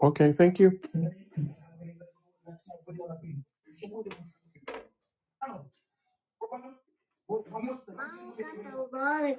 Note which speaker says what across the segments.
Speaker 1: Okay, thank you. Good Bye.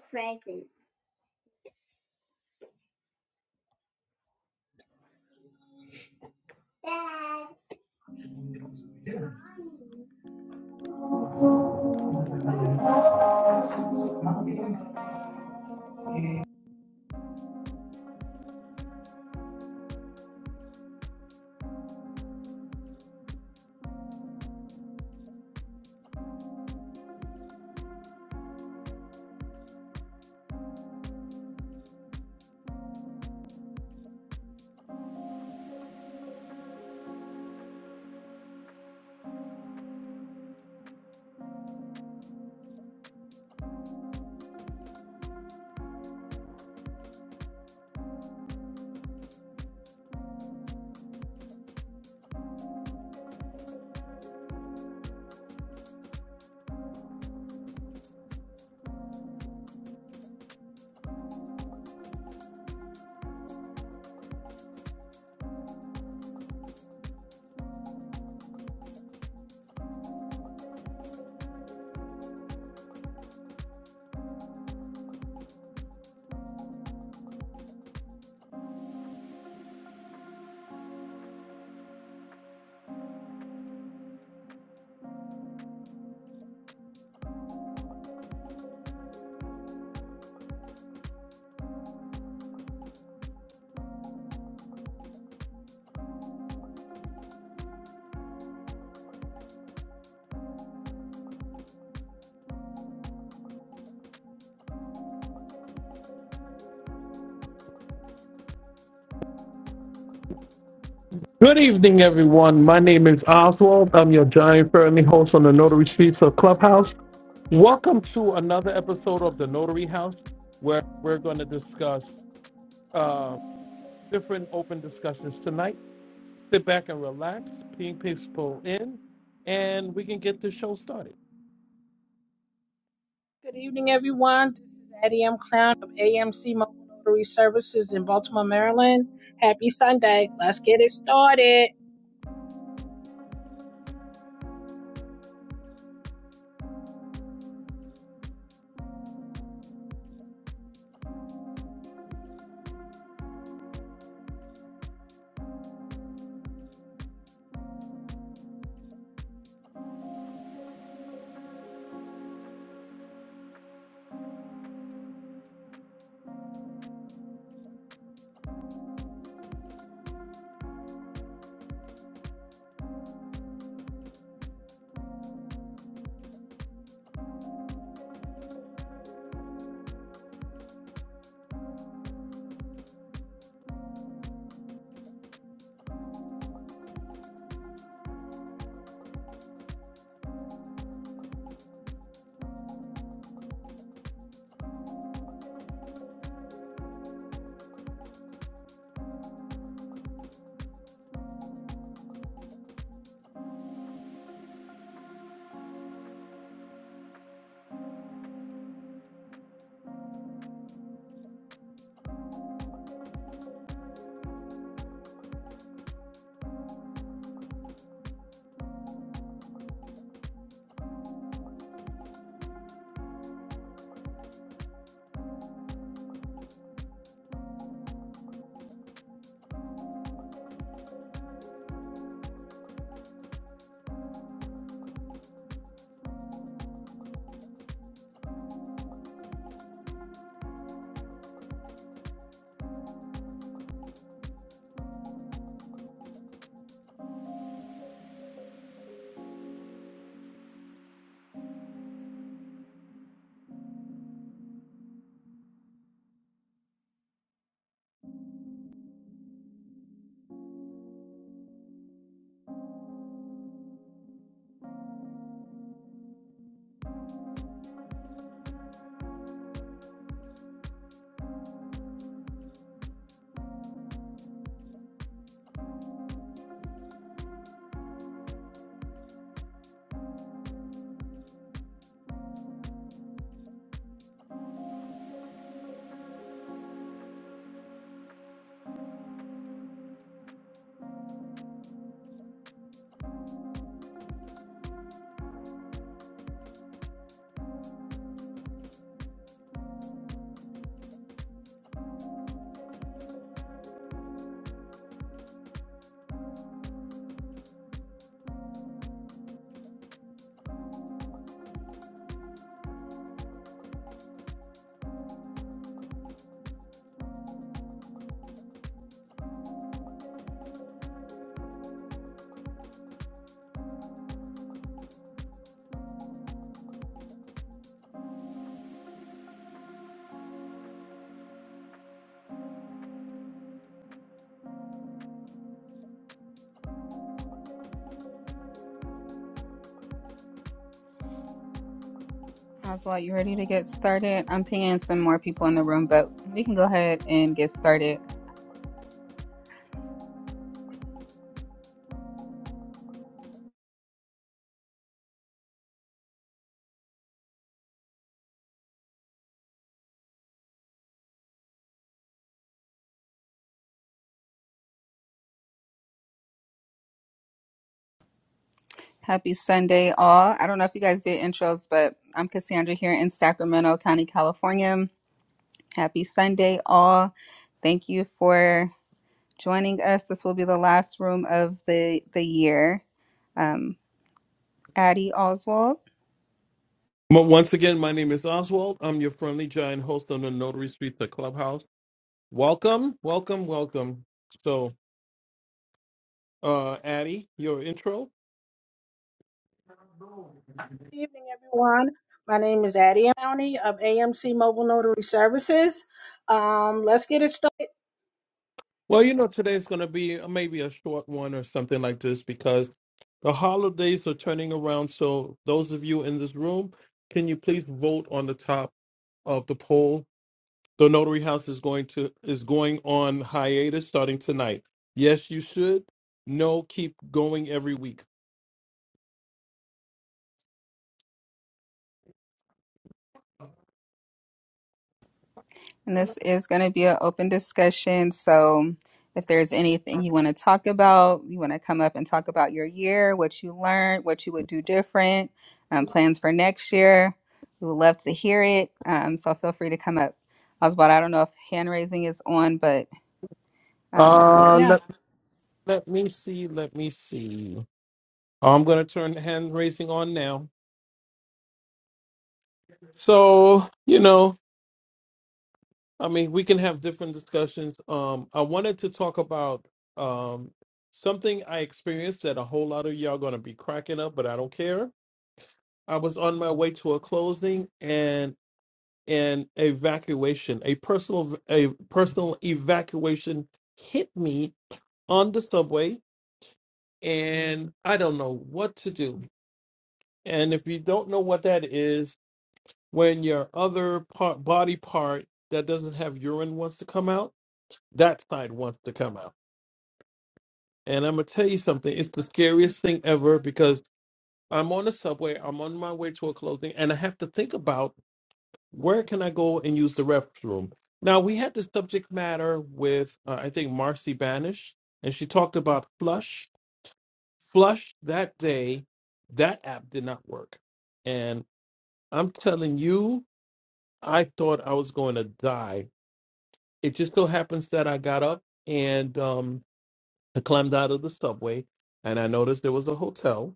Speaker 1: Good evening, everyone. My name is Oswald. I'm your giant friendly host on the Notary Streets of Clubhouse. Welcome to another episode of the Notary House, where we're going to discuss uh, different open discussions tonight. Sit back and relax, ping people in, and we can get the show started.
Speaker 2: Good evening, everyone. This is Addie M. Clown of AMC Mobile Notary Services in Baltimore, Maryland. Happy Sunday. Let's get it started.
Speaker 3: Oswald, you ready to get started? I'm pinging some more people in the room, but we can go ahead and get started. Happy Sunday, all. I don't know if you guys did intros, but I'm Cassandra here in Sacramento County, California. Happy Sunday, all. Thank you for joining us. This will be the last room of the, the year. Um, Addie Oswald.
Speaker 1: But once again, my name is Oswald. I'm your friendly giant host on the Notary Streets of Clubhouse. Welcome, welcome, welcome. uh Addie, your intro.
Speaker 2: Good evening, everyone. My name is Addie M. Clowney of AMC Mobile Notary Services. Um, let's get it started.
Speaker 1: Well,
Speaker 2: Thank
Speaker 1: you
Speaker 2: you.
Speaker 1: know today's going to be a- maybe a short one or something like this because the holidays are turning around. So those of you in this room, can you please vote on the top of the poll? The Notary House is going to is going on hiatus starting tonight. Yes, you should. No, keep going every week.
Speaker 3: And this is going to be an open discussion. So if there's anything you want to talk about, you want to come up and talk about your year, what you learned, what you would do different, um, plans for next year, we would love to hear it. Um, so feel free to come up. Oswald, I don't know if hand raising is on, but
Speaker 1: Uh
Speaker 3: yeah.
Speaker 1: let let me see, let me see. I'm going to turn hand raising on now. So, you know, I mean, we can have different discussions. Um, I wanted to talk about um, something I experienced that a whole lot of y'all gonna be cracking up, but I don't care. I was on my way to a closing and an evacuation, a personal a personal evacuation hit me on the subway, and I don't know what to do. And if you don't know what that is, when your other part, body part that doesn't have urine wants to come out, that side wants to come out And I'm gonna tell you something. It's the scariest thing ever because I'm on the subway. I'm on my way to a clothing, and I have to think about where can I go and use the restroom. Now we had this subject matter with uh, I think Marcy Banish, and she talked about flush. Flush that day, that app did not work, and I'm telling you, I thought I was going to die. It just so happens that I got up and um, I climbed out of the subway, and I noticed there was a hotel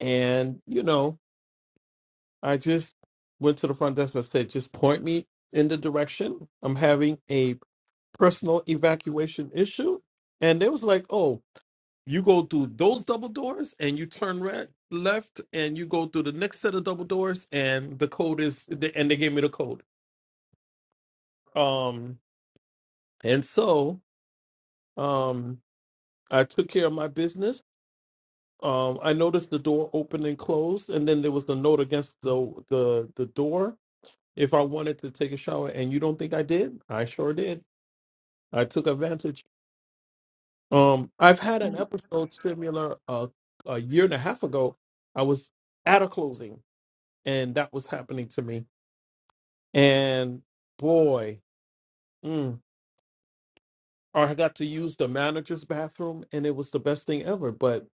Speaker 1: And, you know, I just went to the front desk and said, just point me in the direction. I'm having a personal evacuation issue. And they was like, oh, you go through those double doors and you turn red, left and you go through the next set of double doors and the code is, and they gave me the code. Um, and so um, I took care of my business. Um, I noticed the door open and closed, and then there was the note against the the, the door if I wanted to take a shower, and you don't think I did? I sure did. I took advantage. Um, I've had an episode similar uh, a year and a half ago. I was at a closing, and that was happening to me. And boy, mm, I got to use the manager's bathroom, and it was the best thing ever. But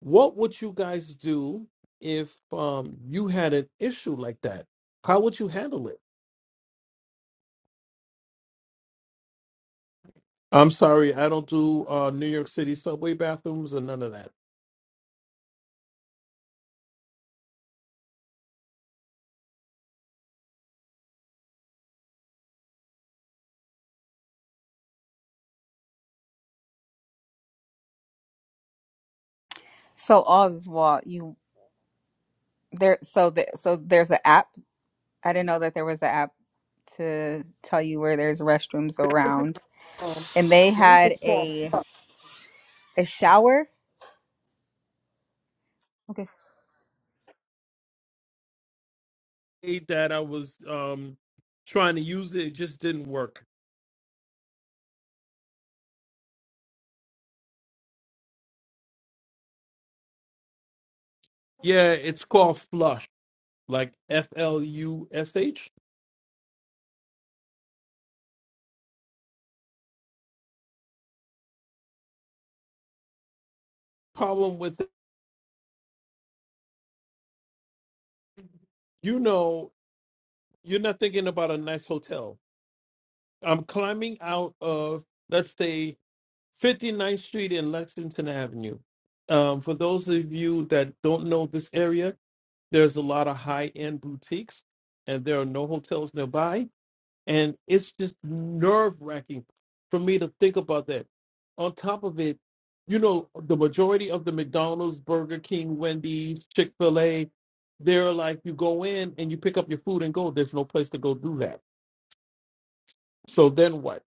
Speaker 1: what would you guys do if um, you had an issue like that? How would you handle it? I'm sorry, I don't do uh, New York City subway bathrooms and none of that.
Speaker 3: So Oswald, you there? So the, so there's an app. I didn't know that there was an app to tell you where there's restrooms around, and they had a a shower. Okay.
Speaker 1: that I was um trying to use it, it just didn't work. Yeah, it's called flush, like F L U S H. Problem with it, you know, you're not thinking about a nice hotel. I'm climbing out of let's say 59th Street and Lexington Avenue. Um, for those of you that don't know this area, there's a lot of high end boutiques and there are no hotels nearby. And it's just nerve wracking for me to think about that. On top of it, you know, the majority of the McDonald's, Burger King, Wendy's, Chick fil A, they're like, you go in and you pick up your food and go. There's no place to go do that. So then what?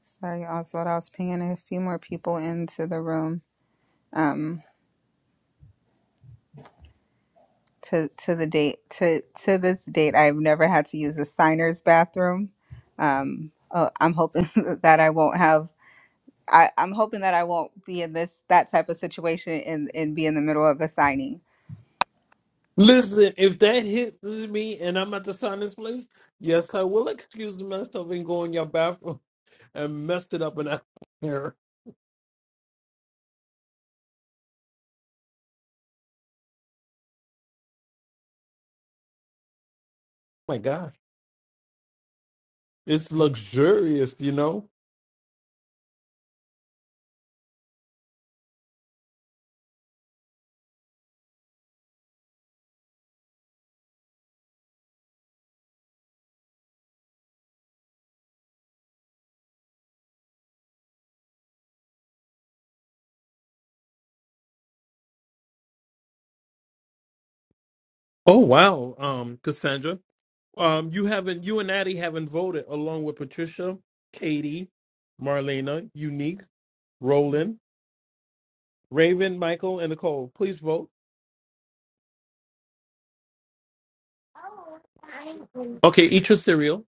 Speaker 3: Sorry, Oswald. I was pinging a few more people into the room. Um, to to the date to to this date, I've never had to use a signer's bathroom. Um, uh, I'm hoping that I won't have. I, I'm hoping that I won't be in this that type of situation and and be in the middle of a signing.
Speaker 1: Listen, if that hits me and I'm at the sinus place, yes, I will excuse myself and go in your bathroom and messed it up in I mirror. My God, it's luxurious, you know. Oh wow, um, Cassandra, um, you haven't, you and Addie haven't voted along with Patricia, Katie, Marlena, Unique, Roland, Raven, Michael, and Nicole. Please vote. Okay, eat your cereal.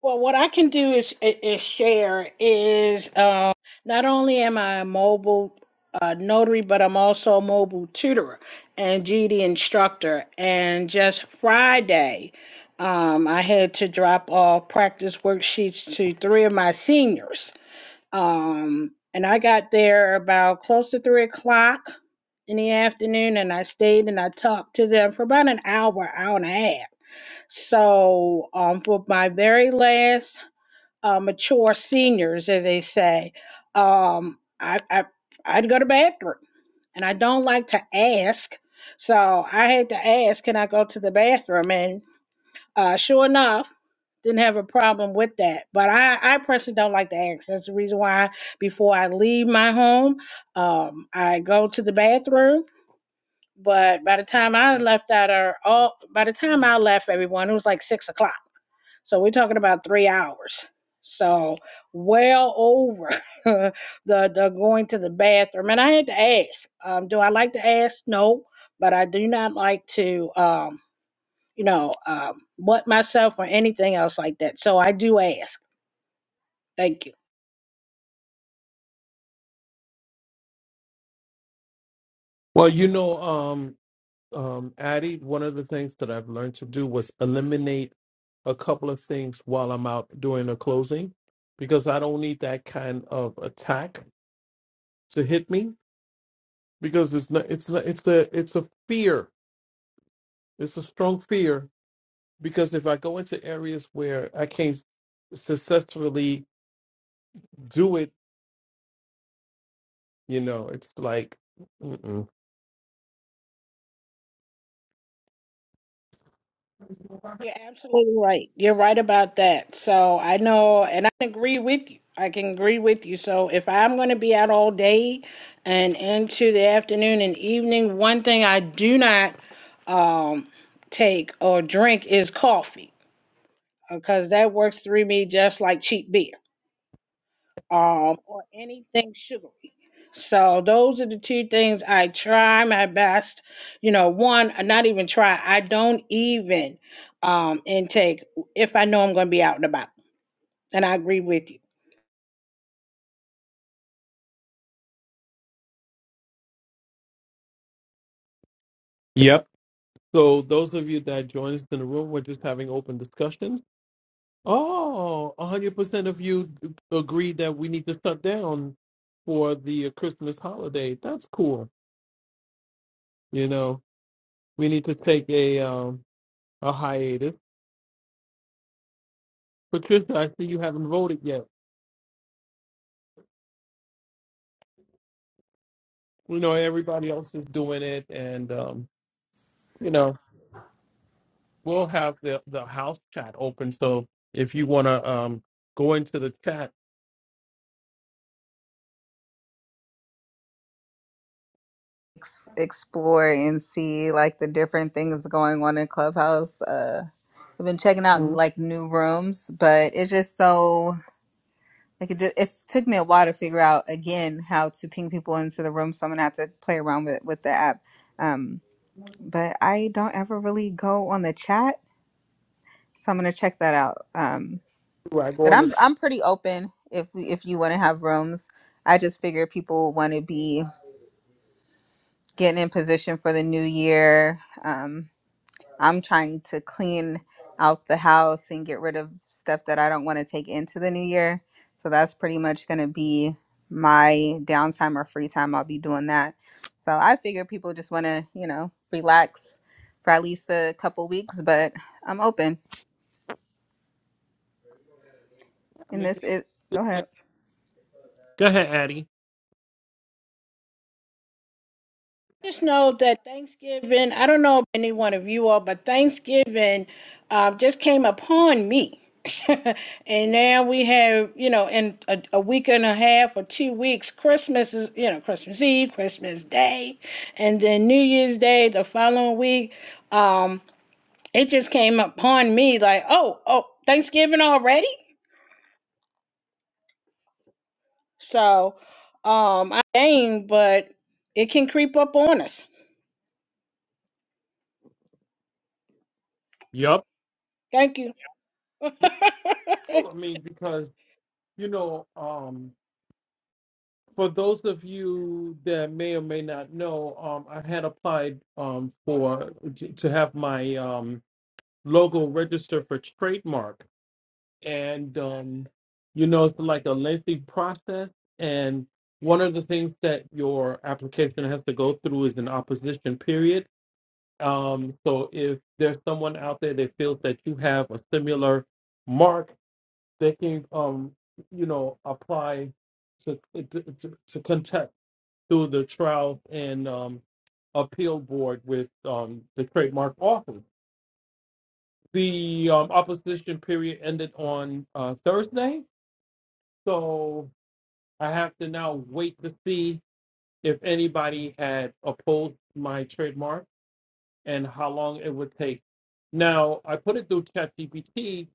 Speaker 2: Well, what I can do is is share is um, not only am I a mobile uh, notary, but I'm also a mobile tutor and GD instructor. And just Friday, um, I had to drop off practice worksheets to three of my seniors. Um, and I got there about close to three o'clock in the afternoon and I stayed and I talked to them for about an hour, hour and a half. So um, for my very last uh, mature seniors, as they say, um, I, I I'd go to the bathroom, and I don't like to ask, so I had to ask, "Can I go to the bathroom?" And uh, sure enough, didn't have a problem with that. But I I personally don't like to ask. That's the reason why before I leave my home, um, I go to the bathroom. But by the time I left out, or all by the time I left, everyone it was like six o'clock. So we're talking about three hours. So well over the the going to the bathroom. And I had to ask, um, do I like to ask? No, but I do not like to um, you know, um butt myself or anything else like that. So I do ask. Thank you.
Speaker 1: Well, you know, um, um, Addie, one of the things that I've learned to do was eliminate a couple of things while I'm out doing a closing because I don't need that kind of attack to hit me because it's not, it's not, it's a it's a fear. It's a strong fear because if I go into areas where I can't successfully do it, you know, it's like mm-mm.
Speaker 2: You're absolutely right. You're right about that. So I know, and I can agree with you. I can agree with you. So if I'm going to be out all day and into the afternoon and evening, one thing I do not um, take or drink is coffee because that works through me just like cheap beer um, or anything sugary. So those are the two things I try my best. You know, one, I not even try. I don't even um intake if I know I'm going to be out and about. And I agree with you.
Speaker 1: yep. So those of you that join us in the room, we're just having open discussions Oh, a hundred percent of you agreed that we need to shut down for the uh, Christmas holiday. That's cool. You know, we need to take a um a hiatus. Patricia, I see you haven't voted yet. You know, everybody else is doing it, and um, you know, we'll have the the house chat open. So if you wanna um go into the chat,
Speaker 3: Ex- explore and see like the different things going on in Clubhouse. Uh, I've been checking out
Speaker 1: Mhm.
Speaker 3: like new rooms, but it's just so. Like it, ju- it took me a while to figure out again how to ping people into the room, so I'm gonna have to play around with with the app. Um, but I don't ever really go on the chat, so I'm gonna check that out. Um,
Speaker 1: right? Go
Speaker 3: but
Speaker 1: in the
Speaker 3: I'm
Speaker 1: chat.
Speaker 3: I'm pretty open if we, if you want to have rooms. I just figure people want to be getting in position for the new year. Um, I'm trying to clean out the house and get rid of stuff that I don't want to take into the new year. So that's pretty much going to be my downtime or free time. I'll be doing that. So I figure people just want to, you know, relax for at least a couple weeks, but I'm open.
Speaker 1: I
Speaker 3: And
Speaker 1: mean,
Speaker 3: this
Speaker 1: it's
Speaker 3: is,
Speaker 1: just
Speaker 3: go
Speaker 1: like-
Speaker 3: ahead.
Speaker 1: go ahead, Addie.
Speaker 2: just know that Thanksgiving, I don't know if any one of you all, but Thanksgiving uh, just came upon me. and now we have, you know, in a, a week and a half or two weeks, Christmas is, you know, Christmas Eve, Christmas Day, and then New Year's Day the following week. Um, it just came upon me like, oh, oh, Thanksgiving already? So um, I ain't, but it can creep up on us.
Speaker 1: Yup.
Speaker 2: Thank you.
Speaker 1: Yeah, I mean, because you know, um. for those of you that may or may not know, um, I had applied um, for to, to have my um, logo registered for trademark, and um, you know it's like a lengthy process. And one of the things that your application has to go through is an opposition period. Um, so if there's someone out there that feels that you have a similar mark, they can um, you know apply to to, to, to contest through the trial and um, appeal board with um, the trademark office. The um, opposition period ended on uh, Thursday, so I have to now wait to see if anybody had opposed my trademark and how long it would take. Now I put it through ChatGPT,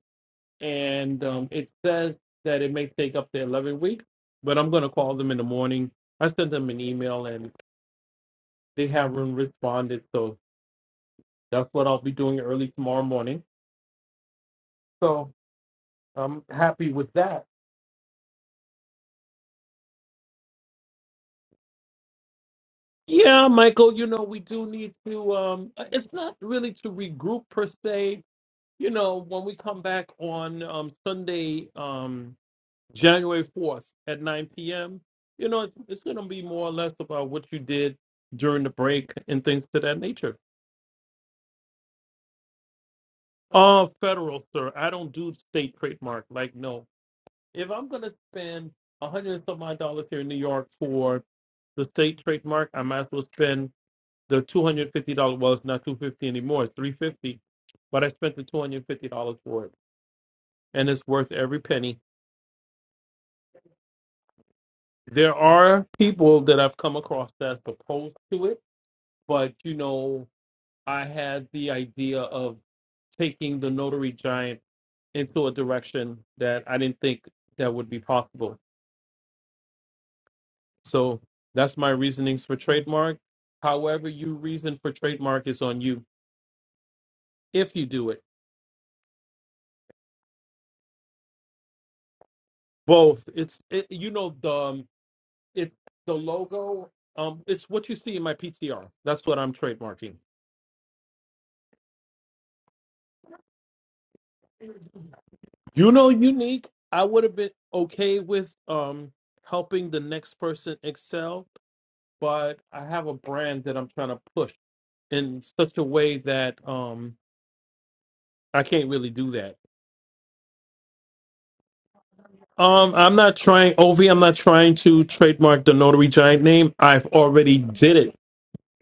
Speaker 1: and um, it says that it may take up to 11 weeks, but I'm going to call them in the morning. I sent them an email, and they haven't responded, so That's what I'll be doing early tomorrow morning. So I'm happy with that. Yeah, Michael, you know, we do need to, um, it's not really to regroup per se. You know, when we come back on um, Sunday, um, January 4th at 9 p.m., you know, it's, it's going to be more or less about what you did during the break and things to that nature. Uh, federal, sir. I don't do state trademark. Like, no. if I'm going to spend a hundred and some odd dollars here in New York for the state trademark, I might as well spend the two hundred fifty dollars. Well, it's not two hundred fifty dollars anymore; it's three hundred fifty. dollars, But I spent the two hundred fifty dollars for it, and it's worth every penny. There are people that I've come across that's opposed to it, but you know, I had the idea of taking the notary giant into a direction that I didn't think that would be possible. So that's my reasonings for trademark. However, you reason for trademark is on you if you do it. Both. It's it, you know the um, it the logo. Um, it's what you see in my PTR. That's what I'm trademarking. You know, unique. I would have been okay with um helping the next person excel, but I have a brand that I'm trying to push in such a way that um I can't really do that Um, I'm not trying, Ovi. I'm not trying to trademark the Notary Giant name. I've already did it.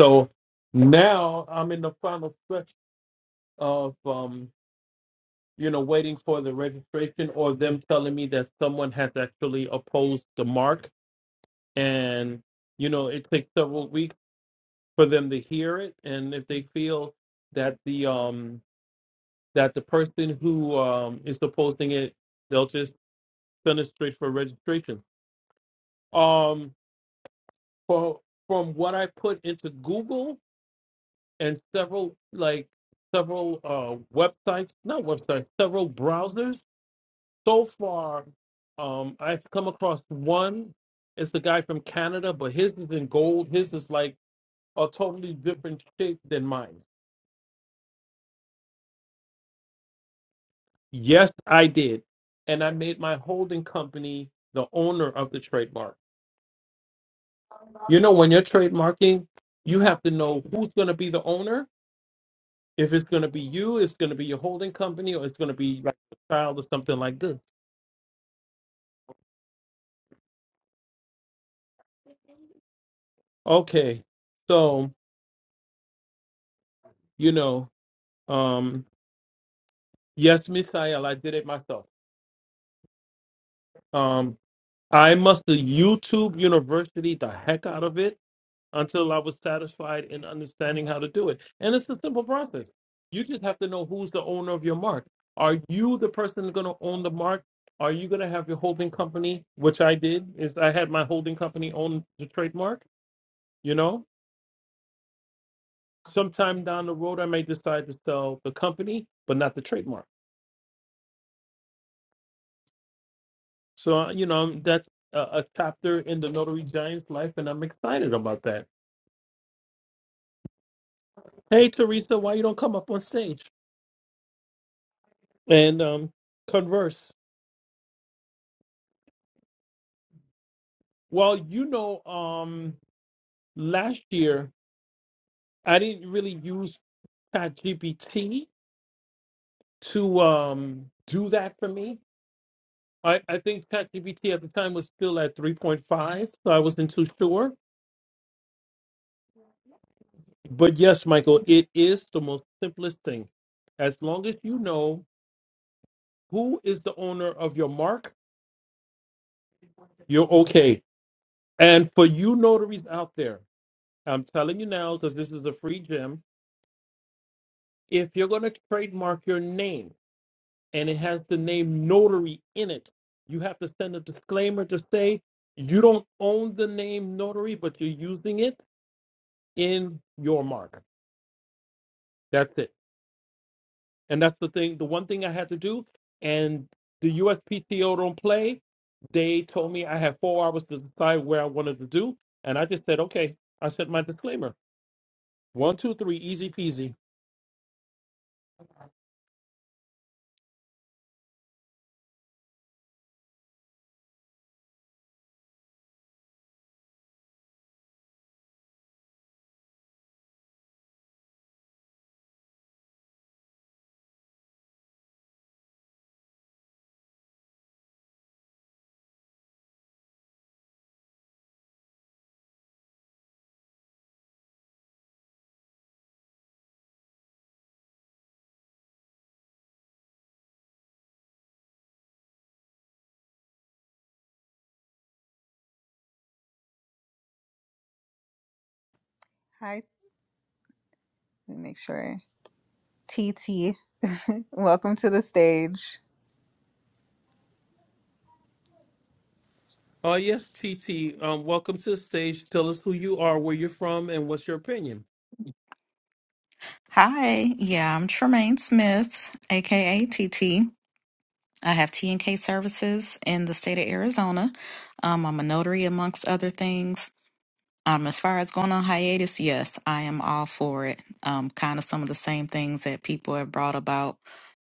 Speaker 1: So now I'm in the final stretch of, um, you know, waiting for the registration or them telling me that someone has actually opposed the mark. And, you know, it takes several weeks for them to hear it. And if they feel that the, um, that the person who, um, is opposing it, they'll just send it straight for registration. Um, for from what I put into Google and several like several uh, websites, not websites, several browsers. So far, um, I've come across one. It's a guy from Canada, but his is in gold. His is like a totally different shape than mine. Yes, I did, and I made my holding company the owner of the trademark. You know, when you're trademarking, you have to know who's going to be the owner If it's going to be you, it's going to be your holding company, or it's going to be like a child or something like this. Okay, so you know, um, yes, Miss Ayala, I did it myself. Um, I must have YouTube University the heck out of it until I was satisfied in understanding how to do it. And it's a simple process. You just have to know who's the owner of your mark. Are you the person going to own the mark? Are you going to have your holding company, which I did? Is I had my holding company own the trademark? you know sometime down the road, I may decide to sell the company, but not the trademark. So, uh, you know, um, that's a, a chapter in the Notary Giant's life, and I'm excited about that. Hey, Teresa, why you don't come up on stage and um, converse? Well, you know, um, last year I didn't really use ChatGPT to um, do that for me. I, I think ChatGPT at the time was still at 3.5, so I wasn't too sure But yes, Michael, it is the most simplest thing. As long as you know who is the owner of your mark, you're okay. And for you notaries out there, I'm telling you now because this is a free gem. If you're going to trademark your name and it has the name notary in it, you have to send a disclaimer to say you don't own the name notary, but you're using it in your mark. That's it. and that's the thing. The one thing I had to do, and the USPTO don't play. They told me I had four hours to decide where I wanted to do, and I just said, okay. I said my disclaimer: one, two, three, easy peasy.
Speaker 3: Hi, let me make sure. TT, welcome to the stage.
Speaker 1: Oh yes, TT. Um, welcome to the stage. Tell us who you are, where you're from, and what's your opinion.
Speaker 4: Hi, yeah, I'm Tremaine Smith, aka TT. I have T and K services in the state of Arizona. Um, I'm a notary, amongst other things. Um, as far as going on hiatus, yes, I am all for it. Um, kind of some of the same things that people have brought about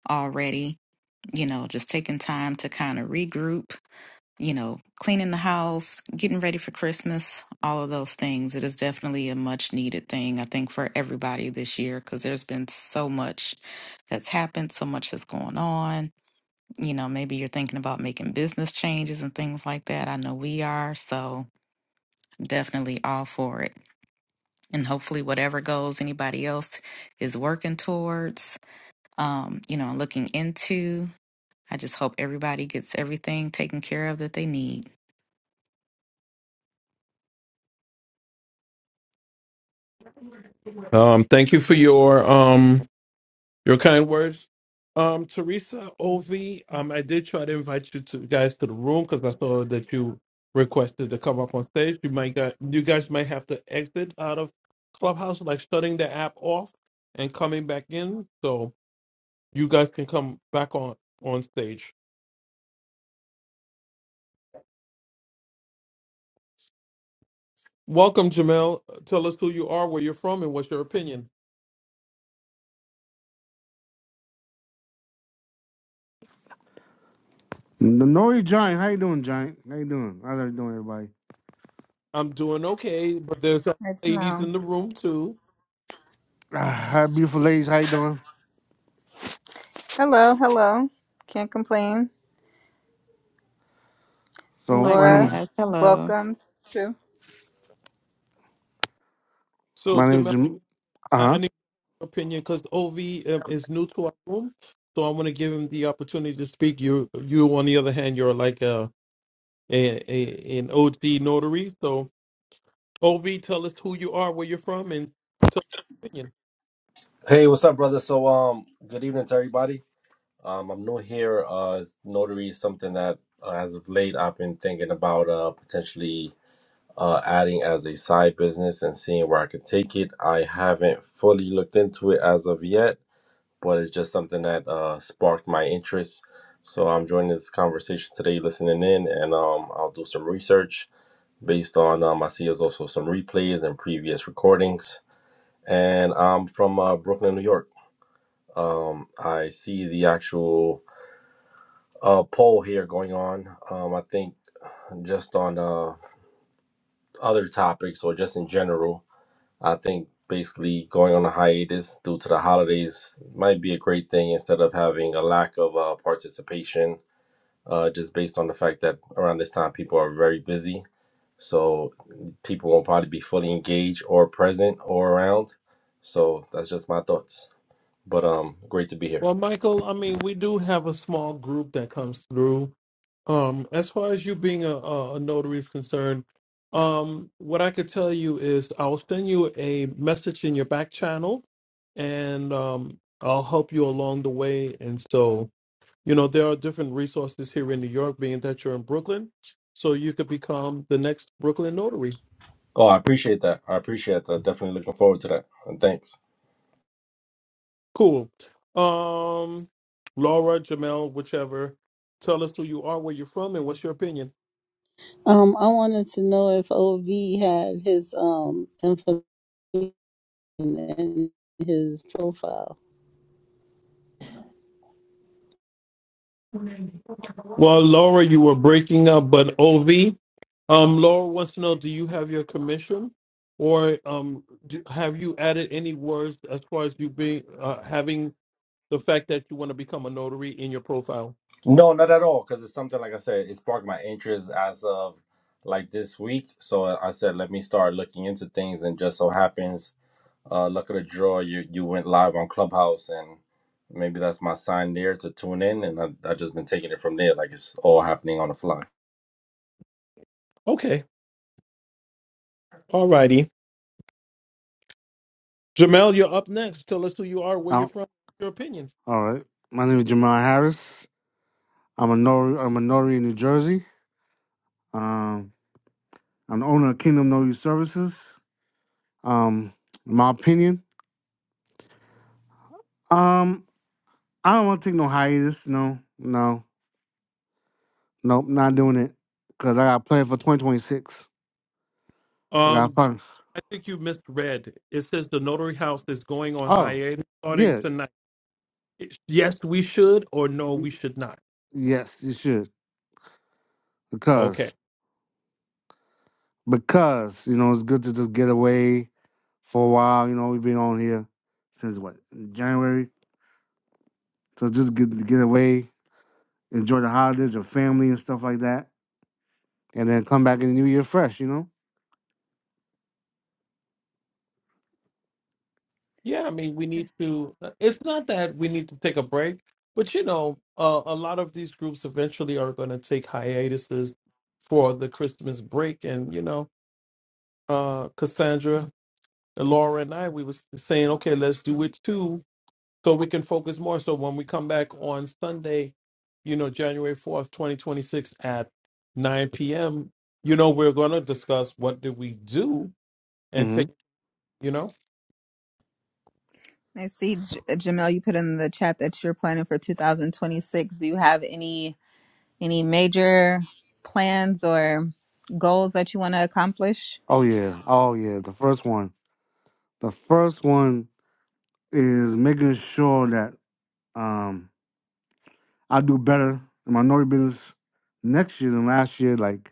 Speaker 4: already. You know, just taking time to kind of regroup you know, cleaning the house, getting ready for Christmas, all of those things. It is definitely a much needed thing, I think, for everybody this year because there's been so much that's happened, so much that's going on. You know, maybe you're thinking about making business changes and things like that. I know we are. So, definitely all for it. And hopefully, whatever goals anybody else is working towards, um, you know, looking into, I just hope everybody gets everything taken care of that they need.
Speaker 1: Um, thank you for your um Your kind words. Um, Teresa Ovi, um, I did try to invite you to guys to the room because I saw that you requested to come up on stage. You might got you guys might have to exit out of Clubhouse, like shutting the app off and coming back in, so you guys can come back on on stage. Welcome, Jamel. Tell us who you are, where you're from, and what's your opinion.
Speaker 5: The Nori giant. How you doing, giant? How you doing? How's everybody doing, everybody?
Speaker 1: I'm doing okay, but there's other
Speaker 3: It's
Speaker 1: ladies
Speaker 3: Mom.
Speaker 1: in the room too.
Speaker 5: Ah, hi, beautiful ladies. How you doing?
Speaker 3: Hello, hello. Can't complain.
Speaker 5: So my name
Speaker 3: Laura,
Speaker 5: is
Speaker 4: Likewise. Hello.
Speaker 3: welcome too.
Speaker 1: So,
Speaker 5: my name is
Speaker 1: Jamel,
Speaker 5: Jam. Uh
Speaker 1: I, I need
Speaker 5: huh.
Speaker 1: opinion because Ov um, is new to our room, so I want to give him the opportunity to speak. You, you on the other hand, you're like a, a, a an OG notary. So Ov, tell us who you are, where you're from, and tell us your opinion.
Speaker 6: Hey, what's up, brother? So, um, good evening to everybody. Um, I'm new here. Uh, notary is something that, uh, as of late, I've been thinking about uh, potentially uh, adding as a side business and seeing where I could take it. I haven't fully looked into it as of yet, but it's just something that uh, sparked my interest. So I'm joining this conversation today, listening in, and um, I'll do some research based on um, I see there's also some replays and previous recordings, and I'm from uh, Brooklyn, New York. Um, I see the actual uh, poll here going on. Um, I think just on uh, other topics or just in general, I think basically going on a hiatus due to the holidays might be a great thing instead of having a lack of uh, participation, uh, just based on the fact that around this time people are very busy. So people won't probably be fully engaged or present or around. So that's just my thoughts. But um, great to be here.
Speaker 1: Well, Michael, I mean, we do have a small group that comes through. Um, as far as you being a, a, a notary is concerned, um, what I could tell you is I'll send you a message in your back channel, and um, I'll help you along the way. And so, you know there are different resources here in new york being that you're in brooklyn so you could become the next brooklyn notary
Speaker 6: Oh, I appreciate that. I appreciate that. Definitely looking forward to that. And thanks.
Speaker 1: cool um laura jamel whichever tell us who you are where you're from and what's your opinion
Speaker 7: Um, I wanted to know if OV had his um information in his profile.
Speaker 1: well laura you were breaking up but ov um laura wants to know do you have your commission or um do, have you added any words as far as you being uh, having the fact that you want to become a notary in your profile
Speaker 6: No, not at all. Because it's something like I said, it sparked my interest as of like this week. So I said, let me start looking into things. And just so happens, uh, luck of the draw, you you went live on Clubhouse, and maybe that's my sign there to tune in. And I I just been taking it from there. Like it's all happening on the fly.
Speaker 1: okay Alrighty. Jamel, you're up next. Tell us who you are, where you're
Speaker 5: Oh,
Speaker 1: from, your opinions.
Speaker 5: all right. My name is Jamal Harris. I'm a Nori. I'm a Nori in New Jersey. Um, I'm the owner of Kingdom Nori Services. Um, my opinion. Um, I don't want to take no hiatus. No, no, nope, not doing it. Cause I got planned for 2026. I got
Speaker 1: Um,
Speaker 5: fun.
Speaker 1: I think you misread. It says the Notary House is going on
Speaker 5: Oh
Speaker 1: hiatus starting
Speaker 5: yeah,
Speaker 1: tonight. Yes, we should, or no, we should not.
Speaker 5: yes, you should. Because
Speaker 1: Okay.
Speaker 5: because you know it's good to just get away for a while. You know, we've been on here since what January, so just get get away, enjoy the holidays, your family and stuff like that, and then come back in the new year fresh. You know.
Speaker 1: Yeah, I mean, we need to. It's not that we need to take a break, but you know, uh, a lot of these groups eventually are going to take hiatuses for the Christmas break, and you know, uh, Cassandra, Laura, and I, we was saying, okay, let's do it too so we can focus more. So when we come back on Sunday, you know, January 4th, 2026 at 9 p.m., you know, we're going to discuss what did we do and
Speaker 5: hmm
Speaker 1: take, you know.
Speaker 3: I see, J- uh, Jamel, you put in the chat that you're planning for 2026. Do you have any any major plans or goals that you want to accomplish?
Speaker 5: Oh yeah, oh yeah. The first one, the first one is making sure that um I do better in my notary business next year than last year. Like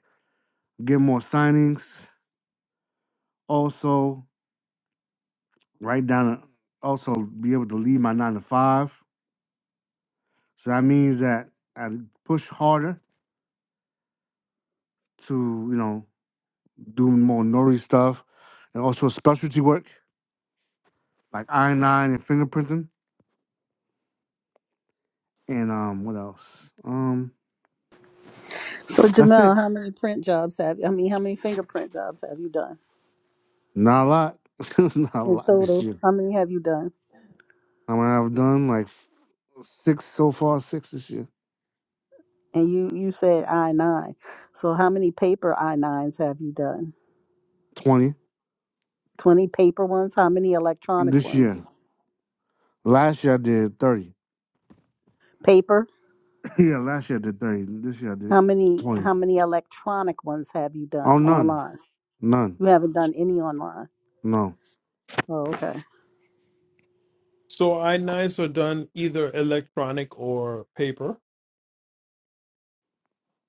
Speaker 5: get more signings. Also, write down. A, also, be able to leave my nine to five So that means that I push harder to, you know, do more notary stuff and also specialty work like I-9 and fingerprinting. And um, what else? Um,
Speaker 7: So
Speaker 5: that's it.
Speaker 7: Jamel, how many print jobs have I mean, how many fingerprint jobs have you done
Speaker 5: Not a lot. Not a
Speaker 7: in
Speaker 5: lot this
Speaker 7: total?
Speaker 5: year.
Speaker 7: How many have you done?
Speaker 5: I mean, I've done like six so far, six this year.
Speaker 7: And you you said I nine. So how many paper I nines have you done?
Speaker 5: 20
Speaker 7: Twenty paper ones. How many electronic
Speaker 5: this
Speaker 7: ones?
Speaker 5: year. Last year I did 30.
Speaker 7: Paper.
Speaker 5: yeah, last year I did 30. This year I did
Speaker 7: How many
Speaker 5: 20.
Speaker 7: how many electronic ones have you
Speaker 5: Oh,
Speaker 7: done
Speaker 5: none.
Speaker 7: online?
Speaker 5: None.
Speaker 7: You haven't done any online.
Speaker 5: No.
Speaker 7: Oh, okay.
Speaker 1: So I-9s are done either electronic or paper.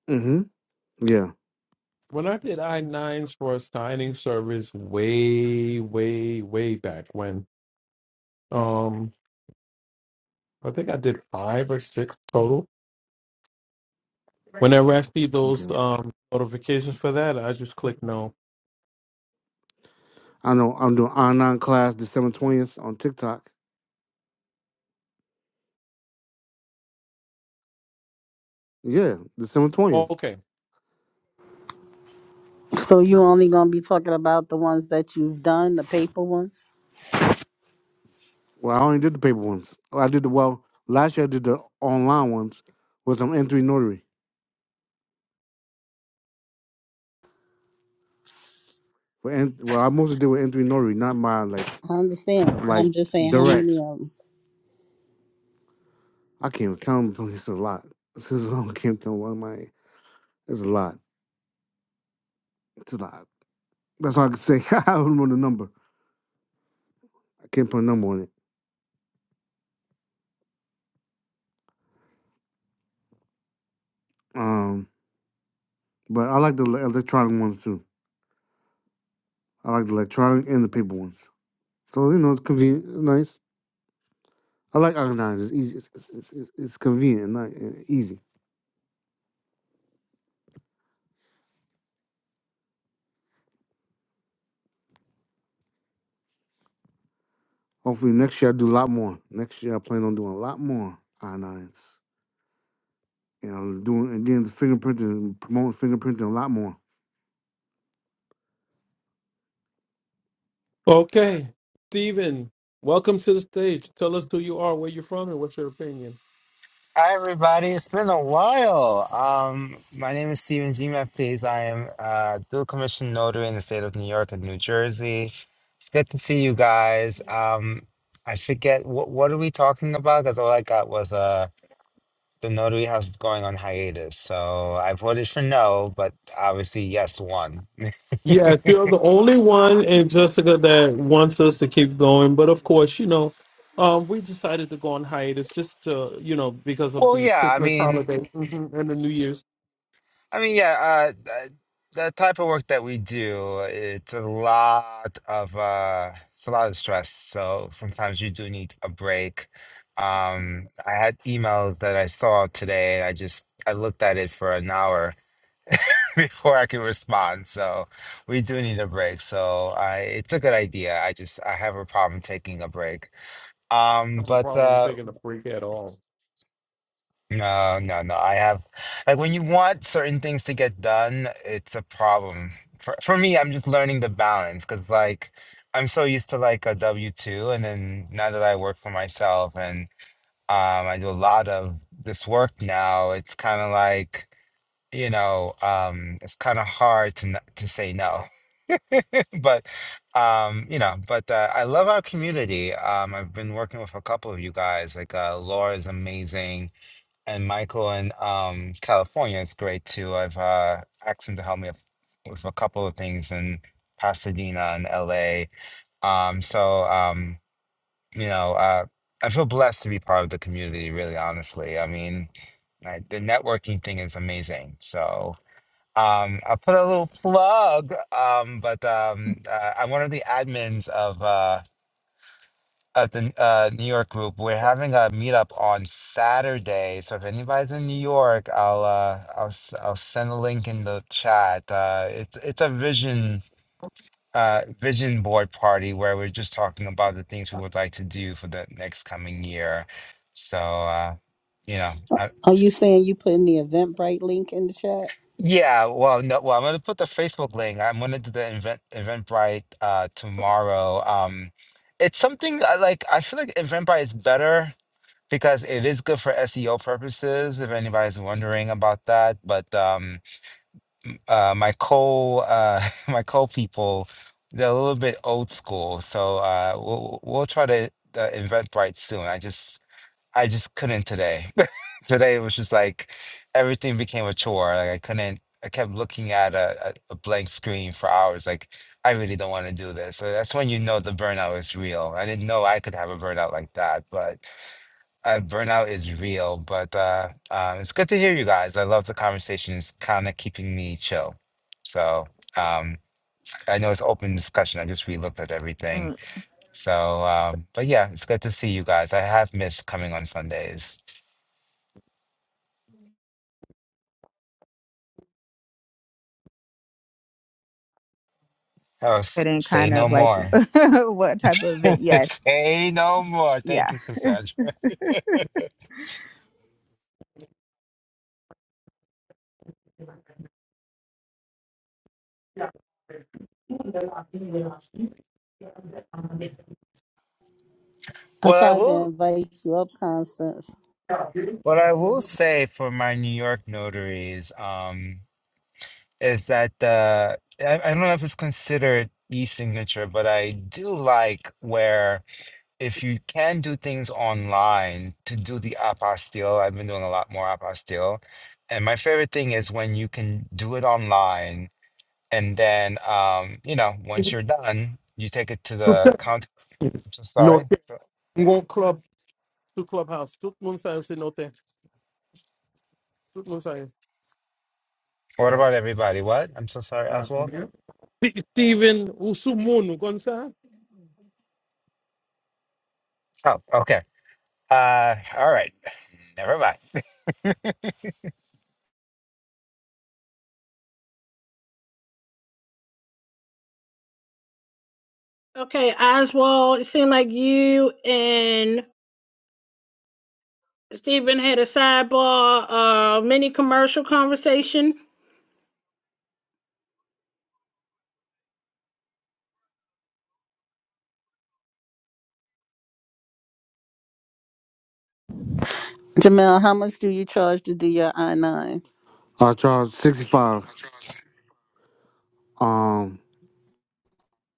Speaker 5: Mm-hmm. Yeah.
Speaker 1: When I did I-9s for a signing service way, way, way back when, um, I think I did five or six total. Whenever I see those
Speaker 5: okay.
Speaker 1: um, notifications for that, I just click no.
Speaker 5: I know I'm doing online class December twentieth on TikTok. Yeah, December twentieth.
Speaker 1: Okay,
Speaker 7: So you only gonna be talking about the ones that you've done, the paper ones?
Speaker 5: Well, I only did the paper ones. I did the well last year. I did the online ones with some N three notary. For N, well, I mostly did with N three notary, not my like
Speaker 7: I understand, but
Speaker 5: like
Speaker 7: I'm just saying how many
Speaker 5: direct.
Speaker 7: of them.
Speaker 5: I can't even count. them. It's a lot. This is I can't count one of my. It's a lot. It's a lot. That's all I can say. I don't know the number. I can't put a number on it. Um, but I like the electronic ones too. I like the electronic and the paper ones. So you know, it's convenient, nice. I like organizing. It's easy. It's, it's, it's, it's it's convenient, not easy. Hopefully next year I do a lot more. Next year I plan on doing a lot more I-9s. And I'm doing and then the fingerprinting, promoting fingerprinting a lot more.
Speaker 1: Okay, Stephen, welcome to the stage. Tell us who you are, where you're from, and what's your opinion.
Speaker 8: Hi, everybody. It's been a while. Um, my name is Stephen G. Maptes. I am uh, dual commission notary in the state of New York and New Jersey. It's good to see you guys. Um, I forget what what are we talking about because all I got was uh the notary house is going on hiatus. So I voted for no, but obviously yes won.
Speaker 1: Yes, you're the only one and Jessica that wants us to keep going. But of course, you know, um, we decided to go on hiatus just to, you know, because of
Speaker 8: Well,
Speaker 1: the
Speaker 8: yeah. I
Speaker 1: Christmas
Speaker 8: mean,
Speaker 1: holiday mhm, and the New Year's.
Speaker 8: I mean, yeah, uh, th- the type of work that we do, it's a lot of uh, it's a lot of stress. So sometimes you do need a break. Um, I had emails that I saw today, and I just I looked at it for an hour before I could respond. So we do need a break. So I, it's a good idea. I just I have a problem taking a break.
Speaker 1: I
Speaker 8: Um,
Speaker 1: have a
Speaker 8: but
Speaker 1: problem
Speaker 8: uh,
Speaker 1: taking a break at all.
Speaker 8: No, no, no. I have like when you want certain things to get done, it's a problem. For for me, I'm just learning the balance because like I'm so used to like a W-2 and then now that I work for myself and um I do a lot of this work now, it's kind of like, you know, um it's kind of hard to n to say no. But um, you know, but uh, I love our community. Um I've been working with a couple of you guys. Like uh Laura is amazing. And Michael in um, California, is great too. I've uh, asked him to help me with with a couple of things in Pasadena and LA. Um, so, um, you know, uh, I feel blessed to be part of the community, really, honestly. I mean, I, the networking thing is amazing. So, um, I'll put a little plug, um, but um, uh, I'm one of the admins of. Uh, at the uh, New York group. We're having a meetup on Saturday, so if anybody's in New York, I'll uh, I'll s- I'll send a link in the chat. Uh, it's it's a vision uh, vision board party where we're just talking about the things we would like to do for the next coming year. So uh, you know, I,
Speaker 7: Are you saying you putting the Eventbrite link in the chat?
Speaker 8: yeah. Well, no. Well, I'm gonna put the Facebook link. I'm gonna do the event Eventbrite uh, tomorrow. Um, it's something I like. I feel like Eventbrite is better because it is good for SEO purposes, if anybody's wondering about that. But um, uh, my co uh, my co people, they're a little bit old school, so uh, we'll we'll try to uh, invent right soon. I just I just couldn't today. today it was just like everything became a chore. Like I couldn't. I kept looking at a, a a blank screen for hours. Like I really don't want to do this. So that's when you know the burnout is real. I didn't know I could have a burnout like that, but. Uh, burnout is real, but uh, um, it's good to hear you guys. I love the conversation. It's kind of keeping me chill. So um, I know it's open discussion. I just re-looked at everything.
Speaker 3: Mm,
Speaker 8: So, um, but yeah, it's good to see you guys. I have missed coming on Sundays. Oh, s-
Speaker 3: Put in
Speaker 8: say
Speaker 3: kind
Speaker 8: no
Speaker 3: of like
Speaker 8: more.
Speaker 3: what type of event? Yes,
Speaker 8: Say no more. Thank
Speaker 3: yeah.
Speaker 8: you, Cassandra.
Speaker 7: I
Speaker 8: Well, I
Speaker 7: tried to
Speaker 8: will.
Speaker 7: invite you up, Constance.
Speaker 8: What I will say for my New York notaries, um, is that the I, I don't know if it's considered e-signature, but I do like where if you can do things online to do the apostille, I've been doing a lot more apostille. And my favorite thing is when you can do it online and then um, you know, once you're done, you take it to the count. I'm so
Speaker 1: No,
Speaker 8: sorry.
Speaker 1: thank- I'm club to clubhouse. Tout le monde sait, c'est no thank. Tout le monde sait.
Speaker 8: What
Speaker 1: Ah,
Speaker 8: about everybody? What? I'm so sorry,
Speaker 1: ah,
Speaker 8: Oswald.
Speaker 1: ah. Ste- Steven, ou sous monde, ou comme ça?
Speaker 8: Oh, okay. Uh, all right. Never mind.
Speaker 2: Okay, Oswald, it seemed like you and Stephen had a sidebar, uh, mini commercial conversation.
Speaker 7: Jamel, how much do you charge to do your I nine?
Speaker 5: I charge sixty five. Um,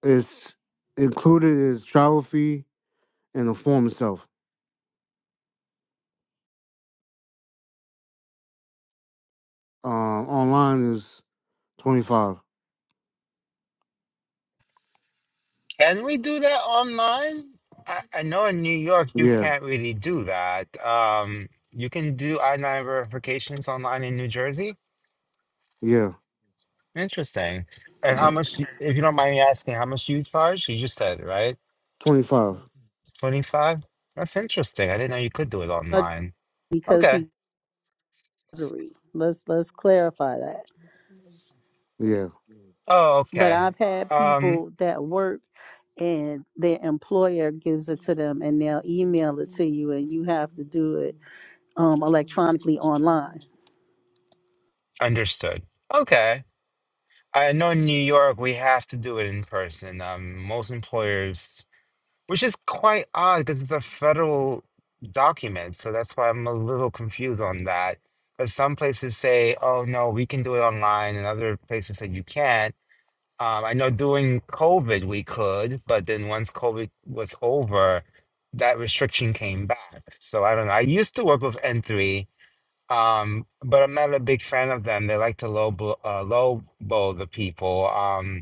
Speaker 5: it's included is travel fee and the form itself. Um, online is twenty five.
Speaker 8: Can we do that online? I, I know in New York you
Speaker 5: Yeah,
Speaker 8: can't really do that. Um, you can do I-9 verifications online in New Jersey.
Speaker 5: yeah,
Speaker 8: Interesting. And how much, y- if you don't mind me asking, how much do you charge? You just said, right?
Speaker 5: twenty five.
Speaker 8: 25? That's interesting. I didn't know you could do it online.
Speaker 7: Because
Speaker 8: Okay.
Speaker 7: he lottery. Let's let's clarify that.
Speaker 5: Yeah,
Speaker 8: Oh,
Speaker 7: But
Speaker 8: okay.
Speaker 7: I've had
Speaker 8: Um,
Speaker 7: people that work and their employer gives it to them and they'll email it to you and you have to do it um electronically online
Speaker 8: understood. Okay. I know in New York we have to do it in person. Um, most employers Which is quite odd because it's a federal document. So that's why I'm a little confused on that. Because some places say, oh, no, we can do it online, and other places say you can't. Um, I know during COVID we could, but then once COVID was over, that restriction came back. So I don't know. I used to work with N3, um, but I'm not a big fan of them. They like to low blow, uh, low blow the people. Um,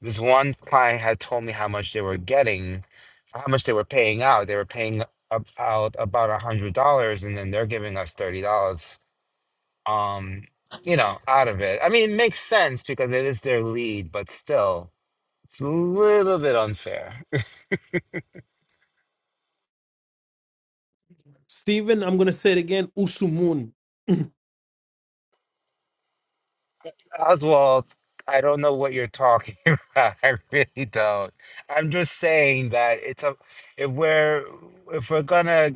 Speaker 8: this one client had told me how much they were getting, how much they were paying out. They were paying up out about a hundred dollars, and then they're giving us thirty dollars. Um, you know, out of it. I mean, it makes sense because it is their lead, but still, it's a little bit unfair.
Speaker 1: Stephen, I'm going to say it again, Usumun.
Speaker 8: Oswald, I don't know what you're talking about. I really don't. I'm just saying that it's a if we're if we're gonna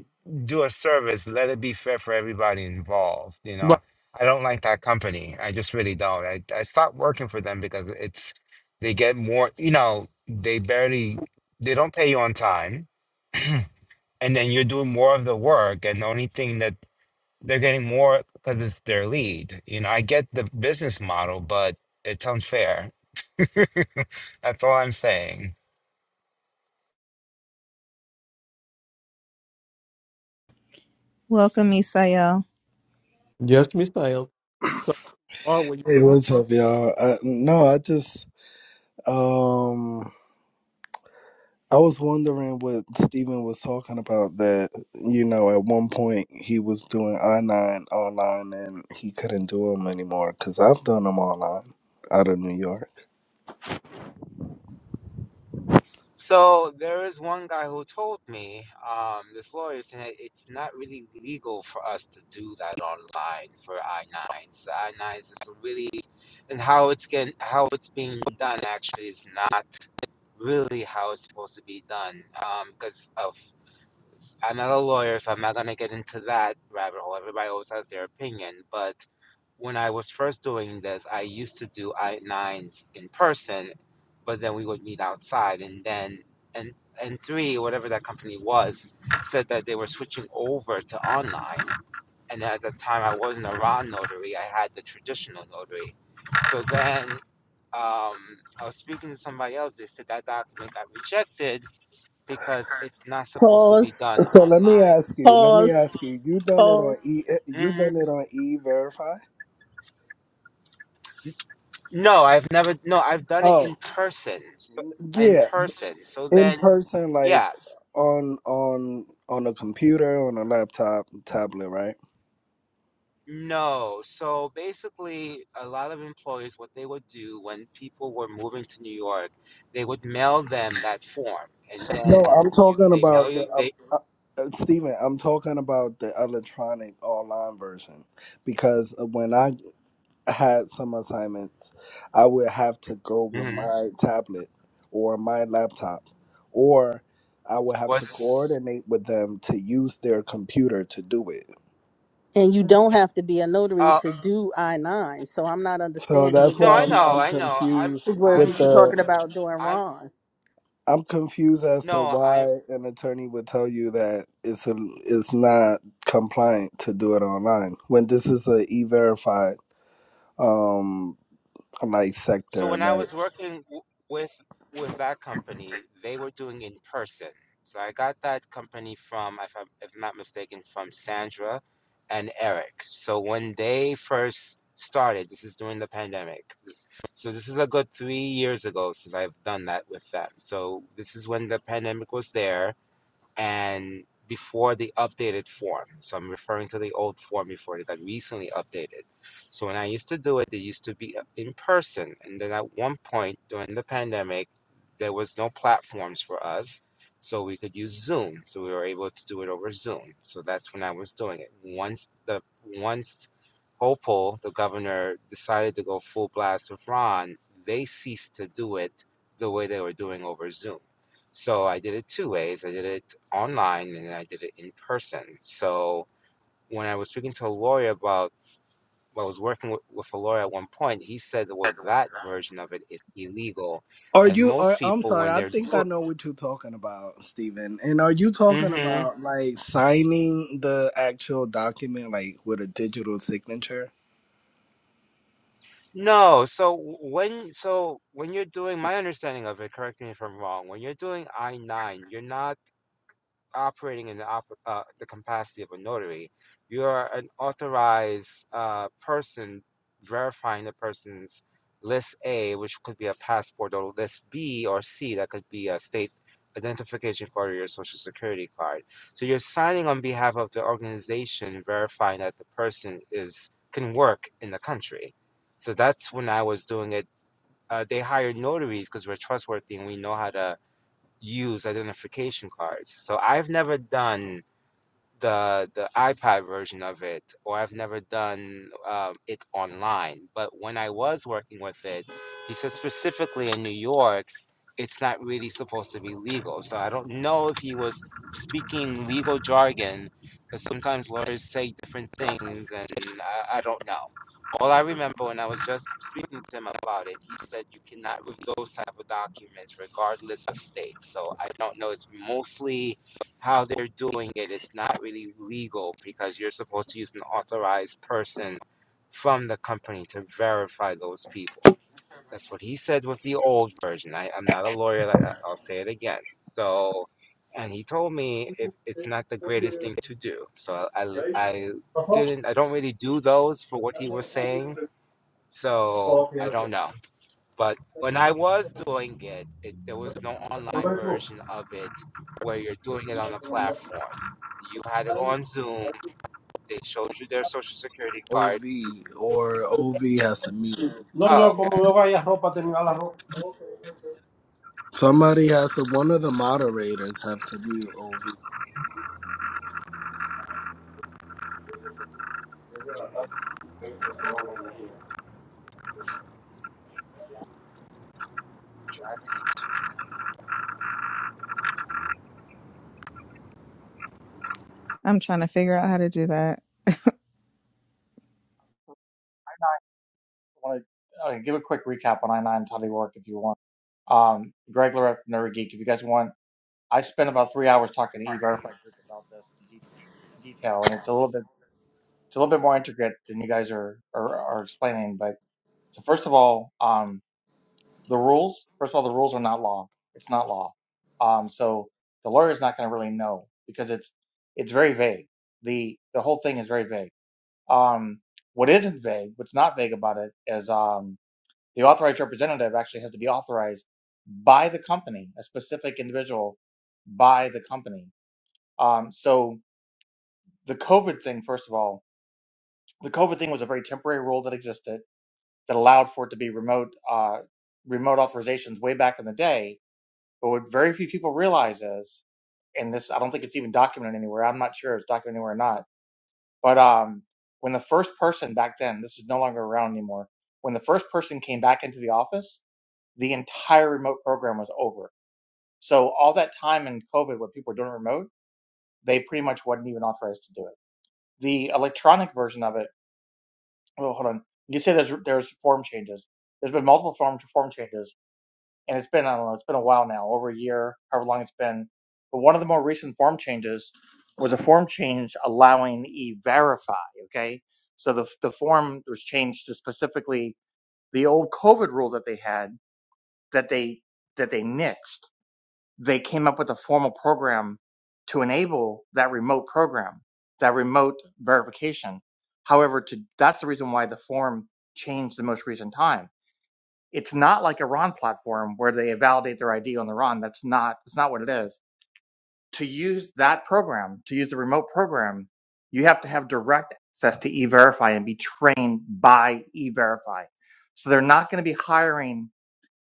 Speaker 8: do a service, let it be fair for everybody involved. You
Speaker 1: Right.
Speaker 8: know, I don't like that company. I just really don't. I, I stopped working for them because it's they get more. You know, they barely they don't pay you on time, and then you're doing more of the work, and the only thing that they're getting more because it's their lead. You know, I get the business model, but it's unfair. That's all I'm saying.
Speaker 3: Welcome, Isael.
Speaker 1: Yes, Misael. So, are where you're
Speaker 9: Hey,
Speaker 1: from?
Speaker 9: what's up, y'all? I, no, I just um I was wondering what Steven was talking about that, you know, at one point he was doing I-9 online and he couldn't do them anymore cuz I've done them online out of New York.
Speaker 8: So there is one guy who told me, um, this lawyer said it's not really legal for us to do that online for I-9s. I-9s is really, and how it's getting, how it's being done actually is not really how it's supposed to be done, because of. I'm not a lawyer, so I'm not going to get into that rabbit hole. Everybody always has their opinion. But when I was first doing this, I used to do I nines in person, but then we would meet outside. And then, and, and three, whatever that company was, said that they were switching over to online. And at the time, I wasn't a raw notary, I had the traditional notary. So then um, I was speaking to somebody else. They said that document got rejected because it's not supposed to be
Speaker 7: Pause,
Speaker 8: done
Speaker 9: So let me
Speaker 8: online.
Speaker 9: ask you, let me
Speaker 7: pause,
Speaker 9: ask you, you done it on
Speaker 7: pause.
Speaker 9: E you
Speaker 8: hmm
Speaker 9: done it on E-Verify?
Speaker 8: No, I've never. No, I've done it
Speaker 9: Oh,
Speaker 8: in person. So, in
Speaker 9: yeah,
Speaker 8: person. So
Speaker 9: in
Speaker 8: then,
Speaker 9: person like
Speaker 8: yes.
Speaker 9: on on on a computer, on a laptop, tablet, right?
Speaker 8: No. So basically, a lot of employers, what they would do when people were moving to New York, they would mail them that form, and then
Speaker 9: No, I'm
Speaker 8: you
Speaker 9: talking
Speaker 8: they mail
Speaker 9: about
Speaker 8: you
Speaker 9: the um,
Speaker 8: they
Speaker 9: uh, uh, Stephen. I'm talking about the electronic online version because uh, when I had some assignments, I would have to go with
Speaker 8: mhm.
Speaker 9: my tablet or my laptop, or I would have to
Speaker 8: was.
Speaker 9: coordinate with them to use their computer to do it.
Speaker 7: And you don't have to be a notary
Speaker 8: Uh,
Speaker 7: to do I nine. So I'm not
Speaker 9: So
Speaker 7: understanding
Speaker 9: that's
Speaker 7: what you
Speaker 8: no,
Speaker 9: why
Speaker 8: I
Speaker 9: I'm
Speaker 8: know,
Speaker 9: I'm
Speaker 8: I know. I'm,
Speaker 9: confused
Speaker 7: were what
Speaker 8: I'm,
Speaker 9: with
Speaker 7: you're
Speaker 9: the.
Speaker 7: talking about doing
Speaker 8: I'm.
Speaker 7: wrong.
Speaker 9: I'm confused as to
Speaker 8: No,
Speaker 9: why an attorney would tell you that it's a, it's not compliant to do it online when this is a e-verified um like
Speaker 8: So
Speaker 9: sector
Speaker 8: when I
Speaker 9: right?
Speaker 8: was working w- with with that company, they were doing in person. So I got that company from, if I'm, if I'm not mistaken, from Sandra and Eric. So when they first started, this is during the pandemic. This- So this is a good three years ago since I've done that with them. So this is when the pandemic was there and before the updated form. So I'm referring to the old form before it got recently updated. So when I used to do it, they used to be uh, in person. And then at one point during the pandemic, there was no platforms for us. So we could use Zoom. So we were able to do it over Zoom. So that's when I was doing it. Once the once Hopel, the governor, decided to go full blast with Ron, they ceased to do it the way they were doing over Zoom. So I did it two ways. I did it online and I did it in person. So when I was speaking to a lawyer about, well, I was working with, with a lawyer at one point, he said, well, that version of it is illegal.
Speaker 9: are
Speaker 8: And
Speaker 9: you
Speaker 8: most
Speaker 9: are I'm
Speaker 8: people,
Speaker 9: sorry
Speaker 8: when
Speaker 9: I
Speaker 8: they're
Speaker 9: think I
Speaker 8: doing,
Speaker 9: know what you're talking about Stephen and are you talking
Speaker 8: hmm
Speaker 9: about like signing the actual document like with a digital signature
Speaker 8: no. So w- when, so when you're doing, my understanding of it, correct me if I'm wrong, when you're doing I-9, you're not operating in the, op- uh, the capacity of a notary. You are an authorized uh, person verifying the person's list A, which could be a passport, or list B or C, that could be a state identification card or your social security card. So you're signing on behalf of the organization, verifying that the person is can work in the country. So that's when I was doing it. Uh, they hired notaries because we're trustworthy and we know how to use identification cards. So I've never done the the iPad version of it, or I've never done um, it online. But when I was working with it, he said specifically in New York, it's not really supposed to be legal. So I don't know if he was speaking legal jargon, because sometimes lawyers say different things, and I, I don't know. All I remember when I was just speaking to him about it, he said you cannot read those type of documents regardless of state. So I don't know. It's mostly how they're doing it, it's not really legal because you're supposed to use an authorized person from the company to verify those people. That's what he said with the old version. I, I'm not a lawyer. Like I- will say it again. So, and he told me if it's not the greatest thing to do. So I, I didn't. I don't really do those for what he was saying. So I don't know. But when I was doing it, it there was no online version of it where you're doing it on a platform. You had to go on Zoom. They showed you their social security
Speaker 9: OV
Speaker 8: card.
Speaker 9: or OV has to mute.
Speaker 6: No,
Speaker 8: Oh,
Speaker 6: no, como
Speaker 8: okay.
Speaker 6: me vaya ropa, tenía la ropa.
Speaker 9: Somebody has to. One of the moderators have to mute OV.
Speaker 3: I'm trying to figure out how to do that.
Speaker 10: want to uh, give a quick recap on I nines how they work if you want. Um, Greg Lorette, from Nerd Geek, if you guys want, I spent about three hours talking to E Verify group about this in, de- in detail, and it's a little bit it's a little bit more intricate than you guys are are, are explaining. But so first of all, um, the rules. First of all, the rules are not law. It's not law. Um, so the lawyer is not going to really know because it's it's very vague. the The whole thing is very vague. Um, what isn't vague, what's not vague about it is um, the authorized representative actually has to be authorized by the company, a specific individual by the company. Um, so the COVID thing, first of all, the COVID thing was a very temporary rule that existed that allowed for it to be remote uh, remote authorizations way back in the day. But what very few people realize is, and this I don't think it's even documented anywhere. I'm not sure if it's documented anywhere or not. But um, when the first person back then, this is no longer around anymore. When the first person came back into the office, the entire remote program was over. So all that time in COVID, when people were doing remote, they pretty much wasn't even authorized to do it. The electronic version of it. Oh, hold on. You say there's there's form changes. There's been multiple form form changes, and it's been I don't know. It's been a while now, over a year, however long it's been. But one of the more recent form changes was a form change allowing e-verify. Okay, so the the form was changed to specifically the old COVID rule that they had that they that they nixed they came up with a formal program to enable that remote program, that remote verification. However, to, that's the reason why the form changed the most recent time. It's not like a R O N platform where they validate their ID on the RON. That's not, It's not what it is. To use that program, to use the remote program, you have to have direct access to E-Verify and be trained by E-Verify. So they're not going to be hiring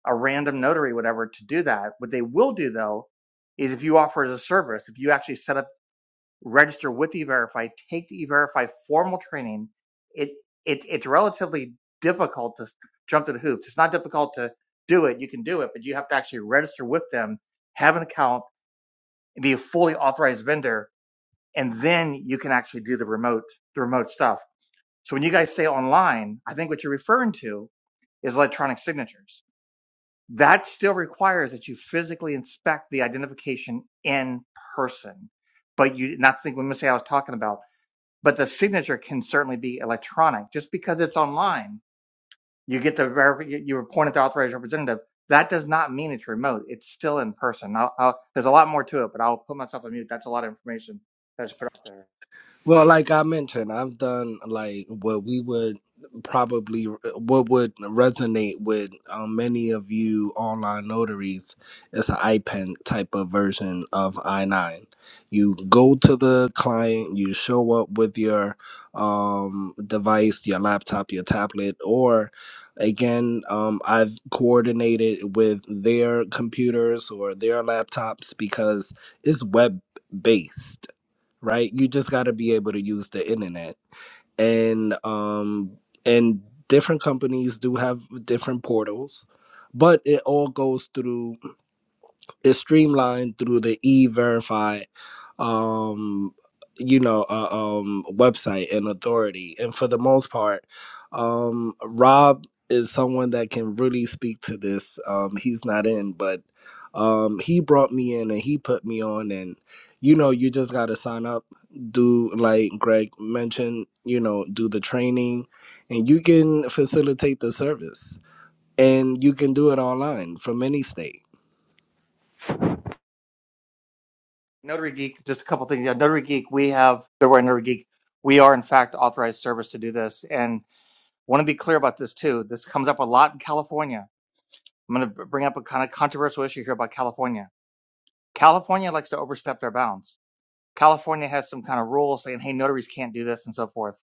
Speaker 10: a random notary, whatever, to do that. What they will do though is if you offer as a service, if you actually set up, register with eVerify, take the eVerify formal training, it, it it's relatively difficult to jump through the hoops. It's not difficult to do it. You can do it, but you have to actually register with them, have an account, and be a fully authorized vendor, and then you can actually do the remote the remote stuff. So when you guys say online, I think what you're referring to is electronic signatures that still requires that you physically inspect the identification in person. But you not think when say I was talking about, but the signature can certainly be electronic. Just because it's online, you get the verif- you you appoint the authorized representative. That does not mean it's remote. It's still in person. I'll, I'll, there's a lot more to it, but I'll put myself on mute. That's a lot of information that's put out there.
Speaker 9: Well, like I mentioned, I've done like what we would probably what would resonate with um, many of you online notaries is an IPEN type of version of I nine. You go to the client, you show up with your um, device, your laptop, your tablet, or again, um, I've coordinated with their computers or their laptops because it's web based right? You just got to be able to use the internet. And um and different companies do have different portals, but it all goes through is streamlined through the e-verify um you know uh, um website and authority and for the most part um rob is someone that can really speak to this um he's not in but um he brought me in and he put me on and you know you just got to sign up do like greg mentioned you know do the training and you can facilitate the service and you can do it online from any state
Speaker 10: Notary Geek, just a couple things. Yeah, Notary Geek, we have, Notary Geek, we are in fact authorized service to do this. And want to be clear about this too. This comes up a lot in California. I'm going to bring up a kind of controversial issue here about California. California likes to overstep their bounds. California has some kind of rule saying, "Hey, notaries can't do this" and so forth.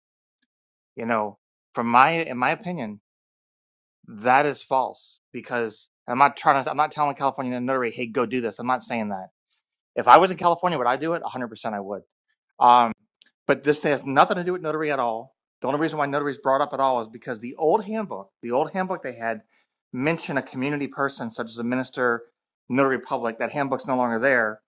Speaker 10: You know, from my in my opinion, that is false because I'm not trying to. I'm not telling California notary, "Hey, go do this." I'm not saying that. If I was in California, would I do it? 100% I would. Um, But this has nothing to do with notary at all. The only reason why notary is brought up at all is because the old handbook, the old handbook they had mentioned a community person such as a minister, notary public. That handbook's no longer there.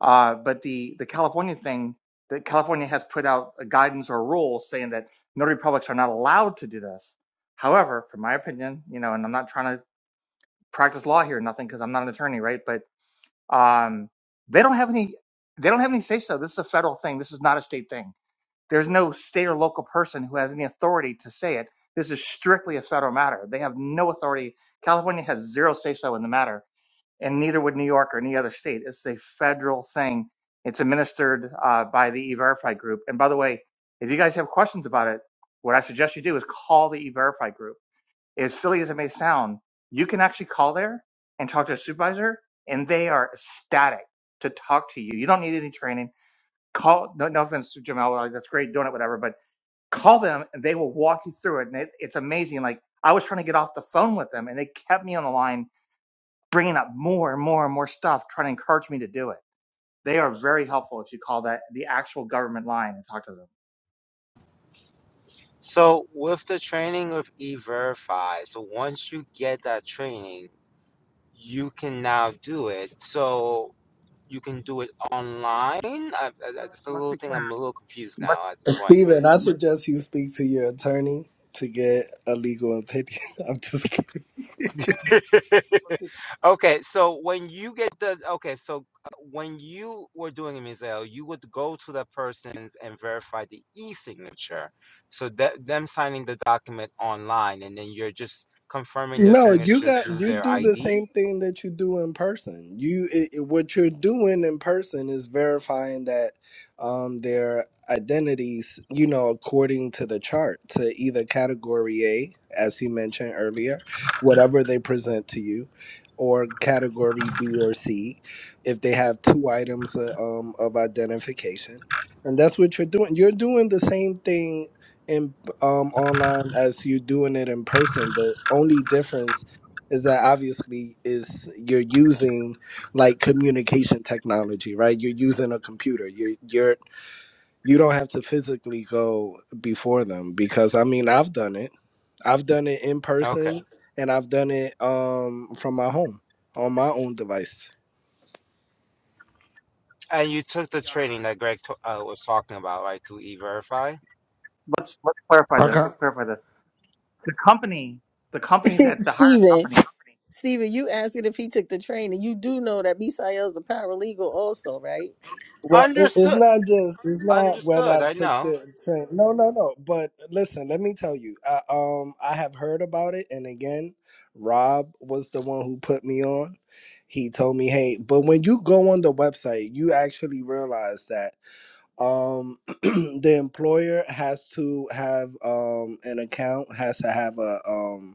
Speaker 10: Uh, but the the California thing, that California has put out a guidance or a rule saying that notary publics are not allowed to do this. However, from my opinion, you know, and I'm not trying to practice law here, or nothing, because I'm not an attorney, right? But um, they don't have any, they don't have any say so. This is a federal thing. This is not a state thing there's no state or local person who has any authority to say it. This is strictly a federal matter. They have no authority. California has zero say so in the matter, and neither would New York or any other state. It's a federal thing. It's administered uh, by the E-Verify group. And by the way, if you guys have questions about it, what I suggest you do is call the E-Verify group. As silly as it may sound, you can actually call there and talk to a supervisor, and they are ecstatic to talk to you. You don't need any training. Call. No, no offense, Jamal. like, That's great doing it, whatever. But call them and they will walk you through it. And it, it's amazing. Like I was trying to get off the phone with them and they kept me on the line, bringing up more and more and more stuff, trying to encourage me to do it. They are very helpful if you call that the actual government line and talk to them.
Speaker 8: So with the training of E-Verify, so once you get that training, you can now do it. So you can do it online. I, I,
Speaker 10: Let's
Speaker 8: that's a
Speaker 10: let's
Speaker 8: little
Speaker 10: be
Speaker 8: thing.
Speaker 10: clear.
Speaker 8: I'm a little confused
Speaker 10: Let's
Speaker 8: now at this point
Speaker 9: Steven, I suggest you speak to your attorney to get a legal opinion. I'm just kidding.
Speaker 8: Okay, so when you get the okay, so uh, when you were doing a Mizel, you would go to the persons and verify the e-signature. So that them signing the document online, and then you're just confirming their
Speaker 9: No, you
Speaker 8: signature
Speaker 9: got
Speaker 8: through
Speaker 9: you
Speaker 8: their
Speaker 9: do the
Speaker 8: ID.
Speaker 9: same thing that you do in person. You it, it- what you're doing in person is verifying that um their identities, you know, according to the chart to either category A, as you mentioned earlier, whatever they present to you, or category B or C, if they have two items uh, um of identification. And that's what you're doing. You're doing the same thing um, online as you doing it in person. The only difference is that obviously is you're using like communication technology, right? You're using a computer. You you're you don't have to physically go before them because I mean I've done it. I've done it in
Speaker 8: Okay,
Speaker 9: person and I've done it um from my home on my own device.
Speaker 8: and you took the
Speaker 10: uh,
Speaker 8: training that Greg t- uh, was talking about, right? Through e-verify.
Speaker 10: let's let's clarify
Speaker 5: I
Speaker 10: this. Let's
Speaker 5: got.
Speaker 10: clarify this. The company, the company that the hiring
Speaker 7: Steven.
Speaker 10: company
Speaker 7: Steven, you asking if he took the training. You do know that Misael's a paralegal also, right?
Speaker 9: Well, it, it's
Speaker 8: Understood.
Speaker 9: not just it's not whether
Speaker 8: Understood.
Speaker 9: I
Speaker 8: I
Speaker 9: took
Speaker 8: know.
Speaker 9: the train. No, no, no. But listen, let me tell you. I, um, I have heard about it, and again, Rob was the one who put me on. He told me, "Hey, but when you go on the website, you actually realize that um, the employer has to have um, an account, has to have a um,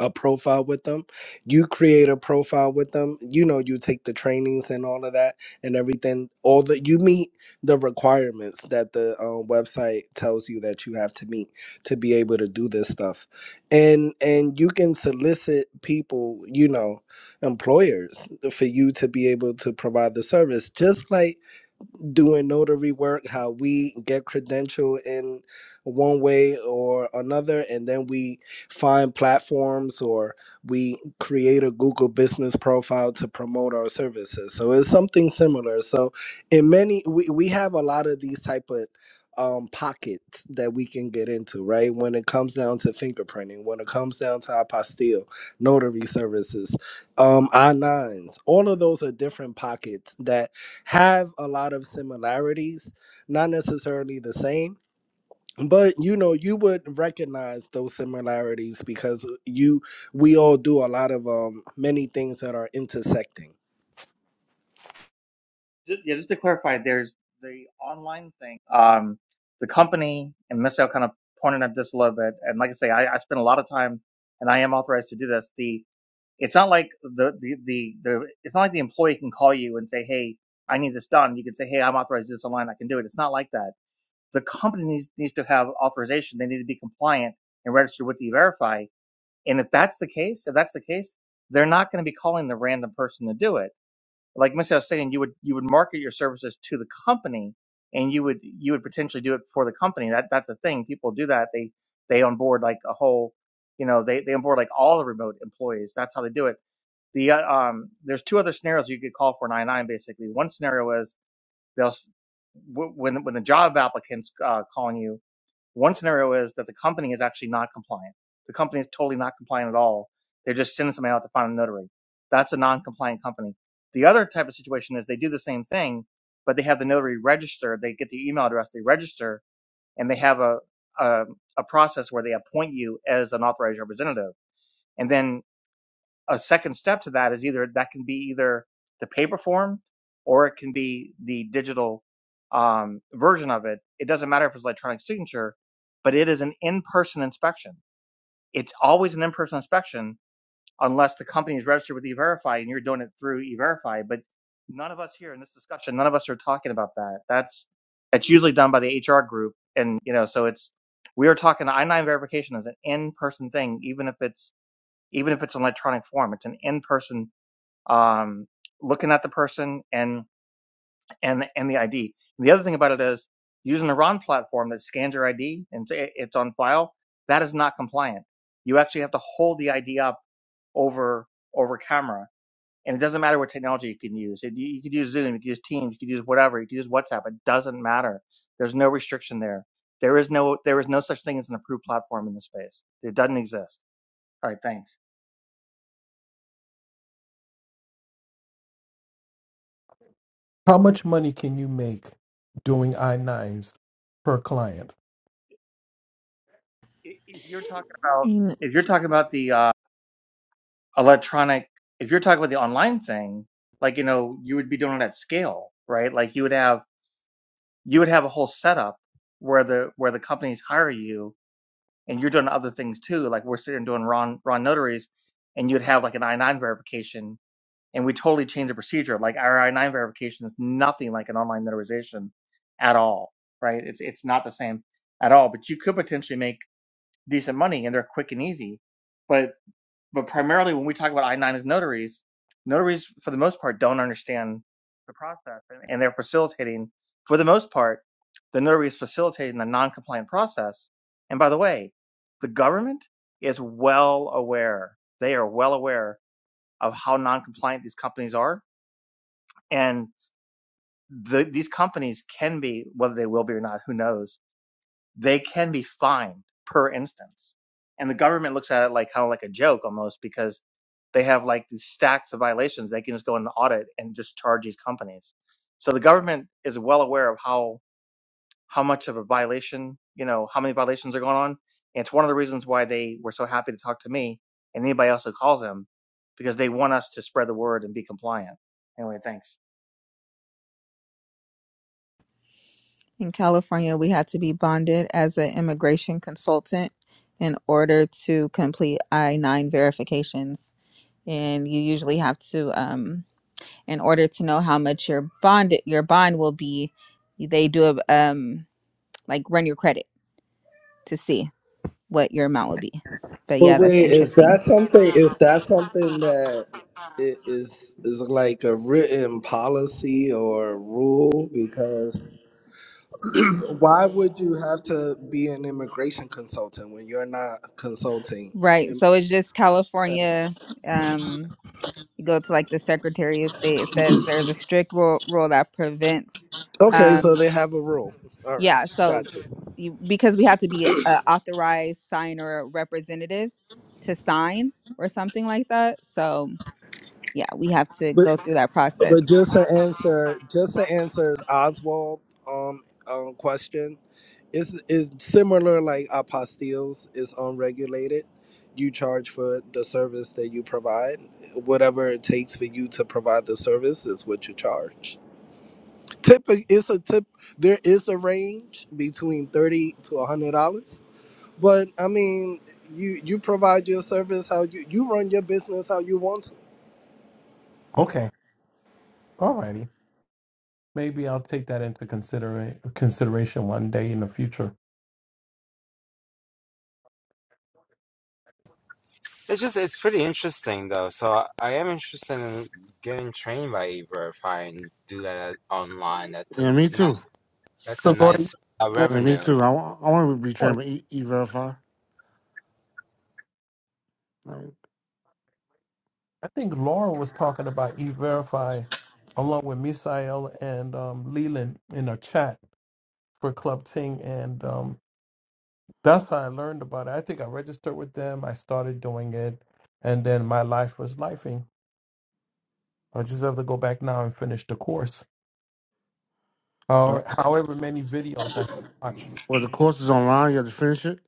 Speaker 9: a profile with them. You create a profile with them. You know, you take the trainings and all of that and everything. All the you meet the requirements that the uh, website tells you that you have to meet to be able to do this stuff, and and you can solicit people, you know, employers for you to be able to provide the service. Just like doing notary work, how we get credential in one way or another, and then we find platforms or we create a Google business profile to promote our services. So it's something similar. So in many, we, we have a lot of these type of um, pockets that we can get into, right? When it comes down to fingerprinting, when it comes down to apostille, notary services, um, I nines, all of those are different pockets that have a lot of similarities, not necessarily the same, but you know, you would recognize those similarities because you we all do a lot of um many things that are intersecting.
Speaker 10: Just, yeah, just to clarify, there's the online thing. Um, the company and Missel kind of pointed at this a little bit, and like I say, I, I spend a lot of time, and I am authorized to do this. The it's not like the, the the the it's not like the employee can call you and say, "Hey, I need this done." You can say, "Hey, I'm authorized to do this online. I can do it." It's not like that. The company needs needs to have authorization. They need to be compliant and registered with the Verify. And if that's the case, if that's the case, they're not going to be calling the random person to do it like Missy was saying, you would you would market your services to the company, and you would you would potentially do it for the company. That that's a thing. People do that. They they onboard like a whole, you know, they they onboard like all the remote employees. That's how they do it. The uh, um, there's two other scenarios you could call for nine nine basically. One scenario is they'll s- w- when when the job applicant's uh, calling you, one scenario is that the company is actually not compliant. The company is totally not compliant at all. They're just sending somebody out to find a notary. That's a non-compliant company. The other type of situation is they do the same thing, but they have the notary registered. They get the email address, they register, and they have a a, a process where they appoint you as an authorized representative. And then a second step to that is either that can be either the paper form or it can be the digital um, version of it. It doesn't matter if it's electronic signature, but it is an in-person inspection. It's always an in-person inspection unless the company is registered with E-Verify and you're doing it through E-Verify. But none of us here in this discussion, none of us are talking about that. That's that's usually done by the HR group, and you know, so it's we are talking I-9 verification is an in-person thing, even if it's even if it's an electronic form. It's an in-person um, looking at the person and and and the ID. And the other thing about it is using a RON platform that scans your ID and it's on file. That is not compliant. You actually have to hold the ID up over over camera. And it doesn't matter what technology you can use. It, you you could use Zoom, you could use Teams, you could use whatever, you could use WhatsApp. It doesn't matter. There's no restriction there. There is no there is no such thing as an approved platform in this space. It doesn't exist. All right, thanks.
Speaker 1: How much money can you make doing I 9s per client?
Speaker 10: if you're talking about
Speaker 3: In,
Speaker 10: if you're talking about the uh, electronic if you're talking about the online thing like you know you would be doing it at scale right like you would have you would have a whole setup where the where the companies hire you and you're doing other things too like we're sitting doing ron ron notaries and you'd have like an i9 verification and we totally change the procedure like our i9 verification is nothing like an online notarization at all right it's it's not the same at all but you could potentially make decent money and they're quick and easy but but primarily when we talk about I-9 as notaries, notaries for the most part don't understand the process and, they're facilitating, for the most part, the notary is facilitating the non-compliant process. And by the way, the government is well aware. They are well aware of how non-compliant these companies are. And the, these companies can be, whether they will be or not, who knows, they can be fined per instance. And the government looks at it like kind of like a joke almost because they have like these stacks of violations. They can just go and audit and just charge these companies. So the government is well aware of how how much of a violation, you know, how many violations are going on. And it's one of the reasons why they were so happy to talk to me and anybody else who calls them because they want us to spread the word and be compliant. Anyway, thanks.
Speaker 3: in California, we had to be bonded as an immigration consultant in order to complete I-9 verifications, and you usually have to. Um, in order to know how much your bond your bond will be they do a um like run your credit to see what your amount would be but
Speaker 9: But
Speaker 3: yeah that's
Speaker 9: wait, is
Speaker 3: interesting
Speaker 9: that something is that something that i- is is like a written policy or rule because why would you have to be an immigration consultant when you're not consulting?
Speaker 3: right so it's just california um you go to like the secretary of state it says there's a strict rule, rule that prevents
Speaker 9: Okay, so
Speaker 3: um
Speaker 9: they have a rule. All right,
Speaker 3: yeah so
Speaker 9: gotcha.
Speaker 3: you, because we have to be a authorized signer or representative to sign or something like that so yeah we have to
Speaker 9: But
Speaker 3: go through that process
Speaker 9: but just to answer, just to answer Oswald um, um question is is similar like apostilles is unregulated. You charge for the service that you provide. Whatever it takes for you to provide the service is what you charge. Typically, it's a tip. There is a range between thirty to a hundred dollars. But I mean, you you provide your service how you you run your business how you want to
Speaker 1: Okay. All righty. Maybe I'll take that into considera- consideration one day in the future.
Speaker 8: It's just it's pretty interesting though. So I, I am interested in getting trained by Uber if I can do that online. That's a
Speaker 5: Yeah, me too.
Speaker 8: nice that's a
Speaker 1: So go to,
Speaker 8: nice uh,
Speaker 1: go
Speaker 5: Yeah, me
Speaker 8: revenue.
Speaker 5: too. I, wa- I want to be trained by e, e verify.
Speaker 1: I think Laura was talking about E-Verify along with Misael and um, Leland in a chat for Club Ting. And um, that's how I learned about it. I think I registered with them. I started doing it. And then my life was lifing. I just have to go back now and finish the course.
Speaker 5: So
Speaker 1: Or however many videos that I watch.
Speaker 5: Well, the course is online. You have to finish it.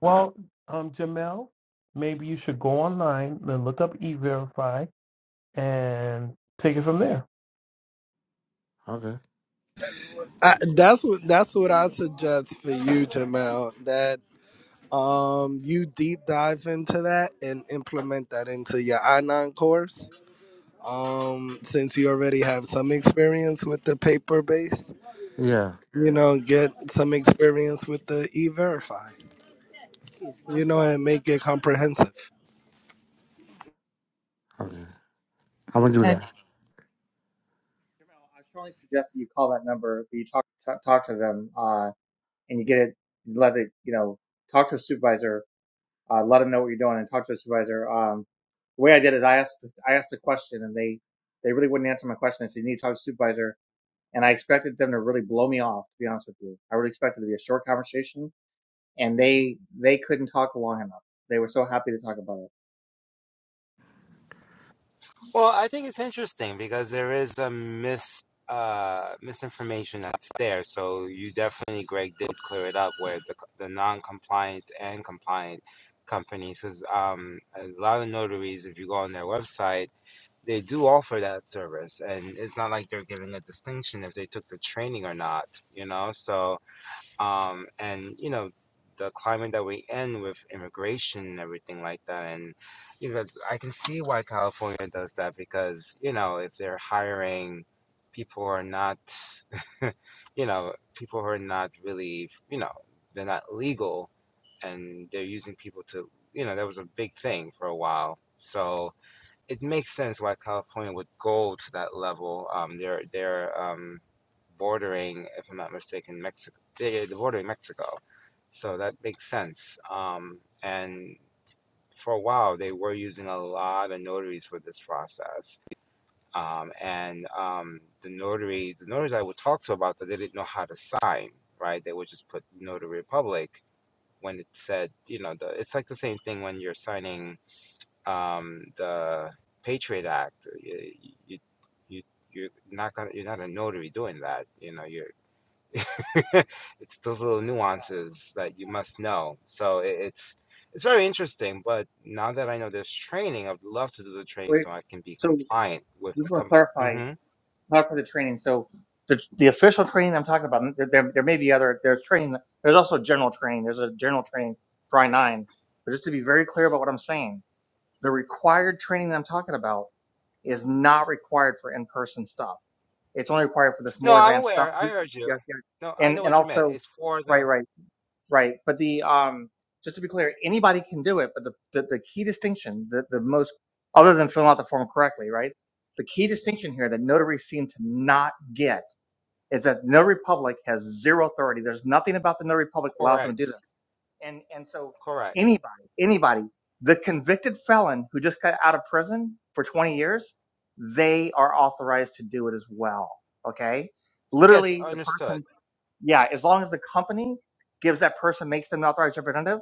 Speaker 1: Well, um, Jamel, maybe you should go online and look up E-Verify and take it from there.
Speaker 5: Okay.
Speaker 9: I, that's what that's what I suggest for you, Jamel. That um you deep dive into that and implement that into your I nine course. Um, since you already have some experience with the paper base,
Speaker 5: Yeah.
Speaker 9: you know, get some experience with the e verify, you know, and make it comprehensive.
Speaker 5: Okay. I'm gonna do
Speaker 3: Uh,
Speaker 5: that.
Speaker 10: I strongly suggest that you call that number, that you talk, talk talk to them. Uh, and you get it, let it, you know, talk to a supervisor, uh, let them know what you're doing and talk to a supervisor. Um, the way I did it, I asked, I asked a question and they, they really wouldn't answer my question. I said, you need to talk to a supervisor. And I expected them to really blow me off, to be honest with you. I really expected it to be a short conversation and they, they couldn't talk long enough. They were so happy to talk about it.
Speaker 8: Well, I think it's interesting because there is a mis uh misinformation that's there. So you definitely Greg did clear it up where the the non-compliance and compliant companies cuz um a lot of notaries if you go on their website They do offer that service, and it's not like they're giving a distinction if they took the training or not, you know? So, um, and, you know, the climate that we in with immigration and everything like that, and because I can see why California does that because, you know, if they're hiring people who are not, you know, people who are not really, you know, they're not legal, and they're using people to you know that was a big thing for a while so it makes sense why California would go to that level. Um, they're they're um, bordering, if I'm not mistaken, Mexico. They're bordering Mexico, so that makes sense. Um, and for a while, they were using a lot of notaries for this process. Um, and um, the notaries, the notaries I would talk to about that, they didn't know how to sign. Right? They would just put notary public when it said, you know, the, it's like the same thing when you're signing um, the Patriot Act. You, you, you, you're not gonna, you're not a notary doing that. You know, you're. it's those little
Speaker 10: Yeah.
Speaker 8: nuances that you must know. So it, it's it's very interesting. But now that I know there's training, I'd love to do the training
Speaker 10: Wait,
Speaker 8: so I can be
Speaker 10: so
Speaker 8: compliant with
Speaker 10: we
Speaker 8: the.
Speaker 10: want to
Speaker 8: Com-
Speaker 10: clarify
Speaker 8: hmm
Speaker 10: not for the training. So the the official training I'm talking about, there there, there may be other. There's training. There's also general training. There's a general training for I nine. But just to be very clear about what I'm saying, the required training that I'm talking about is not required for in person stuff. It's only required for this
Speaker 8: No,
Speaker 10: more
Speaker 8: I'm
Speaker 10: advanced stuff.
Speaker 8: aware. I heard
Speaker 10: Yeah,
Speaker 8: you.
Speaker 10: yeah.
Speaker 8: No, I know
Speaker 10: And and
Speaker 8: what you meant.
Speaker 10: also,
Speaker 8: It's for
Speaker 10: right,
Speaker 8: the
Speaker 10: right. Right. But the um just to be clear, anybody can do it, but the, the, the key distinction, the, the most other than filling out the form correctly, right? The key distinction here that notaries seem to not get is that notary public has zero authority. There's nothing about the notary public that allows them
Speaker 8: correct,
Speaker 10: to do that. And and so
Speaker 8: correct.
Speaker 10: anybody, anybody, the convicted felon who just got out of prison for 20 years, they are authorized to do it as well. Okay?
Speaker 8: Yes,
Speaker 10: Literally the
Speaker 8: understood.
Speaker 10: person yeah, as long as the company gives that person, makes them an authorized representative,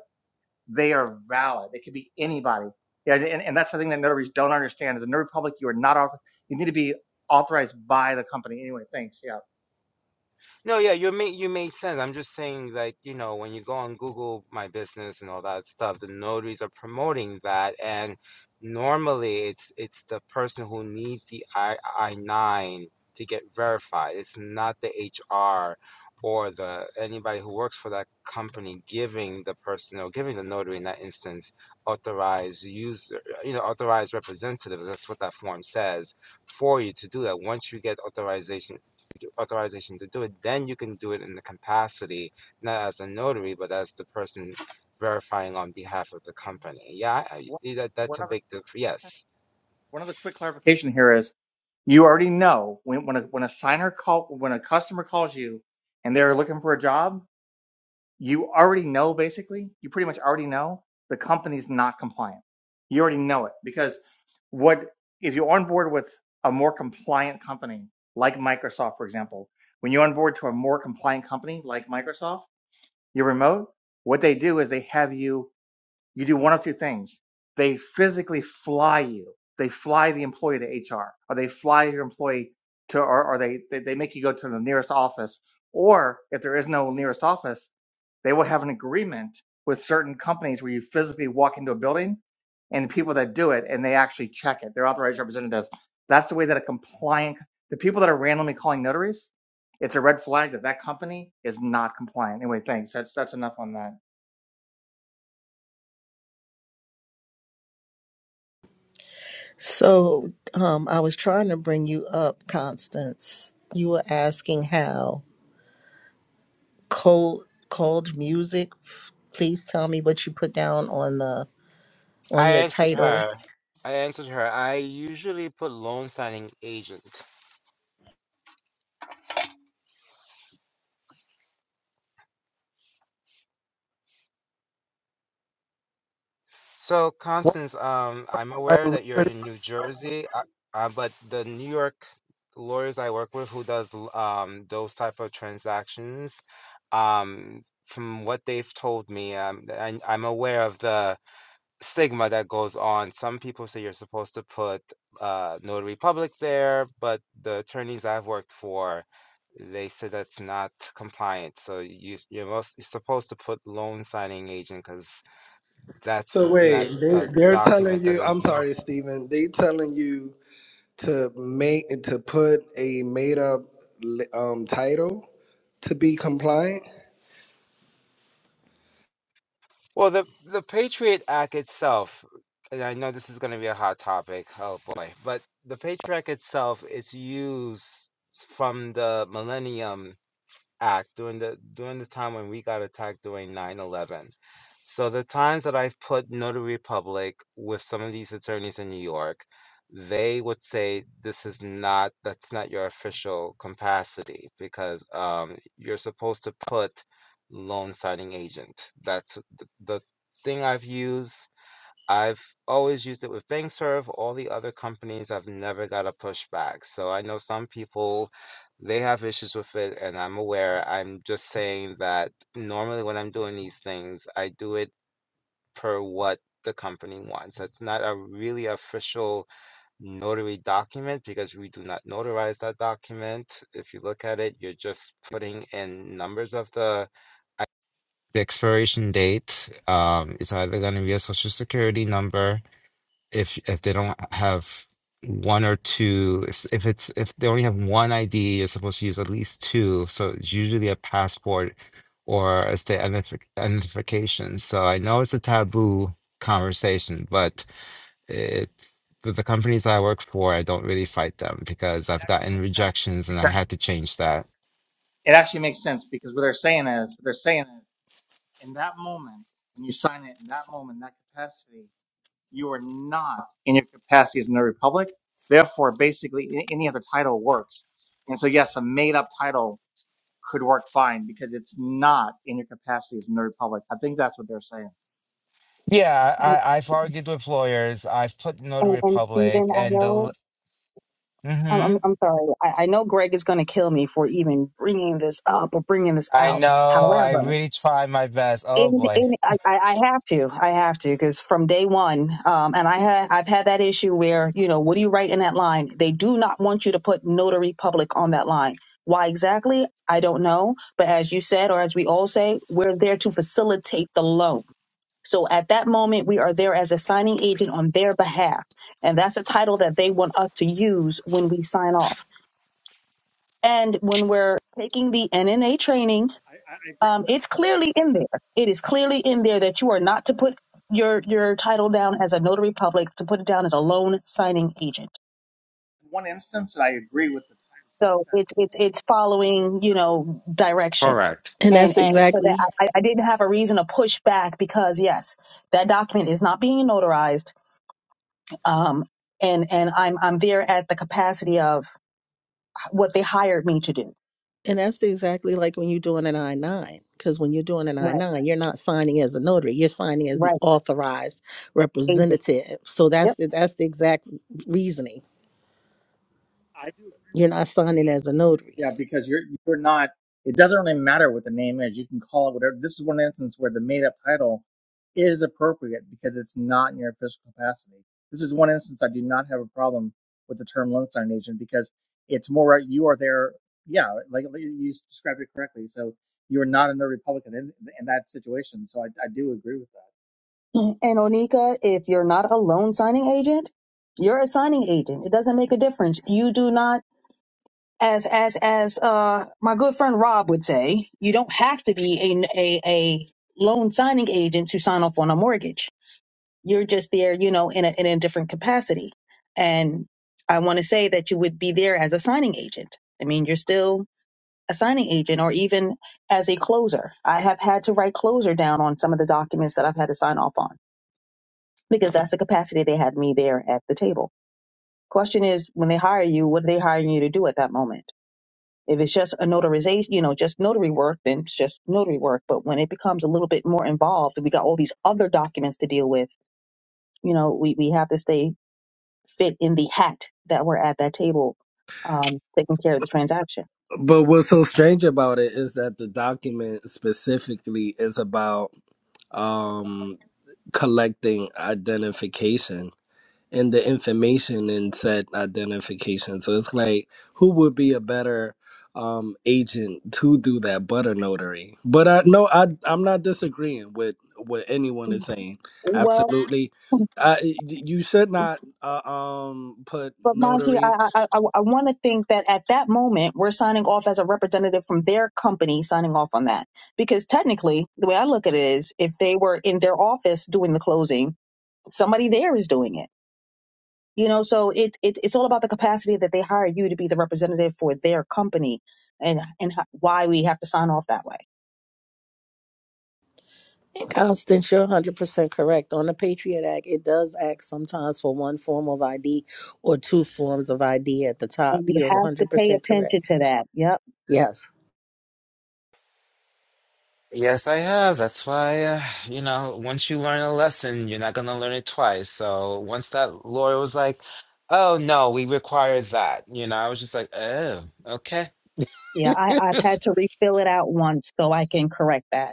Speaker 10: they are valid. It could be anybody. Yeah, and, and that's the thing that notaries don't understand is a notary public, you are not author. You need to be authorized by the company. Anyway, thanks. Yeah.
Speaker 8: No, yeah, you made you made sense. I'm just saying, like, you know, when you go on Google My Business and all that stuff, the notaries are promoting that, and normally it's it's the person who needs the I I nine to get verified. It's not the HR or the anybody who works for that company giving the person or giving the notary in that instance authorized user, you know, authorized representative. That's what that form says for you to do that. Once you get authorization authorization to do it, then you can do it in the capacity, not as a notary, but as the person verifying on behalf of the
Speaker 10: And
Speaker 8: company. Yeah, I,
Speaker 10: one,
Speaker 8: I- that,
Speaker 10: one
Speaker 8: that's a
Speaker 10: other,
Speaker 8: big difference. Yes.
Speaker 10: one other quick clarification here is you already know when, when a, when a signer call, when a customer calls you and they're looking for a job, you already know basically you pretty much already know the company's not compliant you already know it because what if you onboard with a more compliant company like microsoft for example when you onboard to a more compliant company like microsoft your remote what they do is they have you you do one of two things. They physically fly you. They fly the employee to HR, or they fly your employee to, or, or they, they they make you go to the nearest office. Or if there is no nearest office, they will have an agreement with certain companies where you physically walk into a building, and the people that do it and they actually check it. They're authorized representative. That's the way that a compliant the people that are randomly calling notaries, it's a red flag that that company is not compliant. Anyway, thanks. That's that's enough on that.
Speaker 7: So um, I was trying to bring you up, Constance. You were asking how cold cold music. Please tell me what you put down on the on
Speaker 8: I
Speaker 7: your
Speaker 8: answered
Speaker 7: title.
Speaker 8: her. I answered her. I usually put loan signing agent. So,
Speaker 1: What
Speaker 8: Constance, um, I'm aware
Speaker 1: title
Speaker 8: that you're
Speaker 1: was it?
Speaker 8: in New Jersey, uh, uh, but the New York lawyers I work with who does l- um, those type of transactions, um, from what they've told me, um, I, I'm aware of the stigma that goes on. Some people say you're supposed to put uh, notary public there, but the attorneys I've worked for, they said that's not compliant. So you s- you're most you're supposed to put loan signing agent because that's
Speaker 9: So
Speaker 8: n- not
Speaker 9: wait, they,
Speaker 8: a
Speaker 9: they're telling
Speaker 8: document that
Speaker 9: you
Speaker 8: doesn't
Speaker 9: I'm
Speaker 8: know.
Speaker 9: sorry, Stephen, they telling you to make to put a made up um title to be compliant.
Speaker 8: Well, the the Patriot Act itself, and I know this is going to be a hot topic. Oh boy, but the Patriot Act itself is used from the millennium act during the during the time when we got attacked during nine eleven, so the times that i've put notary public with some of these attorneys in new york they would say this is not that's not your official capacity because um, you're supposed to put loan signing agent that's th- the thing i've used I've always used it with BankServe. All the other companies, I've never got a pushback. So I know some people, they have issues with it, and I'm aware. I'm just saying that normally when I'm doing these things, I do it per what the company wants. It's not a really official notary document because we do not notarize that document. If you look at it, you're just putting in numbers of the the expiration date. Um, it's either going to be a social security number if if they don't have one or two if if it's if they only have one ID, you're supposed to use at least two. So it's usually a passport or a state identif identification. So I know it's a taboo conversation, but it with the companies I work for, I don't really fight them because
Speaker 10: It
Speaker 8: I've
Speaker 10: actually
Speaker 8: gotten
Speaker 10: makes sense
Speaker 8: rejections and I had to change that.
Speaker 10: it actually makes sense because what they're saying is what they're saying is in that moment when you sign it in that moment in that capacity you are not in your capacity as in the republic therefore basically a- any other title works and so yes a made-up title could work fine because it's not in your capacity as in the republic i think that's what they're saying
Speaker 8: Yeah,
Speaker 11: And,
Speaker 8: I, I've argued with lawyers. I've put
Speaker 11: and,
Speaker 8: Notary
Speaker 11: and
Speaker 8: Public
Speaker 11: Stephen, I
Speaker 8: and
Speaker 11: know,
Speaker 8: the.
Speaker 11: I'm,
Speaker 8: Mm-hmm.
Speaker 11: I'm, I'm sorry. I, I know Greg is going to kill me for even bringing this up or bringing this
Speaker 8: I
Speaker 11: out.
Speaker 8: know. I
Speaker 11: However,
Speaker 8: really try my best. Oh
Speaker 11: in,
Speaker 8: boy.
Speaker 11: in, I, I I have to, I have to, because from day one, um, and I ha- I've had that issue where, you know, what do you write in that line? They do not want you to put notary public on that line. Why exactly? I don't know. But as you said, or as we all say, we're there to facilitate the loan. So at that moment, we are there as a signing agent on their behalf. And that's a title that they want us to use when we sign off. And when we're taking the NNA training,
Speaker 10: i, I I agree
Speaker 11: um, it's clearly in there. It is clearly in there that you are not to put your your title down as a notary public, to put it down as a loan signing agent.
Speaker 10: with one instance and i agree with the title
Speaker 11: So it's it's it's following, you know, direction
Speaker 8: Correct.
Speaker 7: And that's
Speaker 11: and and so that
Speaker 7: exactly
Speaker 11: I, I didn't have a reason to push back because yes, that document is not being notarized. um, and and I'm I'm there at the capacity of what they hired me to do.
Speaker 7: And that's exactly like when you're doing an I 9, because when you're doing an I
Speaker 11: Right,
Speaker 7: 9, you're not signing as a notary, you're signing as the
Speaker 11: right,
Speaker 7: authorized
Speaker 11: agent.
Speaker 7: representative. So that's
Speaker 11: Yep.
Speaker 7: the, that's the exact reasoning.
Speaker 10: I do agree.
Speaker 7: You're not signing as a notary.
Speaker 10: Yeah, because you're you're not. It doesn't really matter what the name is. You can call it whatever. This is one instance where the made up title is appropriate because it's not in your official capacity. This is one instance I do not have a problem with the term Lone Star Nation because it's more right- you are there. Yeah, like like you described it correctly. So you are not in the Republican in, in that situation. So I, I do agree with that.
Speaker 11: And Onika, if you're not a loan signing agent, you're a signing agent. It doesn't make a difference. You do not, as as as uh my good friend Rob would say, you don't have to be a a, a loan signing agent to sign off on a mortgage. You're just there, you know, in a in a different capacity. And I want to say that you would be there as a signing agent. I mean, you're still A signing agent or even as a closer. I have had to write closer down on some of the documents that I've had to sign off on because that's the capacity they had me there at the table. Question is, when they hire you, what are they hiring you to do at that moment? If it's just a notarization, you know, just notary work, then it's just notary work. But when it becomes a little bit more involved, we got all these other documents to deal with. You know, we, we have to stay fit in the hat that we're at that table, um, taking care of the transaction.
Speaker 9: But what's so strange about it is that the document specifically is about um, collecting identification and the information in said identification. So it's like, who would be a better um, agent to do that but a notary? But I no, I I'm not disagreeing with what anyone is saying. Absolutely, I, you should not uh, um, put
Speaker 11: But Monty,
Speaker 9: notary.
Speaker 11: I I, I, I want to think that at that moment we're signing off as a representative from their company, signing off on that. Because technically, the way I look at it is, if they were in their office doing the closing, somebody there is doing it. You know, so it, it it's all about the capacity that they hire you to be the representative for their company, and and ho- why we have to sign off that way.
Speaker 7: And Constance, you're 100% correct. On the Patriot Act, it does ask sometimes for one form of ID or two forms of ID at the top.
Speaker 11: And you
Speaker 7: You're
Speaker 11: have to pay
Speaker 7: 100%
Speaker 11: attention
Speaker 7: correct.
Speaker 11: to that. Yep.
Speaker 7: Yes.
Speaker 8: Yes, I have. That's why, uh, you know, once you learn a lesson, you're not going to learn it twice. So once that lawyer was like, oh, no, we require that, you know, I was just like, oh, okay.
Speaker 11: Yeah, I, I've had to refill it out once so I can correct that.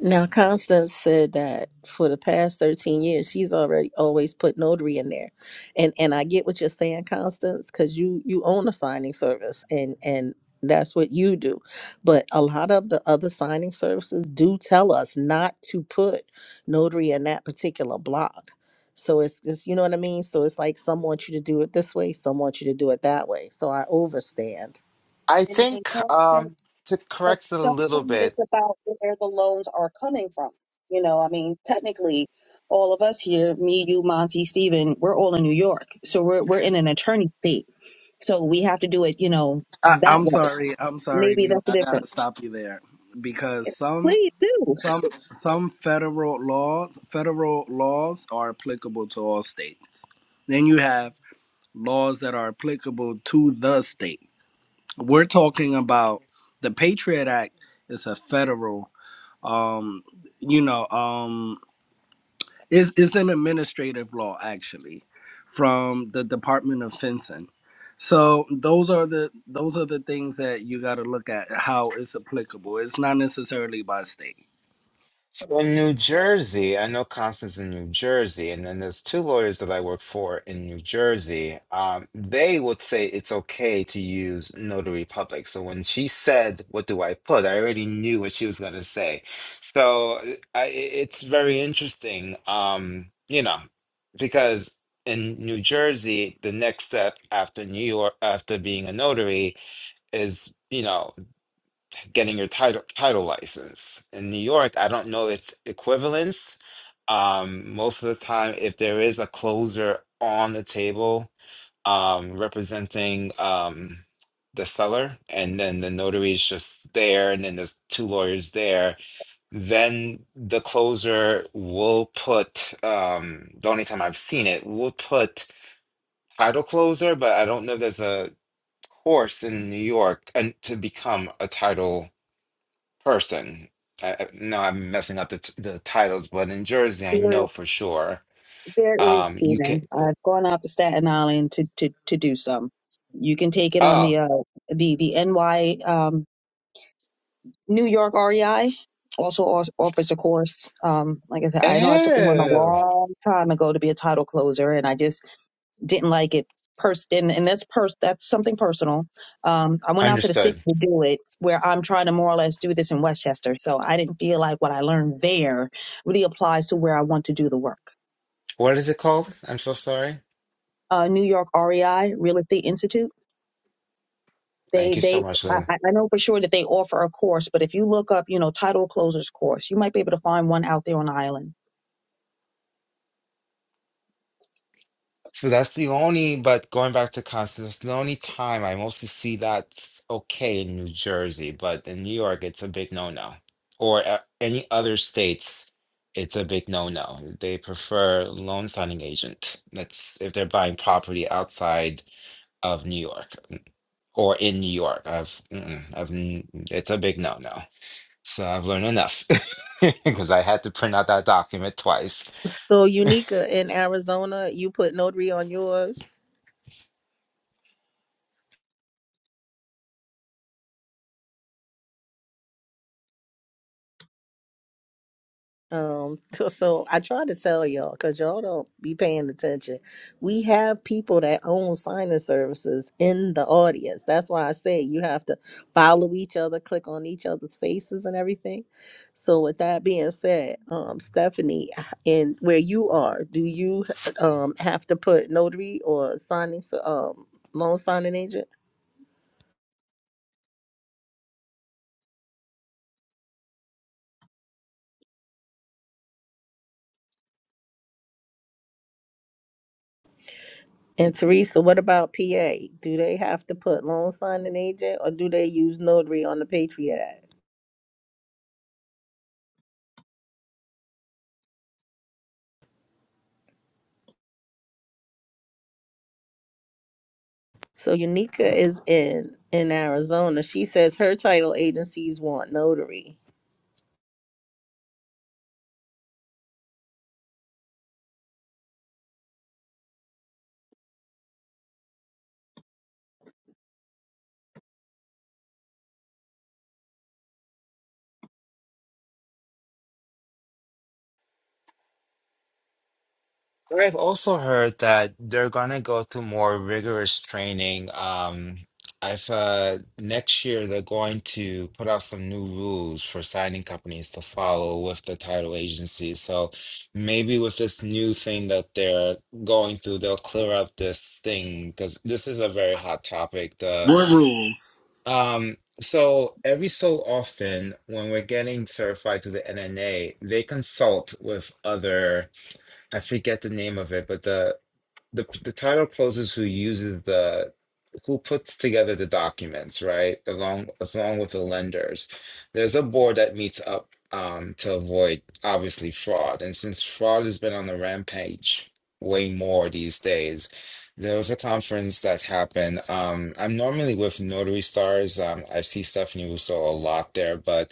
Speaker 7: Now, Constance said that for the past 13 years, she's already always put notary in there. And and I get what you're saying, Constance, because you you own a signing service and and that's what you do. But a lot of the other signing services do tell us not to put notary in that particular block. So it's, it's you know what I mean? So it's like some want you to do it this way, some want you to do it that way. So I overstand.
Speaker 8: I
Speaker 11: and, and
Speaker 8: think
Speaker 11: don't think-
Speaker 8: um, to
Speaker 11: but
Speaker 8: correct it a little
Speaker 11: sometimes
Speaker 8: bit,
Speaker 11: it's about where the loans are coming from. You know, I mean, technically, all of us here, me, you, Monty, Steven, we're all in New York. So we're, we're in an attorney state. So we have to do it, you know,
Speaker 9: I,
Speaker 11: that
Speaker 9: I'm
Speaker 11: way.
Speaker 9: sorry. I'm sorry,
Speaker 11: Maybe
Speaker 9: Lena.
Speaker 11: that's the
Speaker 9: I gotta
Speaker 11: difference.
Speaker 9: stop you there because some
Speaker 11: Please do.
Speaker 9: some some federal laws federal laws are applicable to all states. Then you have laws that are applicable to the state. We're talking about the Patriot Act is a federal. Um, you know. Um, it's, it's an administrative law, actually, from the Department of Fencing. So those are the those are the things that you got to look at how it's applicable. It's not necessarily by state.
Speaker 8: So in New Jersey, I know Constance in New Jersey, and then there's two lawyers that I work for in New Jersey. Um, they would say it's okay to use Notary Public. So when she said, "What do I put?" I already knew what she was going to say. So uh, I, i- it's very interesting, um, you know, because in New Jersey, the next step after New York, after being a notary, is you know getting your title title license. In New York, I don't know its equivalence. Um, most of the time, if there is a closer on the table um, representing um, the seller, and then the notary is just there, and then there's two lawyers there, then the closer will put. Um, the only time I've seen it will put title closer, but I don't know if there's a course in New York and to become a title person. I, I know I'm messing up the t- the titles, but in Jersey, I
Speaker 11: There,
Speaker 8: know for sure.
Speaker 11: there is,
Speaker 8: Um, you can.
Speaker 11: Stephen. I've gone out to Staten Island to to to do some. You can take it on the
Speaker 8: Oh,
Speaker 11: uh the the NY um New York REI also os- offers a course. Um, like I said, I know I took one a
Speaker 8: oh,
Speaker 11: long time ago to be a title closer, and I just didn't like it pers- and, and that's pers- that's something personal um i went out to the city
Speaker 8: understood.
Speaker 11: to do it where i'm trying to more or less do this in westchester so i didn't feel like what i learned there really applies to where i want to do the work
Speaker 8: What is it called? I'm so sorry.
Speaker 11: uh new york rei real estate institute they
Speaker 8: Thank you
Speaker 11: they
Speaker 8: so much,
Speaker 11: I,
Speaker 8: Leila.
Speaker 11: I I know for sure that they offer a course but if you look up you know title closers course you might be able to find one out there on the island
Speaker 8: So that's the only. But going back to Constance, that's the only time I mostly see that's okay in New Jersey, but in New York, it's a big no-no. Or uh, any other states, it's a big no-no. They prefer loan signing agent. That's if they're buying property outside of New York or in New York. I've, mm-mm, I've, n- it's a big no-no. So I've learned enough because I had to print out that document twice.
Speaker 7: So Unica in Arizona, you put notary on yours? Um, so so I try to tell y'all because y'all don't be paying attention. We have people that own signing services in the audience. That's why I say you have to follow each other, click on each other's faces and everything. So with that being said, um, Stephanie, in where you are, do you um have to put notary or signing s- um loan signing agent? And Teresa, what about PA? Do they have to put loan signing agent or do they use notary on the Patriot Act? So Unica is in in Arizona. She says her title agencies want notary.
Speaker 8: But I've also heard that they're gonna go through more rigorous training. Um, I've uh, next year they're going to put out some new rules for signing companies to follow with the title agency. So maybe with this new thing that they're going through, they'll clear up this thing because this is a very hot topic. The
Speaker 9: What rules?
Speaker 8: Um, so every so often, when we're getting certified to the NNA, they consult with other, I forget the name of it, but the the the title closes who uses the who puts together the documents right along along with the lenders there's a board that meets up um to avoid obviously fraud and since fraud has been on the rampage way more these days there was a conference that happened um i'm normally with notary stars um i see stephanie russo a lot there but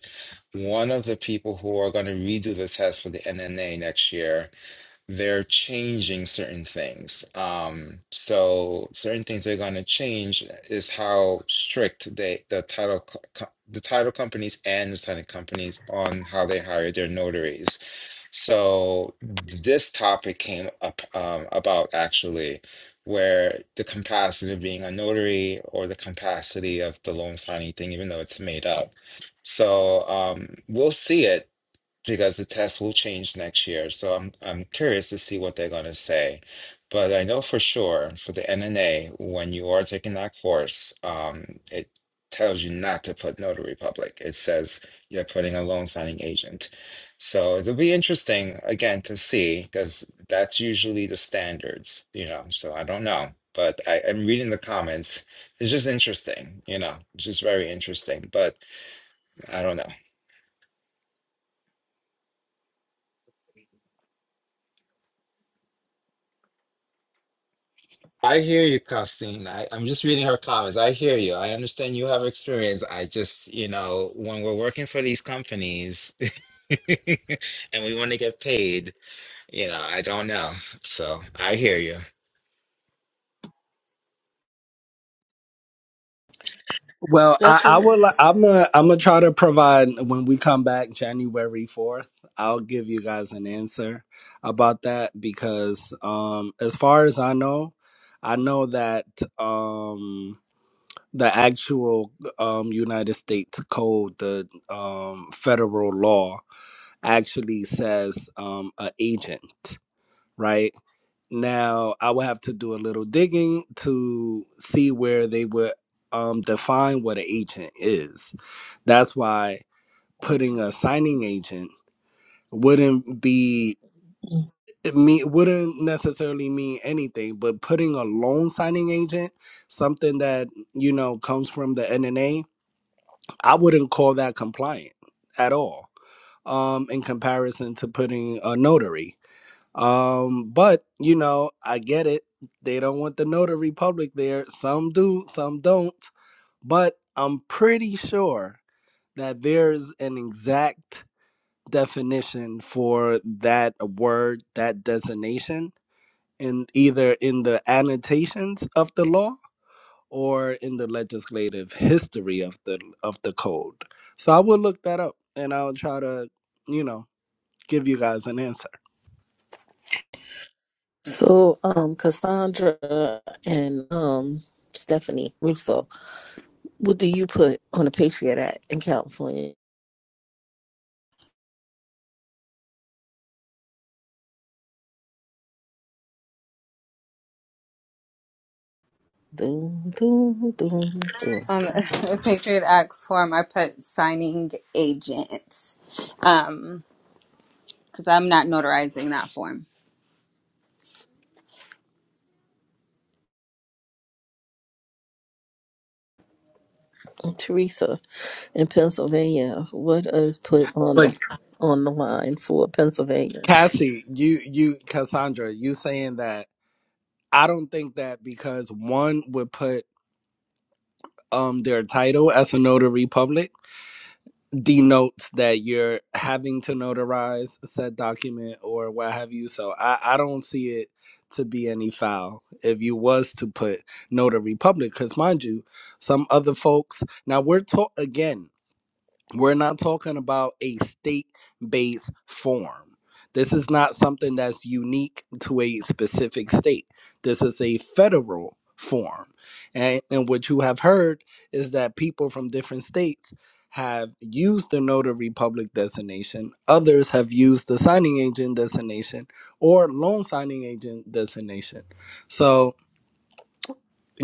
Speaker 8: one of the people who are going to redo the test for the nna next year they're changing certain things. Um, so certain things they're going to change is how strict they the title co- co- the title companies and the title companies on how they hire their notaries. So this topic came up um, about actually where the capacity of being a notary or the capacity of the loan signing thing, even though it's made up. So um, we'll see it because the test will change next year. So I'm I'm curious to see what they're going to say. But I know for sure for the NNA, when you are taking that course, um, it tells you not to put notary public. It says you're putting a loan signing agent. So it'll be interesting again to see because that's usually the standards, you know. So I don't know. But I, I'm reading the comments. It's just interesting, you know, it's just very interesting. But I don't know. I hear you, Costine. I, I'm just reading her comments. I hear you. I understand you have experience. I just, you know, when we're working for these companies and we want to get paid, you know, I don't know. So I hear you.
Speaker 9: Well, I, I
Speaker 7: Stephanie,
Speaker 9: will. I'm gonna. I'm gonna try to provide when we come back January fourth. I'll give you guys an answer about that because, um, as far as I know, I know that. Um, the actual um, United States Code, the um, federal law, actually says um, a agent, right? Now, I would have to do a little digging to see where they would um, define what an agent is. That's why putting a signing agent wouldn't be it me wouldn't necessarily mean anything, but putting a loan signing agent, something that you know comes from the NNA, I wouldn't call that compliant at all um, in comparison to putting a notary. Um, but, you know, I get it. They don't want the notary public there. Some do, some don't. But I'm pretty sure that there's an exact definition for that word, that designation, in either in the annotations of the law or in the legislative history of the of the code. So I will look that up and I'll try to, you know, give you guys an answer.
Speaker 7: So um Cassandra and um Stephanie Russo, what do you put on a Patriot Act in California? Doom, doom, doom, doom.
Speaker 3: on the Patriot Act form, I put signing agents um, because I'm not notarizing that form.
Speaker 7: And Teresa in Pennsylvania, what is put on the
Speaker 9: But
Speaker 7: on the line for Pennsylvania?
Speaker 9: Cassie, you you Cassandra, you saying that I don't think that because one would put um their title as a notary public denotes that you're having to notarize said document or what have you. So I, I don't see it to be any foul if you was to put notary public because mind you some other folks now we're taught again we're not talking about a state based form. This is not something that's unique to a specific state. This is a federal form. And, and what you have heard is that people from different states have used the notary public designation, others have used the signing agent designation or loan signing agent designation. So,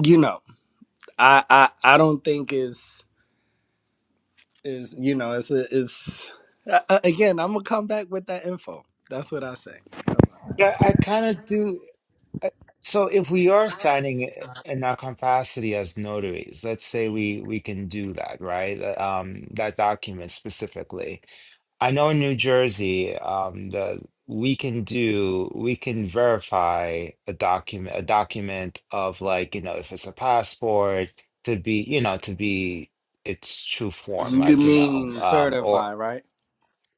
Speaker 9: you know, I, I, I don't think it's. is you know it's it's a- again i'm gonna come back with that info that's what i say
Speaker 8: But I, I kind of do. I- So if we are signing i- in our capacity as notaries, let's say we we can do that, right? Uh, Um, that document specifically. I know in New Jersey, um, the we can do we can verify a document a document of like, you know, if it's a passport to be, you know, to be its true form,
Speaker 9: you
Speaker 8: like, you know,
Speaker 9: mean
Speaker 8: um, or
Speaker 9: certify right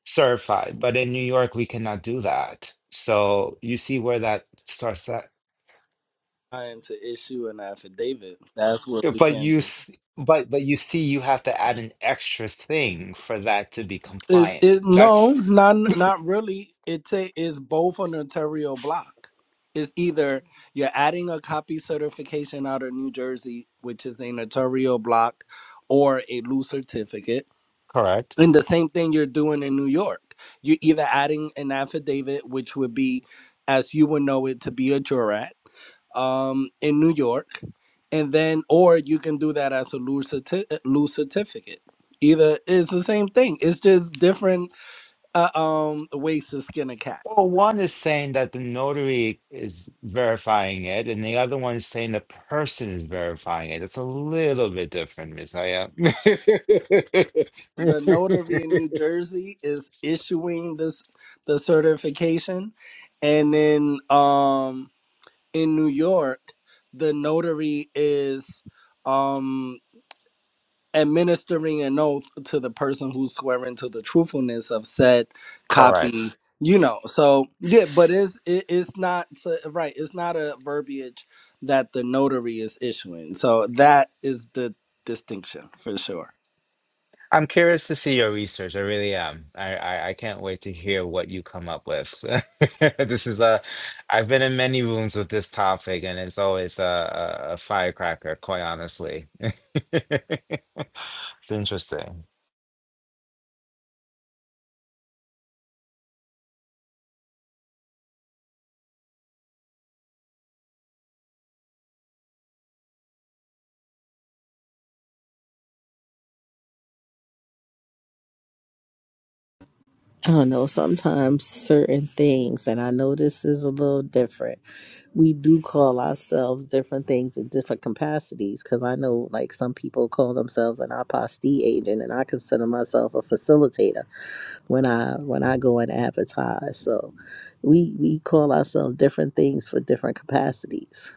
Speaker 8: certified. But in New York, we cannot do that. So you see where that starts at.
Speaker 9: trying to issue an affidavit that's what
Speaker 8: Yeah,
Speaker 9: we
Speaker 8: But
Speaker 9: can
Speaker 8: you
Speaker 9: do
Speaker 8: s- but but you see you have to add an extra thing for that to be
Speaker 9: is
Speaker 8: compliant.
Speaker 9: is
Speaker 8: That's
Speaker 9: no not not really it ta- is both a notarial block it's either you're adding a copy certification out of new jersey which is a notarial block or a loose certificate
Speaker 8: correct.
Speaker 9: And the same thing you're doing in New York. You're either adding an affidavit, which would be, as you would know it, to be a jurat um, in New York, and then, or you can do that as a loose, certi- uh, loose certificate. Either is the same thing. It's just different uh, um, ways to skin a cat.
Speaker 8: Well, one is saying that the notary is verifying it, and the other one is saying the person is verifying it. It's a little bit different, Ms. Naya.
Speaker 9: The notary in New Jersey is issuing this the certification, and then um, in New York, the notary is um, administering an oath to the person who's swearing to the truthfulness of said
Speaker 8: Correct.
Speaker 9: copy. You know, so yeah, but it's it, it's not so- right. It's not a verbiage that the notary is issuing. So that is the distinction for sure.
Speaker 8: I'm curious to see your research. I really am. I, I, I can't wait to hear what you come up with. This is a, I've been in many rooms with this topic, and it's always a, a, a firecracker, quite honestly. It's interesting.
Speaker 7: I don't know, sometimes certain things, and I know this is a little different. We do call ourselves different things in different capacities because I know, like, some people call themselves an apostille agent, and I consider myself a facilitator when I when I go and advertise. So, we we call ourselves different things for different capacities.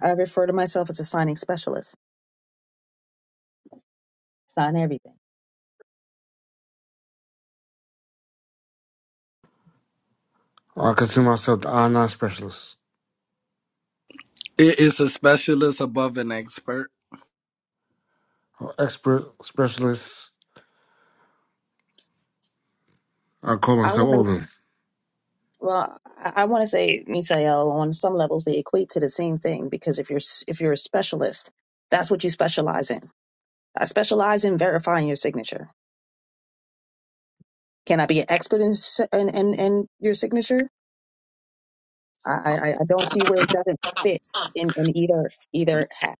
Speaker 11: I refer to myself as a signing specialist. Sign everything.
Speaker 5: I consider myself the online specialist,
Speaker 9: It is a specialist above an expert.
Speaker 5: or expert specialist. I call
Speaker 11: I
Speaker 5: myself
Speaker 11: want
Speaker 5: all of
Speaker 11: to,
Speaker 5: them.
Speaker 11: well, I want to say, Misael, on some levels they equate to the same thing because if you're s- if you're a specialist, that's what you specialize in. I specialize in verifying your signature. Can I be an expert in s- in in, in your signature? I, I, I don't see where it doesn't fit in, in either either hat.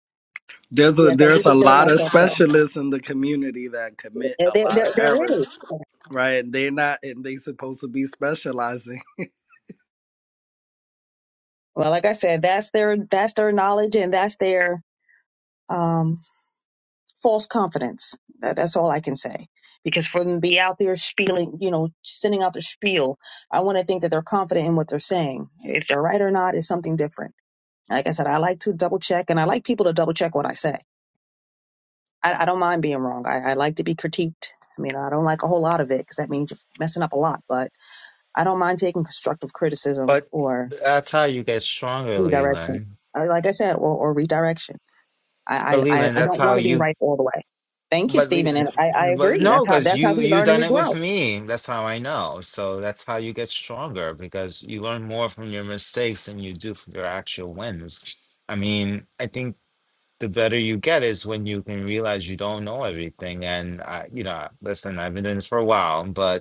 Speaker 9: There's a
Speaker 11: Yes, I do
Speaker 9: there's a
Speaker 11: consider
Speaker 9: lot of
Speaker 11: myself that.
Speaker 9: specialists in the community that commit
Speaker 11: Uh,
Speaker 9: a
Speaker 11: There, there,
Speaker 9: lot of
Speaker 11: there
Speaker 9: errors
Speaker 11: is.
Speaker 9: Right. And they're not and they supposed to be specializing.
Speaker 11: Well, like I said, that's their that's their knowledge and that's their um, false confidence. That, that's all I can say. Because for them to be out there spieling, you know, sending out their spiel, I want to think that they're confident in what they're saying. If they're right or not is something different. Like I said, I like to double check and I like people to double check what I say. I, I don't mind being wrong. I, I like to be critiqued. I mean, I don't like a whole lot of it because that means you're messing up a lot, but I don't mind taking constructive criticism
Speaker 8: But
Speaker 11: or
Speaker 8: that's how you get stronger,
Speaker 11: redirection.
Speaker 8: Leland.
Speaker 11: Uh, Like I said, or, or redirection.
Speaker 8: But
Speaker 11: I, I, I
Speaker 8: Leland,
Speaker 11: I
Speaker 8: that's
Speaker 11: don't
Speaker 8: how
Speaker 11: want to be
Speaker 8: you.
Speaker 11: right all the way. Thank you,
Speaker 8: But
Speaker 11: Stephen. And
Speaker 8: Leland,
Speaker 11: I, I
Speaker 8: but
Speaker 11: agree.
Speaker 8: no,
Speaker 11: That's how,
Speaker 8: because
Speaker 11: that's how
Speaker 8: you
Speaker 11: we
Speaker 8: you
Speaker 11: learn and
Speaker 8: done
Speaker 11: we
Speaker 8: it with
Speaker 11: grow.
Speaker 8: me. That's how I know. So that's how you get stronger because you learn more from your mistakes than you do from your actual wins. I mean, I think the better you get is when you can realize you don't know everything. And I, you know, listen, I've been doing this for a while, but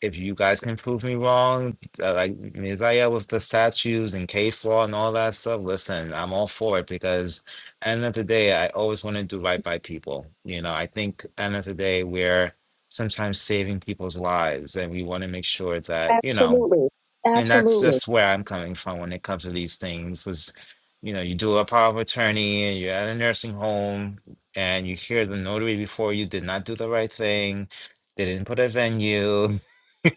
Speaker 8: if you guys can prove me wrong, uh, like Mizaya with the statues and case law and all that stuff, listen, I'm all for it because end of the day, I always want to do right by people. You know, I think end of the day, we're sometimes saving people's lives and we want to make sure that, you know,
Speaker 11: Absolutely.
Speaker 8: and that's
Speaker 11: Absolutely.
Speaker 8: just where I'm coming from when it comes to these things is, you know, you do a power of attorney and you're at a nursing home and you hear the notary before you did not do the right thing. They didn't put a venue.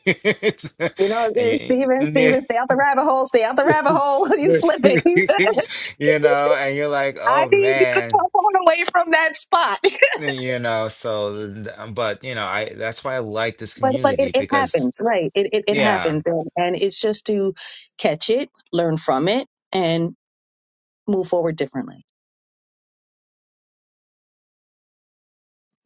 Speaker 8: It's-
Speaker 11: You know,
Speaker 8: and
Speaker 11: it's
Speaker 8: you,
Speaker 11: Steven,
Speaker 8: you
Speaker 11: Steven, stay out the rabbit hole, stay out the rabbit hole. You slipping.
Speaker 8: you know, and you're like,
Speaker 11: I
Speaker 8: oh
Speaker 11: need you to come
Speaker 8: man,
Speaker 11: on away from that spot.
Speaker 8: you know, so, th- th- but you know, I, that's why I like this
Speaker 11: But but it,
Speaker 8: community
Speaker 11: it
Speaker 8: because
Speaker 11: happens, right? It, it it
Speaker 8: yeah,
Speaker 11: happens, and and it's just to catch it, learn from it, and move forward differently.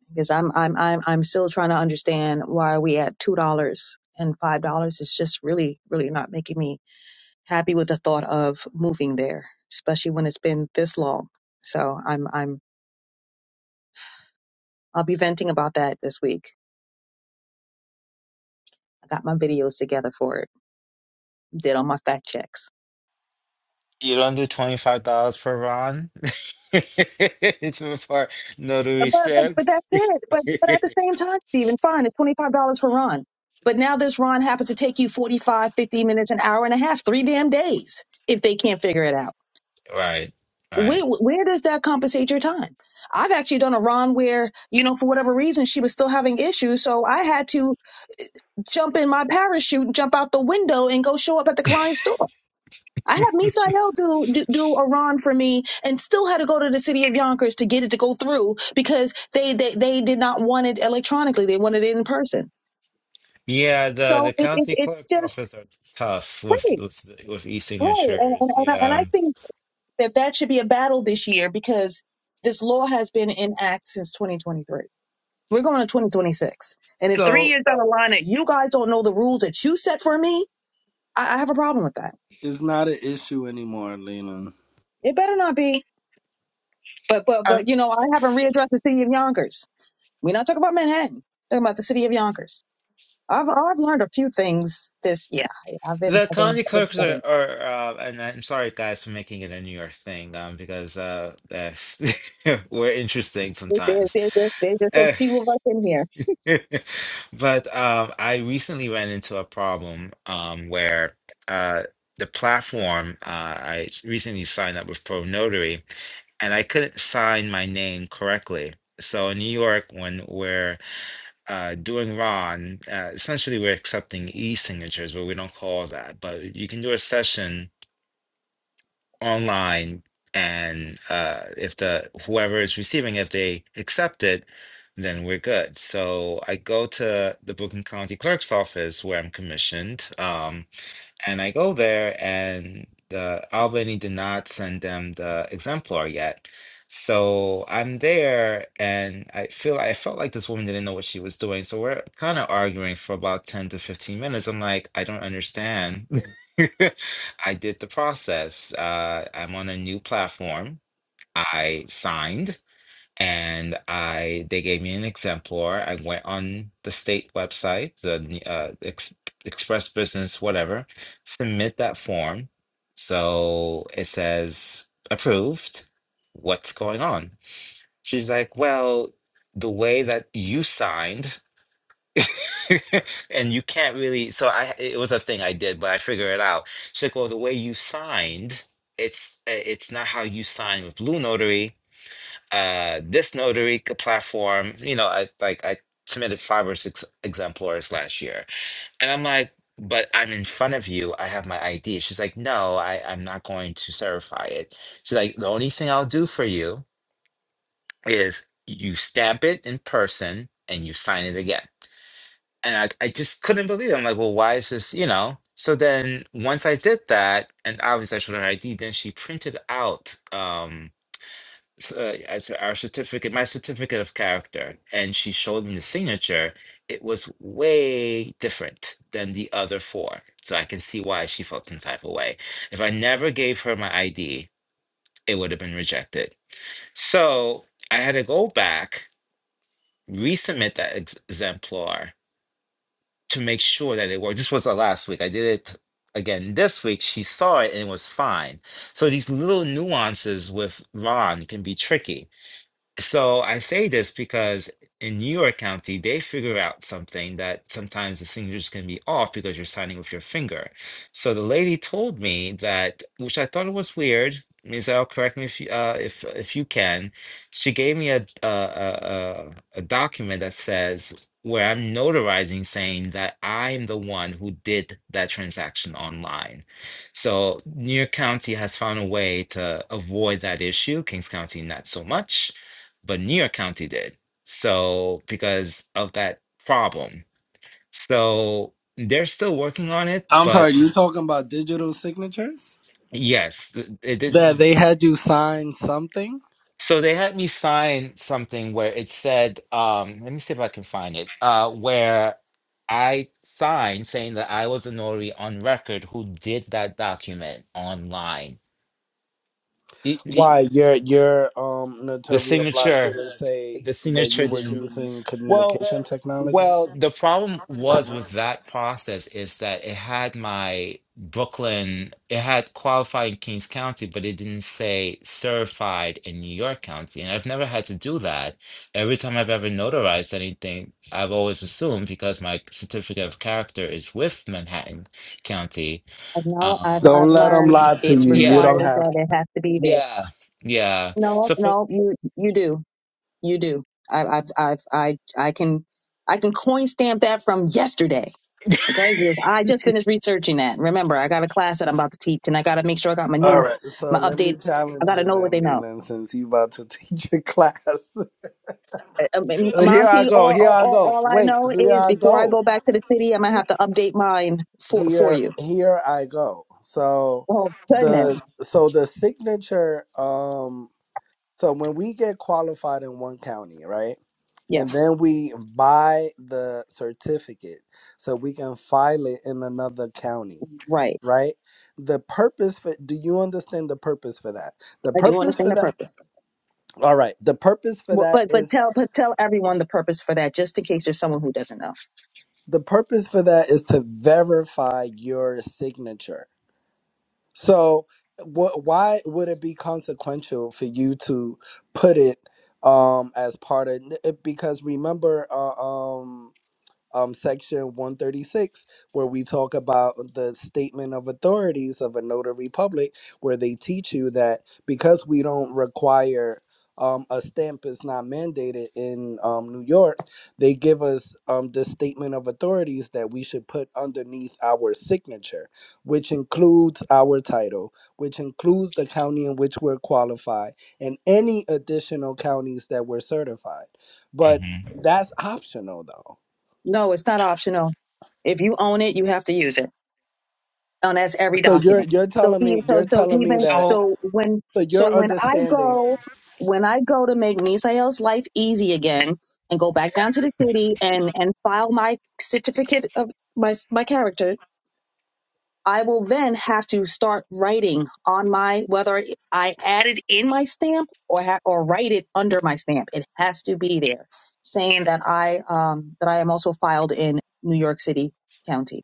Speaker 11: Because I'm I'm I'm I'm still trying to understand why are we at two dollars and five dollars. It's just really really not making me happy with the thought of moving there, especially when it's been this long. So I'm I'm I'll be venting about that this week. I got my videos together for it, did all my fact checks.
Speaker 8: you don't do $25 per run It's before
Speaker 11: But
Speaker 8: notary
Speaker 11: but
Speaker 8: stamp,
Speaker 11: but that's it. But but at the same time, Stephen, fine, it's twenty five dollars for Ron. But now this Ron happens to take you 45, 50 minutes, an hour and a half, three damn days if they can't figure it out.
Speaker 8: Right, right.
Speaker 11: Where where does that compensate your time? I've actually done a Ron where, you know, for whatever reason, she was still having issues. So I had to jump in my parachute and jump out the window and go show up at the client's door. I had Misael do, do do a run for me, and still had to go to the city of Yonkers to get it to go through because they they, they did not want it electronically; they wanted it in person.
Speaker 8: Yeah, the
Speaker 11: So
Speaker 8: the
Speaker 11: it, it,
Speaker 8: county
Speaker 11: it's
Speaker 8: clerk's
Speaker 11: just
Speaker 8: office are tough with
Speaker 11: right,
Speaker 8: with with
Speaker 11: right, and and,
Speaker 8: e-signatures.
Speaker 11: and, I, and
Speaker 8: Yeah.
Speaker 11: I think that that should be a battle this year because this law has been in act since 2023. We're going to 2026, and if three
Speaker 8: So
Speaker 11: years down the line that you guys don't know the rules that you set for me, I, I have a problem with that.
Speaker 9: It's not an issue anymore, Lena.
Speaker 11: It better not be, but but
Speaker 8: I mean,
Speaker 11: but you know I haven't readdressed the city of Yonkers. We're not talking about Manhattan. Talking about the city of Yonkers. I've I've learned a few things. This yeah, I've been
Speaker 8: the
Speaker 11: I've been,
Speaker 8: county
Speaker 11: I've been
Speaker 8: clerks are,
Speaker 11: studying.
Speaker 8: are uh, and I'm sorry guys for making it a New York thing, um, because uh, that's- we're interesting
Speaker 11: There- there-
Speaker 8: sometimes.
Speaker 11: There's just there's just so few of us in here.
Speaker 8: But um, I recently ran into a problem um, where uh, the platform uh, I s- recently signed up with ProNotary, and I couldn't sign my name correctly. So in New York, when we're uh, doing RON, uh, essentially we're accepting e-signatures, but we don't call that. But you can do a session online and uh if the whoever is receiving if they accept it then we're good so i go to the brooklyn county clerk's office where i'm commissioned Um, and I go there, and the Albany did not send them the exemplar yet. So I'm there, and I feel I felt like this woman didn't know what she was doing. So we're kind of arguing for about 10 to 15 minutes. I'm like, I don't understand. I did the process. Uh, I'm on a new platform. I signed and I they gave me an exemplar. I went on the state website, the uh, ex, Express Business, whatever, submit that form. So it says approved. What's going on? She's like, well, the way that you signed, and you can't really. So I, it was a thing I did, but I figure it out. She's like, well, the way you signed, it's eh, it's not how you sign with Blue Notary uh this notary c- platform you know i like i submitted five or six exemplars last year and i'm like but i'm in front of you i have my id she's like no i i'm not going to certify it she's like the only thing i'll do for you is you stamp it in person and you sign it again and i, I just couldn't believe it i'm like well why is this you know so then once i did that and obviously i showed her id then she printed out um s- uh, as our certificate, my certificate of character, and she showed me the signature. It was way different than the other four, so I can see why she felt some type of way. If I never gave her my ID, it would have been rejected. So I had to go back, resubmit that ex- exemplar to make sure that it worked. This was the last week. I did it again this week. She saw it and it was fine. So these little nuances with Ron can be tricky so I say this because in New York County, they figure out something that sometimes the signatures can be off because you're signing with your finger. So the lady told me that, which I thought was weird. Mizell, correct me if you, uh, if if you can. She gave me a a, a a a document that says where I'm notarizing saying that I'm the one who did that transaction online. So New York County has found a way to avoid that issue. Kings County, not so much but New York County did. So because of that problem. So they're still working on it,
Speaker 9: I'm
Speaker 8: but
Speaker 9: sorry, you talking about digital signatures?
Speaker 8: yes, th- it
Speaker 9: That
Speaker 8: didn't.
Speaker 9: they had you sign something?
Speaker 8: So they had me sign something where it said, um, let me see if I can find it, uh, where I signed saying that I was a notary on record who did that document online. E- e-
Speaker 9: Why your your um
Speaker 8: the
Speaker 9: notarial block
Speaker 8: signature,
Speaker 9: didn't say
Speaker 8: the
Speaker 9: that
Speaker 8: signature
Speaker 9: you were
Speaker 8: didn't
Speaker 9: using
Speaker 8: Well,
Speaker 9: communication technology?
Speaker 8: well, the problem was with that process is that it had my Brooklyn, it had qualified in Kings County, but it didn't say certified in New York County. And I've never had to do that. Every time I've ever notarized anything, I've always assumed because my certificate of character is with Manhattan County.
Speaker 11: And now I've
Speaker 8: Um,
Speaker 9: Don't
Speaker 11: I've
Speaker 9: let them
Speaker 11: learned
Speaker 9: lie to
Speaker 11: it's
Speaker 9: you. You
Speaker 8: yeah,
Speaker 9: don't
Speaker 11: required
Speaker 9: have
Speaker 11: that
Speaker 9: to.
Speaker 11: it has to be there.
Speaker 8: yeah, yeah.
Speaker 11: No,
Speaker 8: So for
Speaker 11: no, you you do you do. I I I I I can I can coin stamp that from yesterday. Okay, 'Cause I just finished researching that. Remember, I got a class that I'm about to teach, and I got to make sure I got my
Speaker 9: All
Speaker 11: new
Speaker 9: right, so
Speaker 11: my
Speaker 9: let
Speaker 11: update.
Speaker 9: me
Speaker 11: I
Speaker 9: challenge
Speaker 11: got to
Speaker 9: you
Speaker 11: know what
Speaker 9: then,
Speaker 11: they know.
Speaker 9: Leland, since you about to teach a class.
Speaker 11: um, um,
Speaker 8: so,
Speaker 9: Here I
Speaker 11: Monty,
Speaker 9: go.
Speaker 11: all,
Speaker 9: Here
Speaker 11: all,
Speaker 9: I
Speaker 11: all
Speaker 9: go.
Speaker 11: all I
Speaker 9: Wait,
Speaker 11: know
Speaker 9: here
Speaker 11: is
Speaker 9: I
Speaker 11: before I
Speaker 9: go.
Speaker 11: go back to the city, I'm gonna have to update mine for for
Speaker 9: here
Speaker 11: you.
Speaker 9: here I go. So
Speaker 11: Oh
Speaker 9: the
Speaker 11: goodness,
Speaker 9: so the signature um so when we get qualified in one county, right? And
Speaker 11: yes,
Speaker 9: then we buy the certificate so we can file it in another county,
Speaker 11: right.
Speaker 9: right? The purpose for do you understand the purpose for that? The
Speaker 11: I do
Speaker 9: purpose
Speaker 11: understand
Speaker 9: for
Speaker 11: the
Speaker 9: that
Speaker 11: purpose,
Speaker 9: all right, the purpose for
Speaker 11: Well,
Speaker 9: that
Speaker 11: but but
Speaker 9: is
Speaker 11: tell but tell everyone the purpose for that, just in case there's someone who doesn't know.
Speaker 9: the purpose for that is to verify your signature So, what? Why would it be consequential for you to put it um as part of? it? Because remember, uh, um um, section 136, where we talk about the statement of authorities of a notary public, where they teach you that because we don't require um, a stamp is not mandated in um, New York, they give us um, the statement of authorities that we should put underneath our signature, which includes our title, which includes the county in which we're qualified, and any additional counties that we're certified. But
Speaker 8: Mhm.
Speaker 9: that's optional, though
Speaker 11: No, it's not optional. If you own it, you have to use it. and that's every
Speaker 9: So you're
Speaker 11: document.
Speaker 9: you're
Speaker 11: So
Speaker 9: telling
Speaker 11: even
Speaker 9: me
Speaker 11: so
Speaker 9: you're
Speaker 11: so
Speaker 9: telling me
Speaker 11: even
Speaker 9: that
Speaker 8: so
Speaker 11: so when
Speaker 9: so
Speaker 11: so
Speaker 9: your
Speaker 11: when I
Speaker 9: understanding
Speaker 11: go when I go to make Misael's life easy again and go back down to the city and and file my certificate of my my character, I will then have to start writing on my whether I add it in my stamp or ha- or write it under my stamp. It has to be there saying that I um that I am also filed in New York City County,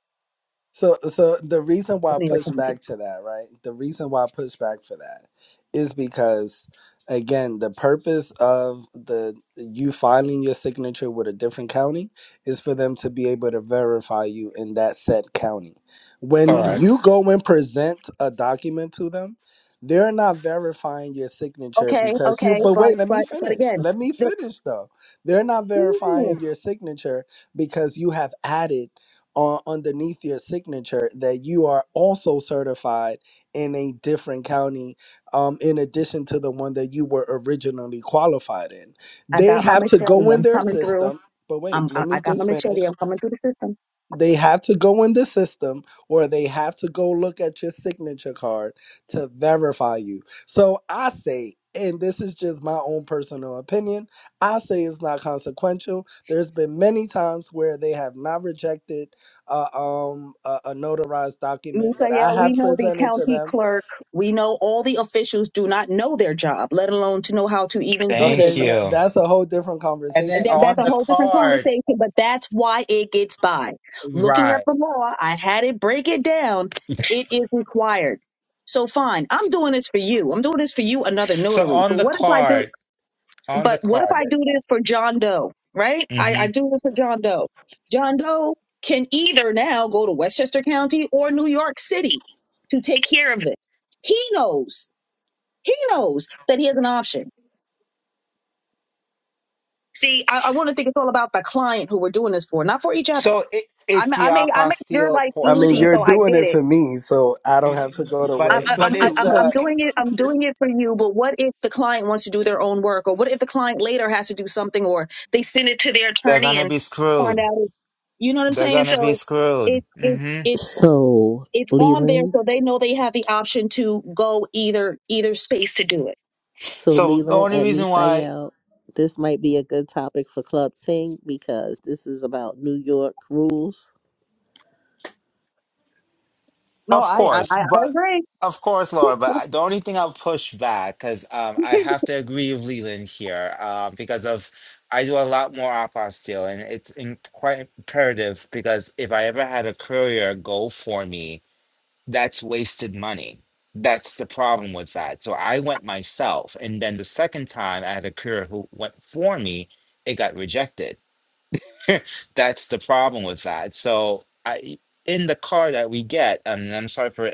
Speaker 9: So, so the reason why I
Speaker 11: New York
Speaker 9: push
Speaker 11: County.
Speaker 9: back to that, right? The reason why I push back for that is because, again, the purpose of the you filing your signature with a different county is for them to be able to verify you in that said county. When
Speaker 11: Mm-hmm.
Speaker 8: correct.
Speaker 9: you go and present a document to them, they're not verifying your signature
Speaker 11: Okay,
Speaker 9: because you.
Speaker 11: okay,
Speaker 9: But
Speaker 11: but
Speaker 9: wait, let me
Speaker 11: but but
Speaker 9: finish.
Speaker 11: again,
Speaker 9: Let me
Speaker 11: the,
Speaker 9: finish though. They're not
Speaker 11: ooh,
Speaker 9: verifying your signature because you have added on underneath your signature that you are also certified in a different county um, in addition to the one that you were originally qualified in.
Speaker 11: I
Speaker 9: They
Speaker 11: got my
Speaker 9: have to
Speaker 11: machete.
Speaker 9: go in
Speaker 11: I'm
Speaker 9: their
Speaker 11: coming through.
Speaker 9: system. But
Speaker 11: I'm
Speaker 9: wait,
Speaker 11: I,
Speaker 9: let
Speaker 11: I
Speaker 9: me
Speaker 11: got my
Speaker 9: just finish
Speaker 11: machete. I'm coming through the system.
Speaker 9: they have to go in the system or they have to go look at your signature card to verify you. So I say, and this is just my own personal opinion, I say it's not consequential. There's been many times where they have not rejected uh, um, a, a notarized document that I
Speaker 11: Misael, we
Speaker 9: have
Speaker 11: know the
Speaker 9: presented to
Speaker 11: county
Speaker 9: them.
Speaker 11: clerk. We know all the officials do not know their job, let alone to know how to even do their
Speaker 9: Okay,
Speaker 8: Thank
Speaker 11: job.
Speaker 9: n-
Speaker 8: you.
Speaker 9: that's a whole different
Speaker 8: And then
Speaker 9: conversation.
Speaker 11: that,
Speaker 9: Though.
Speaker 11: that's
Speaker 8: on
Speaker 11: a
Speaker 8: the
Speaker 11: whole different
Speaker 8: card,
Speaker 11: conversation, but that's why it gets by. Looking at
Speaker 8: right.
Speaker 11: the law, I had it break it down. It is required. So fine, I'm doing this for you. I'm doing this for you, another
Speaker 8: So
Speaker 11: notary.
Speaker 8: on
Speaker 11: But
Speaker 8: the
Speaker 11: what if I do?
Speaker 8: card, on the
Speaker 11: But what if
Speaker 8: card.
Speaker 11: I do this for John Doe? Right? I,
Speaker 8: hmm
Speaker 11: I do this for John Doe. John Doe can either now go to Westchester County or New York City to take care of this. He knows. He knows that he has an option. See, I, I want to think it's all about the client who we're doing this for, not for each other
Speaker 8: So it,
Speaker 11: I
Speaker 8: it's
Speaker 11: ma-
Speaker 8: the
Speaker 11: I made I made your
Speaker 8: apostille
Speaker 11: life
Speaker 9: I mean,
Speaker 11: easy,
Speaker 9: you're
Speaker 11: so
Speaker 8: portion,
Speaker 11: I
Speaker 9: doing
Speaker 11: did
Speaker 9: it
Speaker 11: it.
Speaker 9: for me, so I don't have to go to
Speaker 8: but
Speaker 11: I'm
Speaker 8: it,
Speaker 9: West
Speaker 11: I'm
Speaker 8: but
Speaker 11: I-
Speaker 8: it's
Speaker 11: I'm I'm
Speaker 8: uh
Speaker 9: West.
Speaker 11: doing it. I'm doing it for you. But what if the client wants to do their own work, or what if the client later has to do something, or they send it to their
Speaker 8: they're
Speaker 11: attorney
Speaker 8: gonna
Speaker 11: and
Speaker 8: be
Speaker 11: find
Speaker 8: screwed.
Speaker 11: out it's you know what I'm
Speaker 8: They're
Speaker 11: saying?
Speaker 8: gonna be
Speaker 11: So
Speaker 8: screwed.
Speaker 11: it's it's
Speaker 8: hmm
Speaker 11: it's
Speaker 7: So,
Speaker 11: it's on there,
Speaker 7: Leland.
Speaker 11: so they know they have the option to go either either space to do it.
Speaker 7: So
Speaker 8: So the
Speaker 7: Leland
Speaker 8: only
Speaker 7: and
Speaker 8: reason why
Speaker 7: Misael, this might be a good topic for Club Ting because this is about New York rules.
Speaker 11: No,
Speaker 8: Of
Speaker 11: I I,
Speaker 8: course,
Speaker 11: I I
Speaker 8: but
Speaker 11: agree.
Speaker 8: of course, Laura. But I- the only thing I'll push back because um, I have to agree with Leland here um, because of I do a lot more apostille, and it's in, quite imperative because if I ever had a courier go for me, that's wasted money. That's the problem with that. So I went myself, and then the second time I had a courier who went for me, it got rejected. That's the problem with that. So I in the car that we get, I mean, I'm sorry for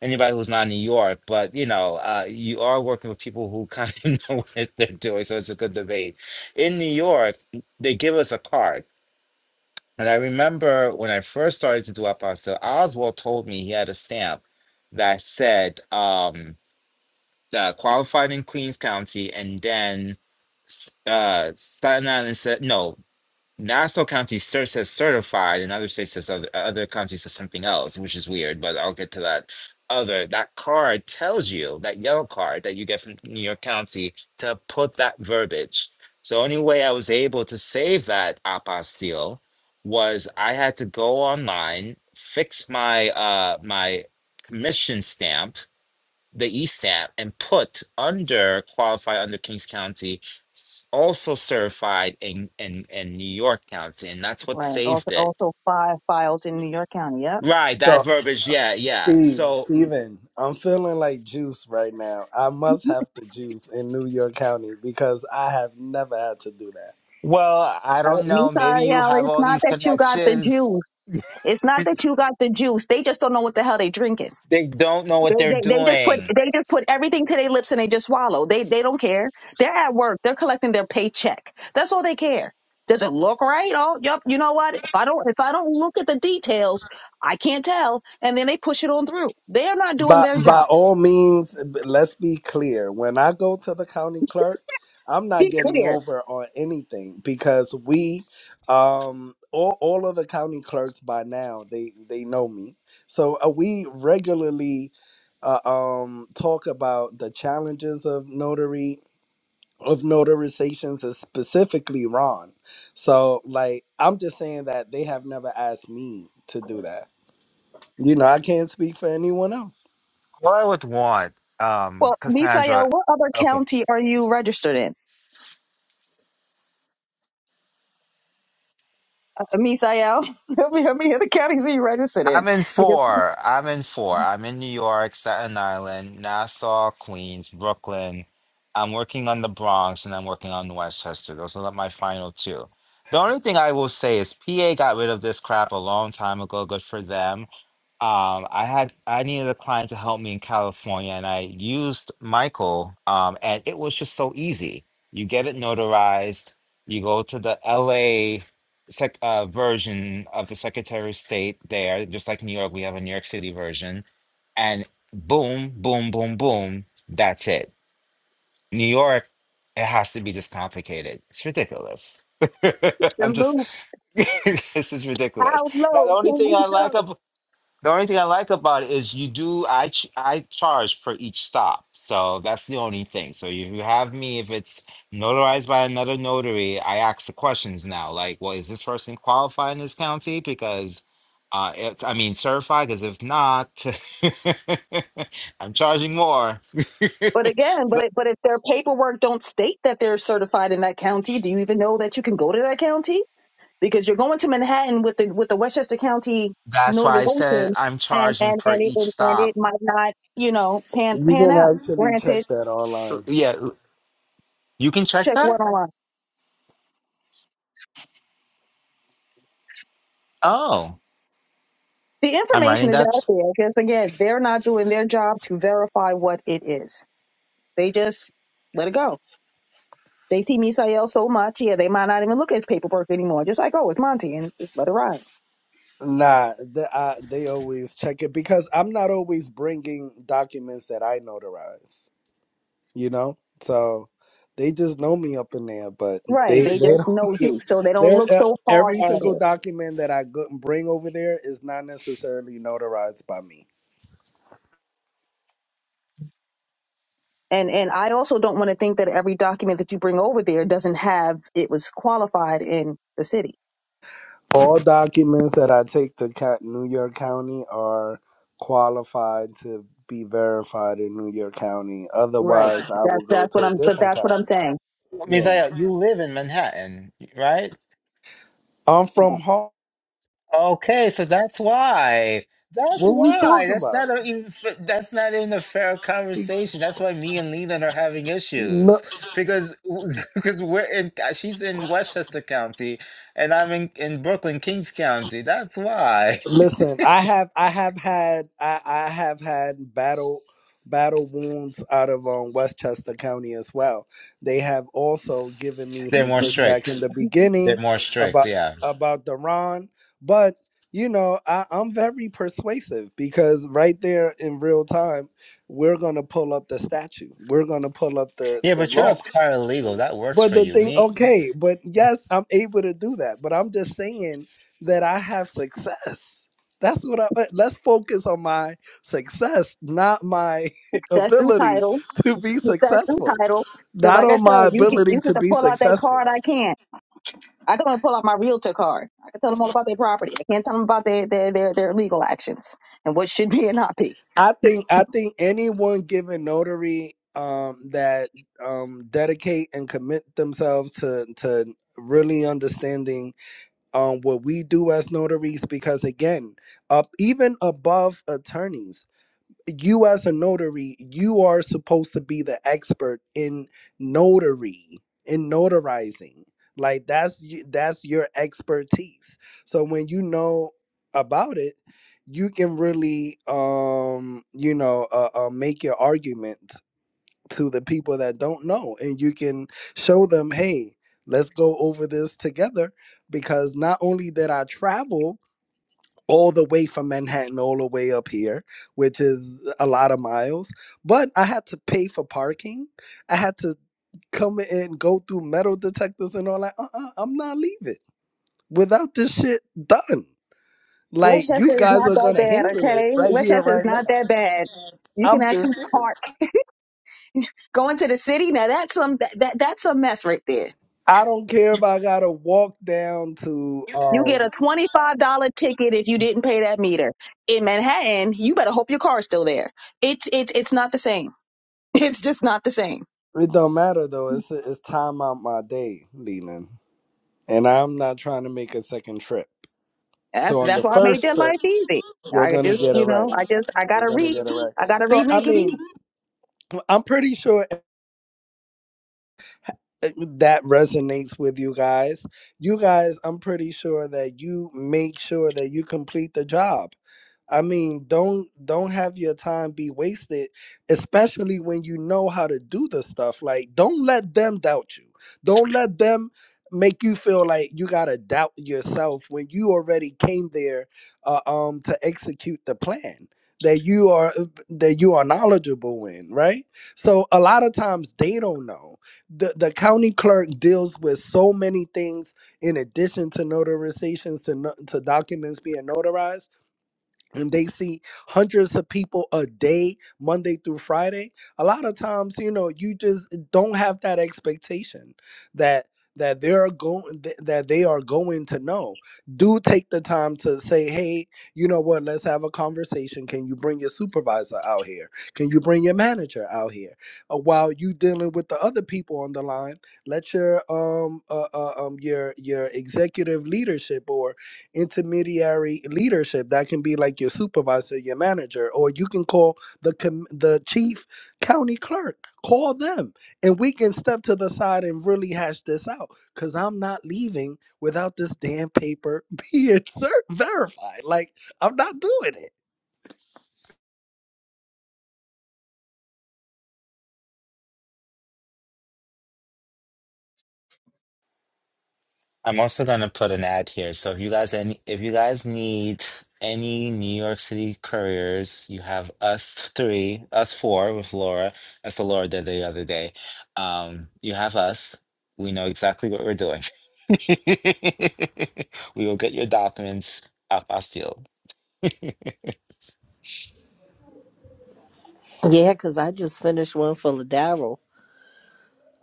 Speaker 8: anybody who's not in New York, but you know, uh, you are working with people who kind of know what they're doing, so it's a good debate. In New York, they give us a card. And I remember when I first started to do Apostle, Oswald told me he had a stamp that said um, uh, qualified in Queens County and then s- uh, Staten Island said no. Nassau County cer- says certified, and other states says other, other counties says something else, which is weird, but I'll get to that. Other that card tells you that yellow card that you get from New York County to put that verbiage. So only way I was able to save that apostille was I had to go online, fix my uh my commission stamp the e ESAP and put under qualify under Kings County, s- also certified in in in New York County, and that's what
Speaker 11: Right. Also
Speaker 8: saved it.
Speaker 11: also fi- filed in New York County. Yep.
Speaker 8: Right, that verbiage. Yeah, yeah.
Speaker 9: Steve,
Speaker 8: So,
Speaker 9: Steven, I'm feeling like juice right now. I must have to juice in New York County because I have never had to do that.
Speaker 8: well, I
Speaker 11: Uh,
Speaker 8: don't
Speaker 11: You
Speaker 8: know. Maybe
Speaker 11: sorry,
Speaker 8: you
Speaker 11: Allie.
Speaker 8: have
Speaker 11: It's
Speaker 8: all
Speaker 11: not
Speaker 8: these
Speaker 11: that you got the
Speaker 8: connections.
Speaker 11: juice. It's not that you got the juice. They just don't know what the hell they drinking.
Speaker 8: They don't know
Speaker 11: They,
Speaker 8: what they're
Speaker 11: they they just put
Speaker 8: doing.
Speaker 11: they just put everything to their lips and they just swallow. They they don't care. They're at work. They're collecting their paycheck. That's all they care. Does it look right? Oh, yep. You know what? If I don't if I don't look at the details, I can't tell. And then they push it on through. They are not doing
Speaker 9: But
Speaker 11: their
Speaker 9: by by
Speaker 11: job.
Speaker 9: all means, b- let's be clear. When I go to the county clerk, I'm not
Speaker 11: Be
Speaker 9: getting
Speaker 11: clear.
Speaker 9: over on anything because we um all, all of the county clerks by now they they know me. So uh, we regularly uh, um talk about the challenges of notary of notarizations is specifically Ron. So like I'm just saying that they have never asked me to do that. You know, I can't speak for anyone else.
Speaker 8: Well, I would want,
Speaker 11: Well,
Speaker 8: um,
Speaker 11: Misael,
Speaker 8: Cassandra.
Speaker 11: what other
Speaker 8: Okay.
Speaker 11: county are you registered in? Dr. Misael, he'll be, he'll be in the counties he registered in.
Speaker 8: I'm in
Speaker 11: Because
Speaker 8: four. I'm in four. I'm in New York, Staten Island, Nassau, Queens, Brooklyn. I'm working on the Bronx and I'm working on Westchester. Those are my final two. The only thing I will say is PA got rid of this crap a long time ago. Good for them um i had i needed a client to help me in california and i used michael um and it was just so easy you get it notarized you go to the la sec, uh, version of the secretary of state there just like new york we have a new york city version and boom boom boom boom that's it new york it has to be this complicated it's ridiculous
Speaker 11: and
Speaker 8: i'm just
Speaker 11: loops.
Speaker 8: this is ridiculous
Speaker 11: How
Speaker 8: now the
Speaker 11: low
Speaker 8: only
Speaker 11: can
Speaker 8: thing
Speaker 11: you
Speaker 8: i like
Speaker 11: go?
Speaker 8: ab- the only thing I like about it is you do I ch- I charge for each stop, so that's the only thing. So if you have me, if it's notarized by another notary, I ask the questions now, like, well, is this person qualified in this county? Because uh, it's I mean certified. Because if not, I'm charging more.
Speaker 11: But again, but
Speaker 8: so
Speaker 11: it, but if their paperwork don't state that they're certified in that county, do you even know that you can go to that county? because you're going to Manhattan with the with the Westchester County
Speaker 8: that's why I said
Speaker 11: notarization,
Speaker 8: I'm
Speaker 11: and
Speaker 8: charging
Speaker 11: and
Speaker 8: per
Speaker 11: and it
Speaker 8: each
Speaker 11: and and
Speaker 8: stop.
Speaker 11: it might not you know pan
Speaker 9: You
Speaker 11: pan
Speaker 9: can
Speaker 11: out.
Speaker 9: actually check
Speaker 11: Granted,
Speaker 9: that
Speaker 8: Uh,
Speaker 9: online.
Speaker 8: Yeah, uh, you can check
Speaker 11: check
Speaker 8: that.
Speaker 11: what online.
Speaker 8: Oh,
Speaker 11: The
Speaker 8: I'm
Speaker 11: information
Speaker 8: writing
Speaker 11: is
Speaker 8: that.
Speaker 11: out there. Just again, they're not doing their job to verify what it is. They just let it go. They see Misael so much, yeah, they might not even look at paperwork anymore. Just like, oh, it's Monty, and just let it ride.
Speaker 9: Nah, they, I, they always check it because I'm not always bringing documents that I notarize. you know. So they just know me up in there, but
Speaker 11: Right.
Speaker 9: they
Speaker 11: They
Speaker 9: they
Speaker 11: just know
Speaker 9: don't.
Speaker 11: you, so they don't
Speaker 9: They're
Speaker 11: look
Speaker 9: uh,
Speaker 11: so hard
Speaker 9: every
Speaker 11: at it.
Speaker 9: single document that I go- bring over there is not necessarily notarized by me.
Speaker 11: and and I also don't want to think that every document that you bring over there doesn't have it was qualified in the city.
Speaker 9: All documents that I take to Ca- New York County are qualified to be verified in New York County.
Speaker 11: Right.
Speaker 9: Otherwise, I will
Speaker 11: That's
Speaker 9: go
Speaker 11: that's what
Speaker 9: to a
Speaker 11: I'm. But
Speaker 9: different
Speaker 11: that's what
Speaker 9: county.
Speaker 11: I'm saying.
Speaker 9: Yeah,
Speaker 8: Mizaya, you live in Manhattan, right?
Speaker 9: I'm from home.
Speaker 8: Okay, so that's why. That's
Speaker 9: What we
Speaker 8: why.
Speaker 9: talking
Speaker 8: That's
Speaker 9: about?
Speaker 8: not a, even. f- That's not even a fair conversation. That's why me and Leland are having
Speaker 9: No.
Speaker 8: issues because because we're in. She's in Westchester County, and I'm in in Brooklyn, Kings County. That's why
Speaker 9: Listen, I have I have had I, I have had battle battle wounds out of um, Westchester County as well. They have also given me
Speaker 8: they're
Speaker 9: some
Speaker 8: more
Speaker 9: pushback
Speaker 8: strict.
Speaker 9: in the
Speaker 8: They're
Speaker 9: beginning
Speaker 8: more strict.
Speaker 9: about
Speaker 8: Yeah,
Speaker 9: about the Ron, but you know I, I'm very persuasive because right there in real time we're gonna pull up the statue, we're gonna pull up the
Speaker 8: yeah.
Speaker 9: the
Speaker 8: But you're a
Speaker 9: law.
Speaker 8: paralegal. That works
Speaker 9: But
Speaker 8: for
Speaker 9: the
Speaker 8: you.
Speaker 9: thing,
Speaker 8: Me.
Speaker 9: okay, but yes, I'm able to do that. But I'm just saying that I have success. That's what I uh, let's focus on my success, not my
Speaker 11: Success through
Speaker 9: ability
Speaker 11: title.
Speaker 9: to be
Speaker 11: Success through
Speaker 9: successful.
Speaker 11: title. Because
Speaker 9: Not
Speaker 11: like I
Speaker 9: on my
Speaker 11: said, you can
Speaker 9: ability
Speaker 11: you can
Speaker 9: to be
Speaker 11: pull out that card.
Speaker 9: successful.
Speaker 11: I can't. I can only pull out my realtor card. I can tell them all about their property. I can't tell them about their their their, their legal actions and what should be and not be.
Speaker 9: I think I think anyone given notary um that um dedicate and commit themselves to to really understanding um, what we do as notaries because again up even above attorneys you as a notary you are supposed to be the expert in notary in notarizing like that's y- that's your expertise so when you know about it you can really um you know uh, uh, make your argument to the people that don't know and you can show them hey let's go over this together because not only did i travel all the way from manhattan all the way up here which is a lot of miles but i had to pay for parking i had to come and go through metal detectors and all that uh-uh, i'm not leaving without this shit done like you
Speaker 11: Westchester is
Speaker 9: guys
Speaker 11: not
Speaker 9: are
Speaker 11: that
Speaker 9: gonna
Speaker 11: bad,
Speaker 9: handle it
Speaker 11: okay?
Speaker 9: right here
Speaker 11: Westchester is
Speaker 9: right now
Speaker 11: not that bad. You can
Speaker 9: i'm
Speaker 11: actually
Speaker 9: just saying.
Speaker 11: park. Going to the city now, that's some that, that that's a mess right there.
Speaker 9: I don't care if I gotta walk down to
Speaker 11: You get
Speaker 9: um
Speaker 11: a twenty five dollar ticket if you didn't pay that meter. In Manhattan, you better hope your car's still there. It's it's it's not the same. It's just not the same.
Speaker 9: It don't matter though. It's it's time out my day, Leland, and I'm not trying to make a second trip.
Speaker 11: That's
Speaker 9: So on
Speaker 11: that's
Speaker 9: the
Speaker 11: why I made
Speaker 9: first
Speaker 11: their
Speaker 9: trip,
Speaker 11: life easy.
Speaker 9: we're
Speaker 11: I
Speaker 9: gonna
Speaker 11: just,
Speaker 9: get it
Speaker 11: you know,
Speaker 9: right.
Speaker 11: I just I
Speaker 9: We're
Speaker 11: gotta
Speaker 9: gonna
Speaker 11: re
Speaker 9: get it right.
Speaker 11: I gotta
Speaker 9: So I
Speaker 11: remake it
Speaker 9: mean,
Speaker 11: easy.
Speaker 9: I'm pretty sure eh, eh, that resonates with you guys. You guys, I'm pretty sure that you make sure that you complete the job. I mean, don't don't have your time be wasted, especially when you know how to do the stuff. Like, don't let them doubt you. Don't let them make you feel like you gotta doubt yourself when you already came there uh, um to execute the plan that you are uh, that you are knowledgeable in, right? So a lot of times they don't know. The the county clerk deals with so many things in addition to notarizations to no, to documents being notarized and they see hundreds of people a day monday through friday a lot of times you know you just don't have that expectation that that they're going that they are going to know do take the time to say hey you know what let's have a conversation can you bring your supervisor out here can you bring your manager out here uh, while you dealing with the other people on the line let your um uh, uh, um your your executive leadership or intermediary leadership that can be like your supervisor your manager or you can call the com- the chief county clerk call them and we can step to the side and really hash this out because i'm not leaving without this damn paper being cer- verified like i'm not doing it
Speaker 8: I'm also gonna put an ad here. So if you guys any if you guys need any New York City couriers, you have us three, us four with Laura. That's what Laura did the other day. Um, you have us. We know exactly what we're doing. We will get your documents up our seal.
Speaker 7: Yeah, because I just finished one for Ladaro.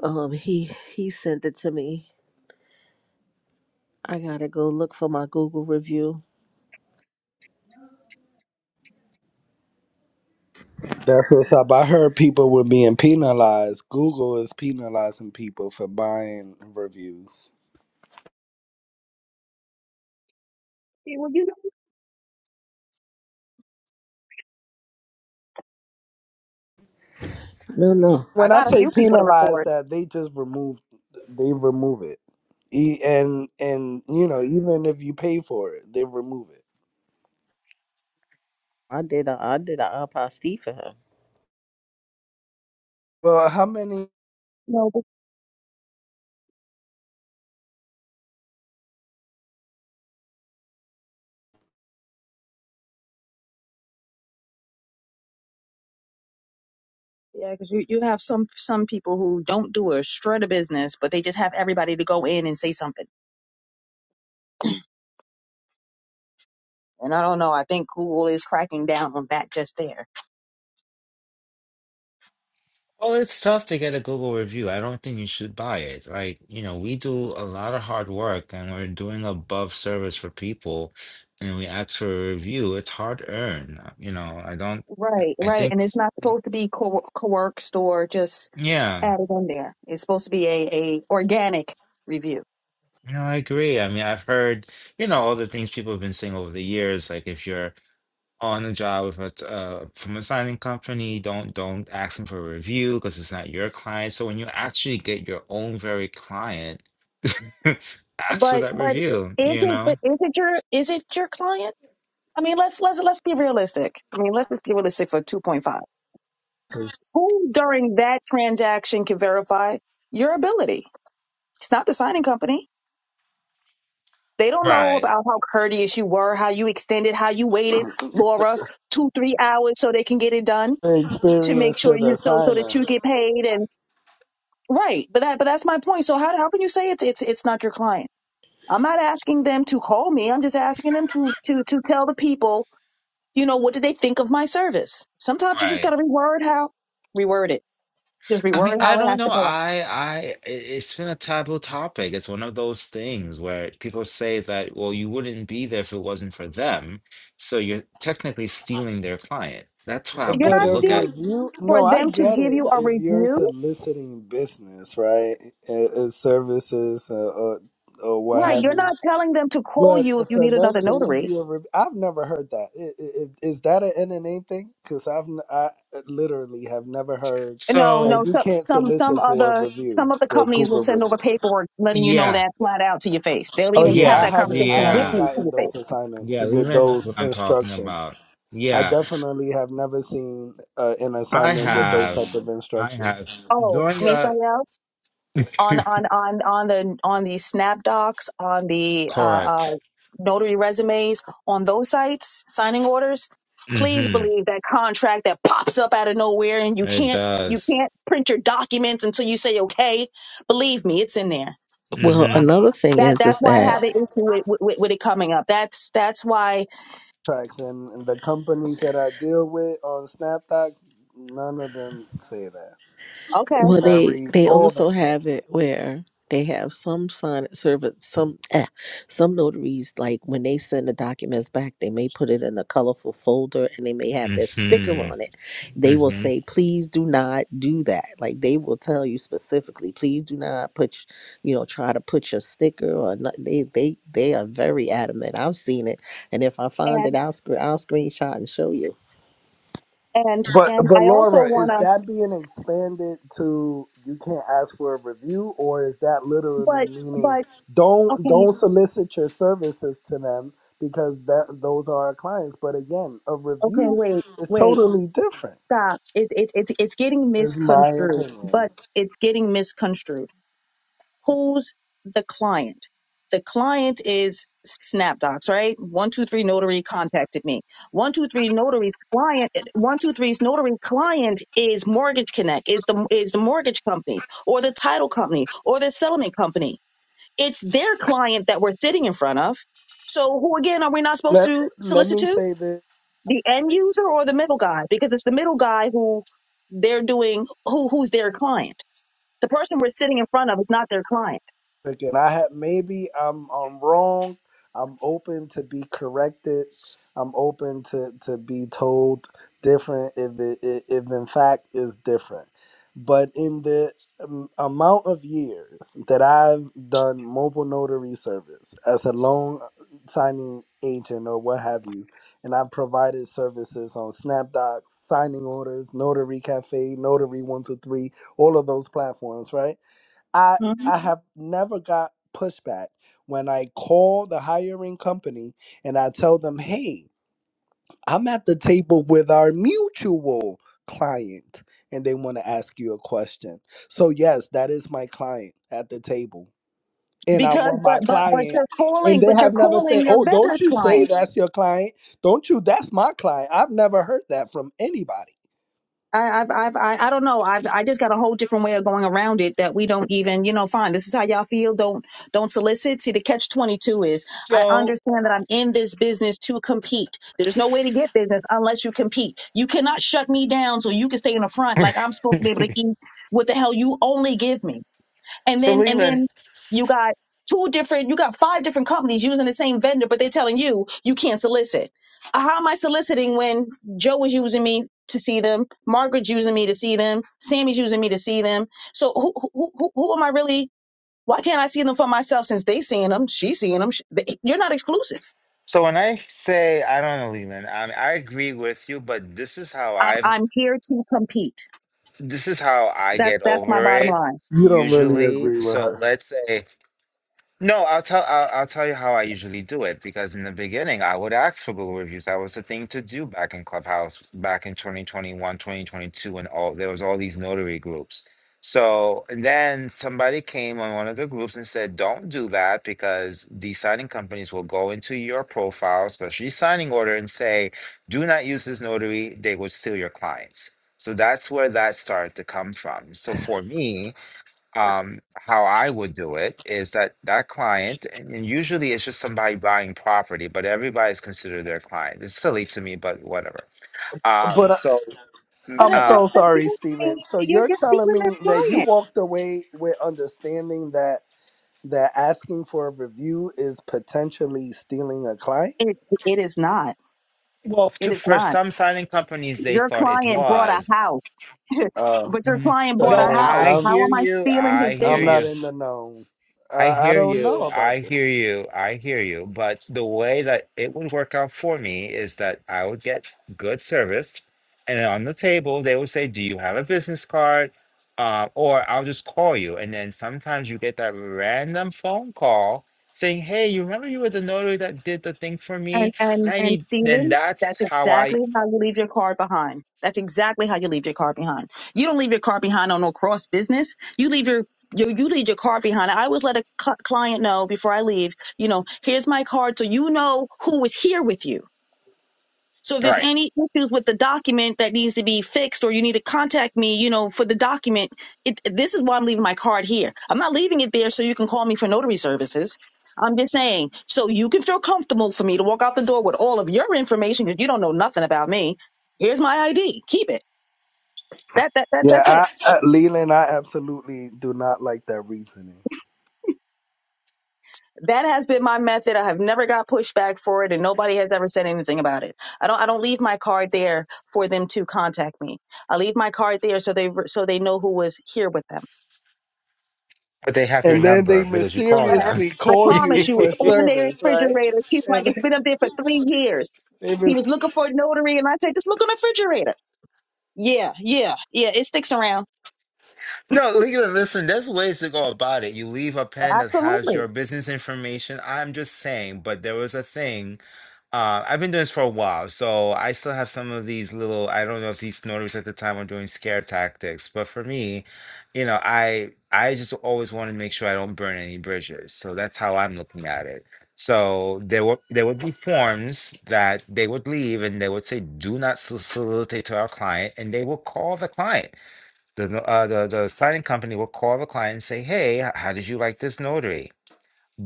Speaker 7: Um, he he sent it to me. I gotta go look for my Google review.
Speaker 9: That's what's up. I heard people were being penalized. Google is penalizing people for buying reviews.
Speaker 11: See, Well, you know,
Speaker 7: No, no,
Speaker 11: I
Speaker 9: When I
Speaker 11: got a
Speaker 9: say
Speaker 11: few people to
Speaker 9: penalize
Speaker 11: record.
Speaker 9: that, they just remove, they remove it, E- and and you know even if you pay for it, they remove it.
Speaker 7: I did a I did a apostille for him.
Speaker 9: Well, how many
Speaker 11: You know, but yeah, because you, you have some some people who don't do a shred of business, but they just have everybody to go in and say something. And I don't know. I think Google is cracking down on that just there.
Speaker 8: Well, it's tough to get a Google review. I don't think you should buy it. Like, you know, we do a lot of hard work and we're doing above service for people and we ask for a review. It's hard earned. You know, I don't,
Speaker 11: Right,
Speaker 8: I
Speaker 11: right.
Speaker 8: think,
Speaker 11: And it's not supposed to be co- coerced or just
Speaker 8: yeah,
Speaker 11: added in there. It's supposed to be a, a organic review.
Speaker 8: you know, I agree. I mean, I've heard, you know, all the things people have been saying over the years. Like, if you're on the job if it's uh, from a signing company. Don't don't ask them for a review because it's not your client. So when you actually get your own very client, ask for
Speaker 11: But
Speaker 8: that
Speaker 11: but
Speaker 8: review.
Speaker 11: is
Speaker 8: You
Speaker 11: it but
Speaker 8: know,
Speaker 11: is it your is it your client? I mean, let's let's let's be realistic. I mean, let's just be realistic for 2.5. Who during that transaction can verify your ability? It's not the signing company. They don't know
Speaker 8: Right.
Speaker 11: about how courteous you were, how you extended, how you waited, Laura, two, three hours so they can get it done to make
Speaker 9: experience
Speaker 11: sure
Speaker 9: to
Speaker 11: you
Speaker 9: the
Speaker 11: so so that
Speaker 9: signer?
Speaker 11: you get paid and right. But that but that's my point. So how how can you say it's it's it's not your client? I'm not asking them to call me. I'm just asking them to to to tell the people, you know, what do they think of my service? Sometimes you just
Speaker 8: right?
Speaker 11: gotta reword how reword it. Just
Speaker 8: I
Speaker 11: reword
Speaker 8: mean, I
Speaker 11: how it
Speaker 8: don't
Speaker 11: has to
Speaker 8: know.
Speaker 11: go out.
Speaker 8: I I i- it's been a taboo topic. It's one of those things where people say that, well, you wouldn't be there if it wasn't for them. So you're technically stealing their client. That's how
Speaker 11: You're
Speaker 9: But
Speaker 11: not
Speaker 8: people
Speaker 9: a
Speaker 8: look at.
Speaker 11: stealing
Speaker 9: review,
Speaker 11: for
Speaker 9: no, I
Speaker 11: them to
Speaker 9: get
Speaker 11: give
Speaker 9: it.
Speaker 11: you a
Speaker 9: If you're
Speaker 11: review.
Speaker 9: soliciting business, right, uh, uh, services uh, or or what
Speaker 11: Right.
Speaker 9: have
Speaker 11: You're
Speaker 9: you.
Speaker 11: not telling them to call
Speaker 9: But
Speaker 11: you if you
Speaker 9: for
Speaker 11: need
Speaker 9: them
Speaker 11: another
Speaker 9: to leave
Speaker 11: notary
Speaker 9: you a rev- I've never heard that. I- i- i- Is that an NNA thing? Because I've n- I uh, literally have never heard
Speaker 11: No, no.
Speaker 9: that
Speaker 8: So
Speaker 9: you
Speaker 11: So,
Speaker 9: can't
Speaker 11: some some
Speaker 9: solicit for a
Speaker 11: other
Speaker 9: review
Speaker 11: some of the
Speaker 9: for a
Speaker 11: companies will
Speaker 9: Google
Speaker 11: send
Speaker 9: review.
Speaker 11: over paperwork letting you know
Speaker 8: yeah,
Speaker 11: that flat out to your face. They'll
Speaker 9: Oh
Speaker 11: even
Speaker 9: yeah,
Speaker 11: have
Speaker 9: I
Speaker 8: yeah,
Speaker 11: that
Speaker 9: haven't
Speaker 11: conversation
Speaker 9: I
Speaker 11: with
Speaker 9: haven't
Speaker 8: yeah.
Speaker 11: you to
Speaker 9: gotten
Speaker 11: your
Speaker 9: those
Speaker 11: face.
Speaker 9: assignments
Speaker 8: Yeah,
Speaker 9: with
Speaker 8: Leland knows what
Speaker 9: those
Speaker 8: I'm talking
Speaker 9: instructions.
Speaker 8: about.
Speaker 9: I
Speaker 8: Yeah,
Speaker 9: definitely have never seen uh, an
Speaker 8: I
Speaker 9: assignment with those
Speaker 8: have,
Speaker 9: type of
Speaker 8: I have
Speaker 9: instructions.
Speaker 11: Oh,
Speaker 8: during a
Speaker 11: Misael, on on on on the on the Snap Docs, on the uh, uh,
Speaker 8: correct.
Speaker 11: notary resumes, on those sites, signing orders. Please
Speaker 8: Mm-hmm.
Speaker 11: believe that contract that pops up out of nowhere and you
Speaker 8: It
Speaker 11: can't you
Speaker 8: does.
Speaker 11: can't print your documents until you say okay. Believe me, it's in there.
Speaker 7: Well,
Speaker 8: Mm-hmm.
Speaker 7: another thing
Speaker 11: That
Speaker 7: is
Speaker 11: that's
Speaker 7: is
Speaker 11: why I
Speaker 7: that
Speaker 11: have an issue with, with with it coming up. That's that's why
Speaker 9: Tracks and, and the companies that I deal with on SnapDocs, none of them say that.
Speaker 11: Okay.
Speaker 7: Well,
Speaker 9: And I
Speaker 7: they
Speaker 9: read
Speaker 7: they
Speaker 9: all the
Speaker 7: also
Speaker 9: contracts.
Speaker 7: have it where they have some sign service some eh, some notaries like when they send the documents back, they may put it in a colorful folder and they may have their sticker on
Speaker 8: Mm-hmm.
Speaker 7: it. They will
Speaker 8: Mm-hmm.
Speaker 7: say, "Please do not do that." Like they will tell you specifically, "Please do not put, sh- you know, try to put your sticker or not." They they they are very adamant. I've seen it, and if I find
Speaker 11: And
Speaker 7: it, I'll scre- I'll screenshot and show you.
Speaker 11: and
Speaker 9: But
Speaker 11: and
Speaker 9: but
Speaker 11: I also
Speaker 9: Laura, is
Speaker 11: wanna
Speaker 9: that being expanded to you can't ask for a review, or is that literally
Speaker 11: but
Speaker 9: meaning
Speaker 11: but
Speaker 9: don't
Speaker 11: okay,
Speaker 9: don't solicit your services to them because that those are our clients? But again, a
Speaker 11: okay,
Speaker 9: review
Speaker 11: wait,
Speaker 9: is
Speaker 11: wait,
Speaker 9: totally different.
Speaker 11: stop. It it it's it's getting
Speaker 9: Is my
Speaker 11: misconstrued, but
Speaker 9: opinion.
Speaker 11: it's getting misconstrued. Who's the client? The client is SnapDocs, right? One two three notary contacted me. One two three notary's client one two three's notary client is Mortgage Connect, is the is the mortgage company or the title company or the settlement company. It's their client that we're sitting in front of. So who again are we not supposed
Speaker 9: Let
Speaker 11: to
Speaker 9: let
Speaker 11: solicit
Speaker 9: me
Speaker 11: to?
Speaker 9: say this.
Speaker 11: The end user or the middle guy? Because it's the middle guy who they're doing who who's their client. The person we're sitting in front of is not their client.
Speaker 9: again. I have maybe I'm I'm wrong. I'm open to be corrected. I'm open to to be told different if it i- if in fact is different. But in the um, amount of years that I've done mobile notary service as a loan signing agent or what have you, and I've provided services on SnapDocs, signing orders, Notary Cafe, Notary One Two Three, all of those platforms, right? I
Speaker 11: Mhm.
Speaker 9: I have never got pushback when I call the hiring company and I tell them, "Hey, I'm at the table with our mutual client." And they want to ask you a question. So, yes, that is my client at the table. And I
Speaker 11: Because
Speaker 9: want my
Speaker 11: but but but
Speaker 9: client,
Speaker 11: you're
Speaker 9: and
Speaker 11: calling
Speaker 9: they
Speaker 11: but
Speaker 9: have
Speaker 11: you're
Speaker 9: never
Speaker 11: calling
Speaker 9: said,
Speaker 11: your
Speaker 9: Oh, don't
Speaker 11: vendor's
Speaker 9: you
Speaker 11: client.
Speaker 9: say that's your client. Don't you, that's my client. I've never heard that from anybody.
Speaker 11: I, I've, I've, I, I don't know. I've, I just got a whole different way of going around it that we don't even, you know, fine. This is how y'all feel. Don't, don't solicit. See, the catch 22 is I
Speaker 8: So,
Speaker 11: understand that I'm in this business to compete. There's no way to get business unless you compete. You cannot shut me down so you can stay in the front like I'm supposed to be able to eat what the hell you only give me and
Speaker 8: so
Speaker 11: then and
Speaker 8: Leland.
Speaker 11: then you got two different you got five different companies using the same vendor but they're telling you you can't solicit Uh, how am i soliciting when joe was using me to see them margaret's using me to see them sammy's using me to see them so who who, who, who am i really why can't i see them for myself since they seeing them she's seeing them sh- they, you're not exclusive
Speaker 8: So when I say I don't know, Leland, I I agree with you, but this is how
Speaker 11: I'm,
Speaker 8: I've,
Speaker 11: I'm here to compete
Speaker 8: this is how I
Speaker 11: that's
Speaker 8: get
Speaker 11: that's my
Speaker 8: over
Speaker 11: bottom
Speaker 8: it
Speaker 11: line
Speaker 9: You don't really
Speaker 8: usually.
Speaker 9: agree with
Speaker 8: So
Speaker 9: her.
Speaker 8: let's say No, I'll tell I'll, I'll tell you how I usually do it because in the beginning I would ask for Google reviews. That was the thing to do back in Clubhouse back in twenty twenty one, twenty twenty two, 2022 when all there was all these notary groups. So and then somebody came on one of the groups and said, "Don't do that because the signing companies will go into your profile, especially signing order, and say, 'Do not use this notary. They will steal your clients.'" So that's where that started to come from. So for me, um, how I would do it is that that client, and and usually it's just somebody buying property, but everybody's considered their client. It's silly to me, but whatever. Um,
Speaker 9: but.
Speaker 8: so,
Speaker 11: but
Speaker 9: I'm
Speaker 11: uh, but,
Speaker 8: uh,
Speaker 9: so
Speaker 11: but
Speaker 9: sorry, Stephen. So
Speaker 11: you're,
Speaker 9: you're
Speaker 11: you're speaking
Speaker 9: telling
Speaker 11: to
Speaker 9: me
Speaker 11: their
Speaker 9: that you
Speaker 11: client
Speaker 9: walked away with understanding that that asking for a review is potentially stealing a client?
Speaker 11: it, it is not
Speaker 8: well,
Speaker 11: it
Speaker 8: to,
Speaker 11: is
Speaker 8: for
Speaker 11: not
Speaker 8: some signing companies, they
Speaker 11: Your
Speaker 8: thought it
Speaker 11: client bought a
Speaker 8: was.
Speaker 11: house,
Speaker 9: Oh,
Speaker 11: but your
Speaker 8: Mhm.
Speaker 11: client
Speaker 9: so
Speaker 11: bought a
Speaker 8: No,
Speaker 9: then
Speaker 8: I
Speaker 11: house.
Speaker 9: I'm
Speaker 11: How
Speaker 8: hear
Speaker 11: am I
Speaker 8: you.
Speaker 11: stealing
Speaker 8: I
Speaker 11: his
Speaker 8: hear
Speaker 9: I'm
Speaker 11: business?
Speaker 8: you.
Speaker 9: not in the know.
Speaker 8: I
Speaker 9: I, I
Speaker 8: hear
Speaker 9: don't know
Speaker 8: you. I
Speaker 9: about this.
Speaker 8: hear you. I hear you. But the way that it would work out for me is that I would get good service, and on the table they would say, "Do you have a business card?" Uh, or I'll just call you, and then sometimes you get that random phone call saying, "Hey, you remember you were the notary that did the thing for
Speaker 11: And
Speaker 8: me?
Speaker 11: and
Speaker 8: I
Speaker 11: and
Speaker 8: need." Then
Speaker 11: Stephen, that's
Speaker 8: that's how I.
Speaker 11: exactly how you leave your car behind. That's exactly how you leave your car behind. You don't leave your car behind on no cross business. You leave your you, you leave your car behind. I always let a cl- client know before I leave, you know, here's my card so you know who is here with you so if
Speaker 8: All
Speaker 11: there's
Speaker 8: right,
Speaker 11: any issues with the document that needs to be fixed or you need to contact me, you know, for the document, it, this is why I'm leaving my card here. I'm not leaving it there so you can call me for notary services. I'm just saying, so you can feel comfortable for me to walk out the door with all of your information because you don't know nothing about me. Here's my ID. Keep it. That, that, that,
Speaker 9: Yeah,
Speaker 11: that's it.
Speaker 9: I, I, Leland, I absolutely do not like that reasoning.
Speaker 11: That has been my method. I have never got pushback for it and nobody has ever said anything about it. I don't, I don't leave my card there for them to contact me. I leave my card there so they, so they know who was here with them.
Speaker 8: but they have your
Speaker 9: And then they
Speaker 8: number because you call
Speaker 11: Uh,
Speaker 8: them.
Speaker 9: mysteriously
Speaker 11: I
Speaker 9: call
Speaker 11: promise
Speaker 9: you
Speaker 11: you,
Speaker 9: for
Speaker 11: it's on their
Speaker 9: service, right?
Speaker 11: refrigerator. She's like,
Speaker 9: And then
Speaker 11: it's been up there for three years.
Speaker 9: they
Speaker 11: He
Speaker 9: mis-
Speaker 11: was looking for a notary, and I said, just look on the refrigerator. Yeah, yeah, yeah. It sticks around.
Speaker 8: No, legally, listen, there's ways to go about it. You leave a pen that has
Speaker 11: Absolutely.
Speaker 8: your business information. I'm just saying, but there was a thing. Uh, I've been doing this for a while, so I still have some of these little, I don't know if these notaries at the time were doing scare tactics, but for me, you know, I I just always want to make sure I don't burn any bridges. So that's how I'm looking at it. So there were there would be forms that they would leave and they would say, do not sol- solicitate to our client, and they will call the client the, no- uh, the the signing company will call the client and say, "Hey, h- how did you like this notary?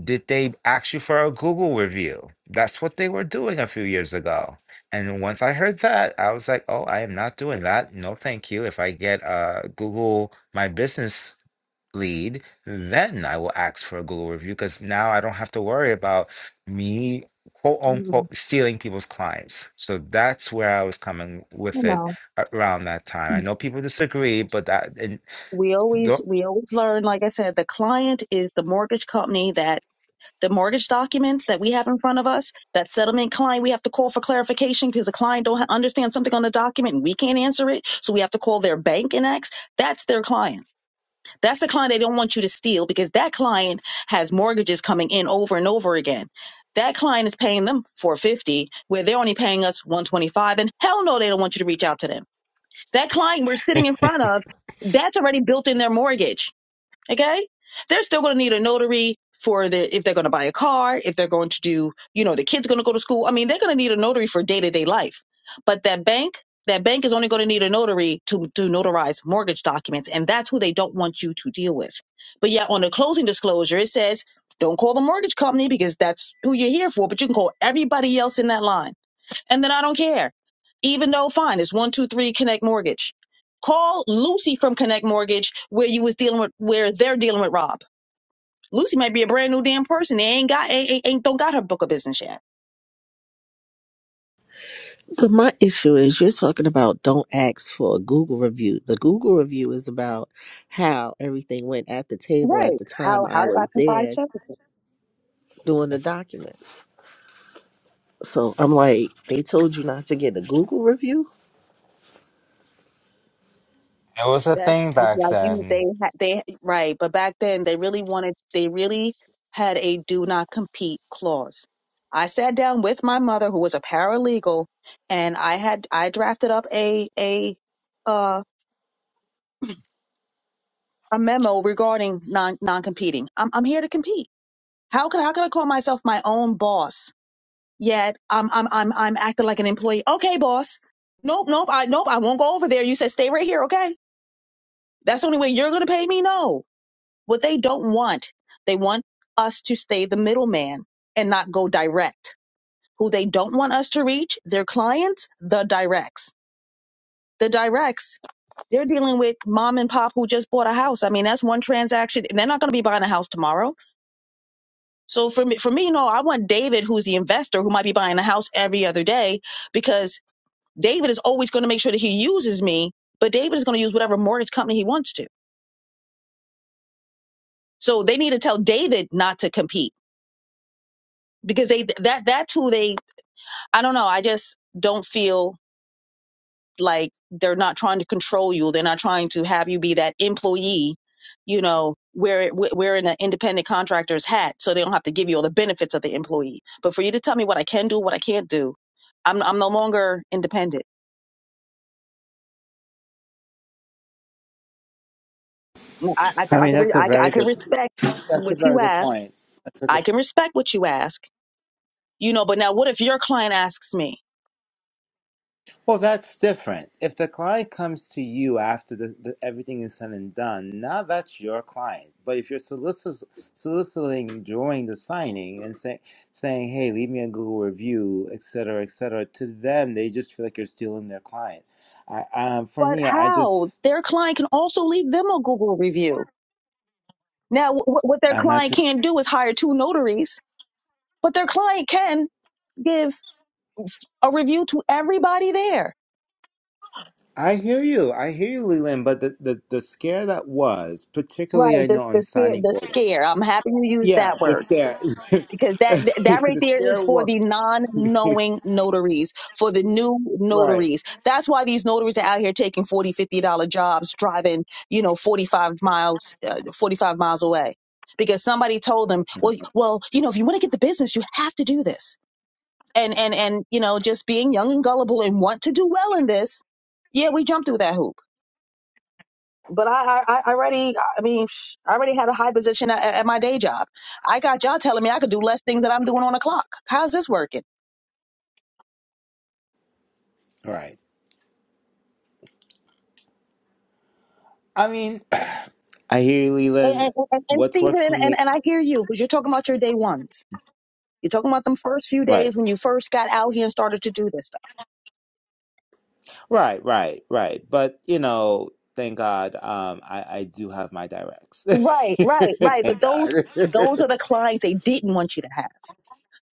Speaker 8: Did they ask you for a Google review?" That's what they were doing a few years ago. And once I heard that, I was like, "Oh, I am not doing that. No, thank you. If I get a Google my business lead, then I will ask for a Google review because now I don't have to worry about me." quote
Speaker 11: Mm,
Speaker 8: unquote stealing people's clients. So that's where I was coming
Speaker 11: You
Speaker 8: with it
Speaker 11: know,
Speaker 8: around that time. I know people disagree, but that in
Speaker 11: we always
Speaker 8: don't,
Speaker 11: we always
Speaker 8: it
Speaker 11: learn. Like I said, the client is the mortgage company that the mortgage documents that we have in front of us. That settlement client, we have to call for clarification because the client don't ha- understand something on the document, and we can't answer it. So we have to call their bank and ask. That's their client. That's the client they don't want you to steal because that client has mortgages coming in over and over again. That client is paying them 450 where they're only paying us 125 and hell no they don't want you to reach out to them. That client we're sitting in front of, that's already built in their mortgage Okay. They're still going to need a notary for the, if they're going to buy a car, if they're going to do, you know, the kid's going to go to school. I mean, they're going to need a notary for day to day life. But that bank, that bank is only going to need a notary to, to notarize mortgage documents. And that's who they don't want you to deal with. But yet on the closing disclosure, it says, don't call the mortgage company because that's who you're here for, but you can call everybody else in that line and then I don't care. Even though, fine, it's one, two, three, Connect Mortgage. Call Lucy from Connect Mortgage where you was dealing with where they're dealing with Rob. Lucy might be a brand new damn person. They ain't got ain't, ain't ain't- don't got her book of business yet.
Speaker 7: But my issue is you're talking about don't ask for a Google review. The Google review is about how everything went at the table at
Speaker 11: Right.
Speaker 7: the
Speaker 11: How
Speaker 7: time
Speaker 11: how
Speaker 7: I
Speaker 11: do I
Speaker 7: was
Speaker 11: provide
Speaker 7: there
Speaker 11: services?
Speaker 7: doing the documents. So I'm like, they told you not to get a Google review?
Speaker 8: was a
Speaker 11: That's
Speaker 8: thing back
Speaker 11: like you-
Speaker 8: then.
Speaker 11: they ha- they right, but back then they really wanted they really had a do not compete clause. I sat down with my mother who was a paralegal and I had I drafted up a a a memo regarding non non competing. I'm I'm here to compete. How could how could I call myself my own boss? Yet I'm I'm I'm I'm acting like an employee. Okay, boss. Nope, nope, I nope, I won't go over there. You said stay right here, okay? That's the only way you're gonna pay me? No. What they don't want, they want us to stay the middleman and not go direct. Who they don't want us to reach, their clients, the directs. The directs they're dealing with mom and pop who just bought a house. I mean, that's one transaction. They're not going to be buying a house tomorrow So for me, for me, no, I want David, who's the investor, who might be buying a house every other day, because David is always going to make sure that he uses me, but David is going to use whatever mortgage company he wants to. So they need to tell David not to compete because they that that's who they. I don't know. I just don't feel. like they're not trying to control you they're not trying to have you be that employee you know we're we're in an independent contractor's hat so they don't have to give you all the benefits of the employee but for you to tell me what i can do what i can't do i'm i'm no longer independent i i
Speaker 8: I
Speaker 11: can, I
Speaker 8: mean,
Speaker 11: can, re-
Speaker 8: that's a
Speaker 11: I can, I
Speaker 8: very
Speaker 11: can
Speaker 8: good.
Speaker 11: respect
Speaker 8: That's
Speaker 11: what
Speaker 8: a
Speaker 11: you
Speaker 8: very good
Speaker 11: ask
Speaker 8: point. That's a
Speaker 11: i
Speaker 8: good,
Speaker 11: can respect what you ask you know but now what if your client asks me
Speaker 8: well, that's different. If the client comes to you after the, the, everything is said and done, now that's your client. But if you're solic- soliciting during the signing and say, saying, "Hey, leave me a Google review," et cetera, et cetera, to them they just feel like you're stealing their client. I, um, for
Speaker 11: but
Speaker 8: me, I
Speaker 11: how
Speaker 8: just
Speaker 11: their client can also leave them a google review now, wh- what their
Speaker 8: I'm not
Speaker 11: client
Speaker 8: too.
Speaker 11: can't do is hire two notaries but their client can give a review to everybody there.
Speaker 8: I hear you. I hear you, Leland. But the, the, the scare that was, particularly
Speaker 11: Right.
Speaker 8: I
Speaker 11: The,
Speaker 8: know on
Speaker 11: the scare.
Speaker 8: signing
Speaker 11: The
Speaker 8: order.
Speaker 11: scare. I'm happy you used
Speaker 8: Yeah,
Speaker 11: that
Speaker 8: the
Speaker 11: word
Speaker 8: scare.
Speaker 11: because that that right
Speaker 8: the
Speaker 11: there is
Speaker 8: scare
Speaker 11: for
Speaker 8: was.
Speaker 11: the non-knowing notaries, for the new
Speaker 8: right.
Speaker 11: notaries. That's why these notaries are out here taking forty, fifty dollar jobs, driving you know 45 miles, uh, 45 miles away because somebody told them, well, well, you know, if you want to get the business, you have to do this. And and and you know, just being young and gullible and want to do well in this, yeah, we jump through that hoop but I, I, I already, I mean, sh- I already had a high position at, at my day job. I got y'all telling me I could do less things that I'm doing on a clock. How's this working?
Speaker 8: Right. I mean, I hear you,
Speaker 11: And,
Speaker 8: Leland.
Speaker 11: and, and and
Speaker 8: What's
Speaker 11: Stephen,
Speaker 8: worked
Speaker 11: and,
Speaker 8: for
Speaker 11: and,
Speaker 8: me?
Speaker 11: and I hear you because you're talking about your day ones. You're talking about them first few
Speaker 8: Right.
Speaker 11: days when you first got out here and started to do this stuff.
Speaker 8: Right, right, right. But, you know, thank God um, I, I do have my directs.
Speaker 11: Right, right, right. But
Speaker 8: thank
Speaker 11: those,
Speaker 8: God.
Speaker 11: those are the clients they didn't want you to have.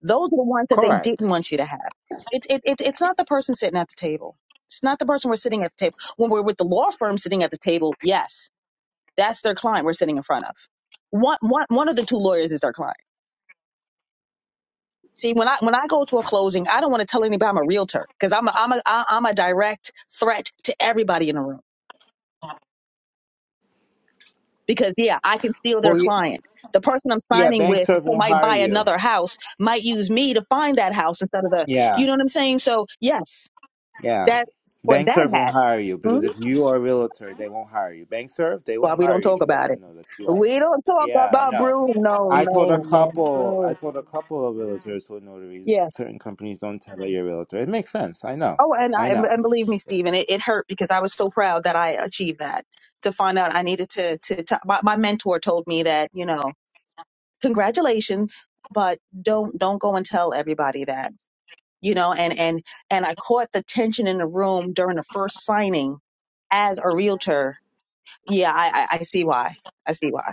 Speaker 11: Those are the ones that they didn't
Speaker 8: Correct.
Speaker 11: want you to have. It, it, it, it's not the person sitting at the table. It's not the person we're sitting at the table. When we're with the law firm sitting at the table, yes That's their client we're sitting in front of. One, one, one of the two lawyers is their client. See, when I when I go to a closing, I don't want to tell anybody I'm a realtor because I'm a, I'm a I- am ai am ai am a direct threat to everybody in the room. Because yeah, I can steal their
Speaker 8: Well, yeah,
Speaker 11: client. The person I'm
Speaker 8: yeah,
Speaker 11: signing
Speaker 8: banks
Speaker 11: with
Speaker 8: sort of
Speaker 11: who
Speaker 8: won't
Speaker 11: might
Speaker 8: hire
Speaker 11: buy
Speaker 8: you.
Speaker 11: another house might use me to find that house instead of the
Speaker 8: Yeah.
Speaker 11: you know what I'm saying. So yes,
Speaker 8: Yeah.
Speaker 11: that for
Speaker 8: bank
Speaker 11: that
Speaker 8: serve won't
Speaker 11: hat.
Speaker 8: hire you
Speaker 11: mhm,
Speaker 8: because if you are a realtor, they won't hire you. Bank serve
Speaker 11: That's
Speaker 8: they
Speaker 11: why
Speaker 8: won't
Speaker 11: we don't
Speaker 8: hire you
Speaker 11: talk
Speaker 8: if you let
Speaker 11: about
Speaker 8: them
Speaker 11: it.
Speaker 8: know that you are.
Speaker 11: We don't talk
Speaker 8: Yeah, I
Speaker 11: about
Speaker 8: know.
Speaker 11: Bruno. No,
Speaker 8: I told
Speaker 11: no,
Speaker 8: a
Speaker 11: no.
Speaker 8: couple. I
Speaker 11: no.
Speaker 8: told a couple of realtors who are
Speaker 11: Yeah.
Speaker 8: notaries. Certain companies don't tell that you're a realtor. It makes sense. I know.
Speaker 11: Oh, and I
Speaker 8: I know.
Speaker 11: and believe me, Stephen, it, it hurt because I was so proud that I achieved that. To find out I needed to to, to my, my mentor told me that you know congratulations, but don't don't go and tell everybody that you know. And and and I caught the tension in the room during the first signing as a realtor. Yeah, I I, I see why. I see why.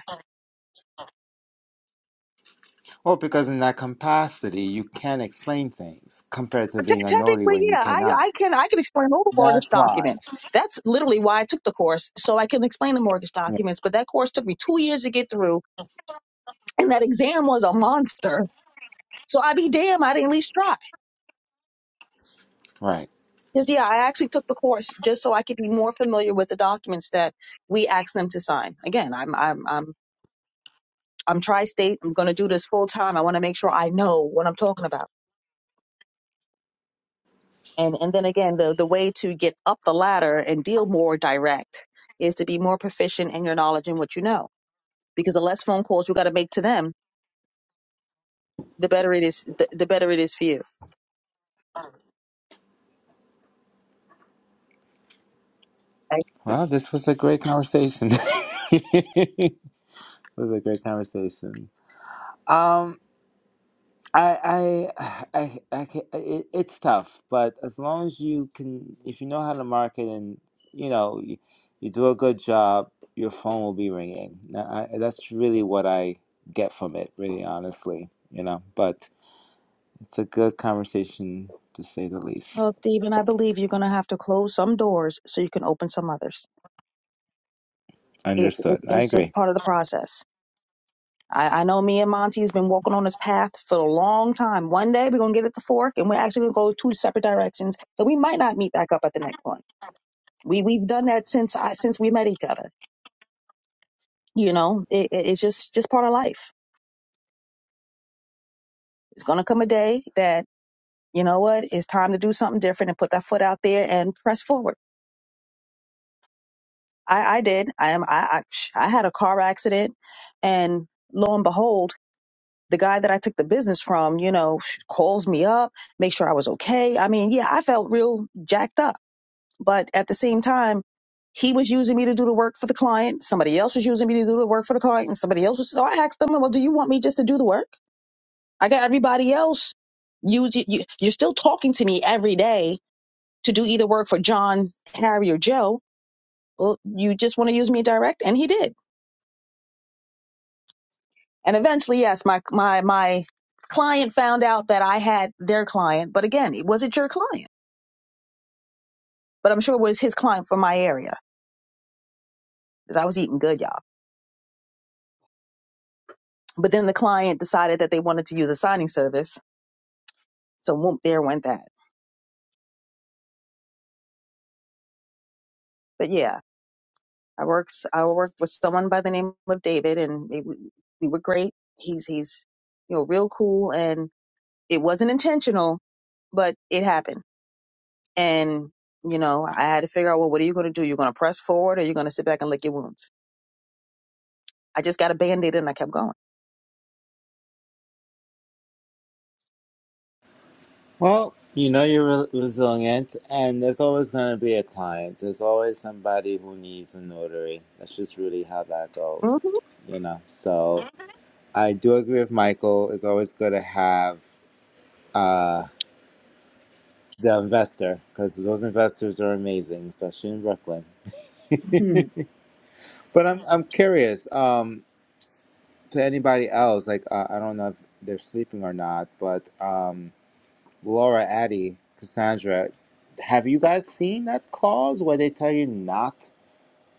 Speaker 8: Well, because in that capacity, you can explain things compared to
Speaker 11: Te
Speaker 8: being a notary
Speaker 11: technically,
Speaker 8: when you
Speaker 11: yeah, I,
Speaker 8: cannot.
Speaker 11: I can I can explain all the mortgage
Speaker 8: That's why.
Speaker 11: documents. That's literally why I took the course, so I can explain the mortgage
Speaker 8: Yeah.
Speaker 11: documents. But that course took me two years to get through and that exam was a monster. So I be damn, I didn't at least try.
Speaker 8: Right.
Speaker 11: Because yeah, I actually took the course just so I could be more familiar with the documents that we asked them to sign. Again, I'm I'm I'm I'm tri-state. I'm going to do this full time. I want to make sure I know what I'm talking about. And and then again, the the way to get up the ladder and deal more direct is to be more proficient in your knowledge and what you know. Because the less phone calls you got to make to them, the better it is. The, the better it is for you.
Speaker 8: Well, this was a great conversation. it was a great conversation. Um. I, I, I, I ca- it, it's tough, but as long as you can, if you know how to market and you know you, you do a good job, your phone will be ringing. Now, I, that's really what I get from it, really honestly, you know. But it's a good conversation to say the least.
Speaker 11: Well, Stephen, I believe you're going to have to close some doors so you can open some others. It, it,
Speaker 8: Understood. I
Speaker 11: it's just
Speaker 8: agree.
Speaker 11: part of the process. I, I know me and Monty has been walking on this path for a long time. One day we're going to get at the fork and we're actually going to go two separate directions that we might not meet back up at the next one. We, we've done that since I, since we met each other. You know, it, it, it's just, just part of life. It's going to come a day that, you know what, it's time to do something different and put that foot out there and press forward. I, I did. I am. I, I I had a car accident, and lo and behold, the guy that I took the business from, you know, calls me up, make sure I was okay. I mean, yeah, I felt real jacked up, but at the same time, he was using me to do the work for the client. Somebody else was using me to do the work for the client, and somebody else was. So I asked them, "Well, do you want me just to do the work? I got everybody else. You, you you're still talking to me every day to do either work for John, Harry, or Joe. Well, you just want to use me direct, and he did. And eventually, yes, my my my client found out that I had their client, but again, it wasn't your client. But I'm sure it was his client from my area because I was eating good, y'all. But then the client decided that they wanted to use a signing service, so whoop, there went that. But yeah, I works I worked with someone by the name of David, and it, we we were great. He's he's you know real cool, and it wasn't intentional, but it happened. And you know, I had to figure out well, what are you going to do? You're going to press forward, or you're going to sit back and lick your wounds I just got a band aid and I kept going.
Speaker 8: Well, you know you're re- resilient, and there's always going to be a client. There's always somebody who needs a notary. That's just really how that
Speaker 11: Mm-hmm.
Speaker 8: goes, you know. So. I do agree with Michael. It's always good to have uh, the investor because those investors are amazing, especially in Brooklyn. But I'm I'm curious um, to anybody else. Like uh, I don't know if they're sleeping or not, but um, Laura, Addie, Cassandra, have you guys seen that clause where they tell you not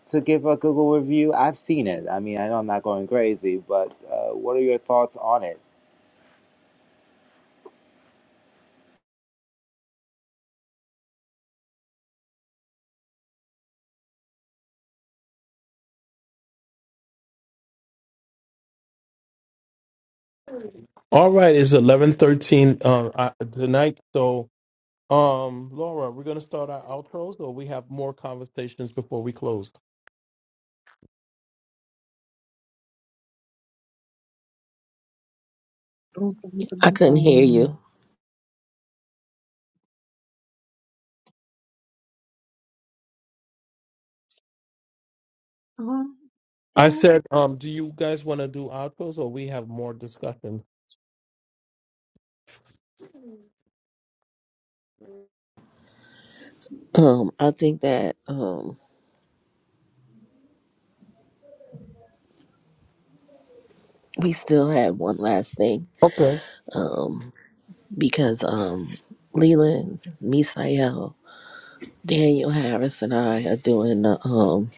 Speaker 8: to give a Google review? I've seen it. I mean, I know I'm not going crazy, but uh, what are your thoughts on it?
Speaker 1: All right, it's eleven thirteen um I, tonight. So, um, Laura, we're gonna start our outros, or we have more conversations before we close.
Speaker 11: Boom, boom,
Speaker 7: I
Speaker 11: boom,
Speaker 7: couldn't hear
Speaker 11: boom.
Speaker 7: you.
Speaker 11: Um,
Speaker 1: I
Speaker 11: and,
Speaker 1: said, um, do you guys want to do outros, or we have more discussions?
Speaker 7: Um, I think that um we still had one last thing.
Speaker 1: Okay.
Speaker 7: Um, because um Leland, Misael, Daniel Harris and I are doing the um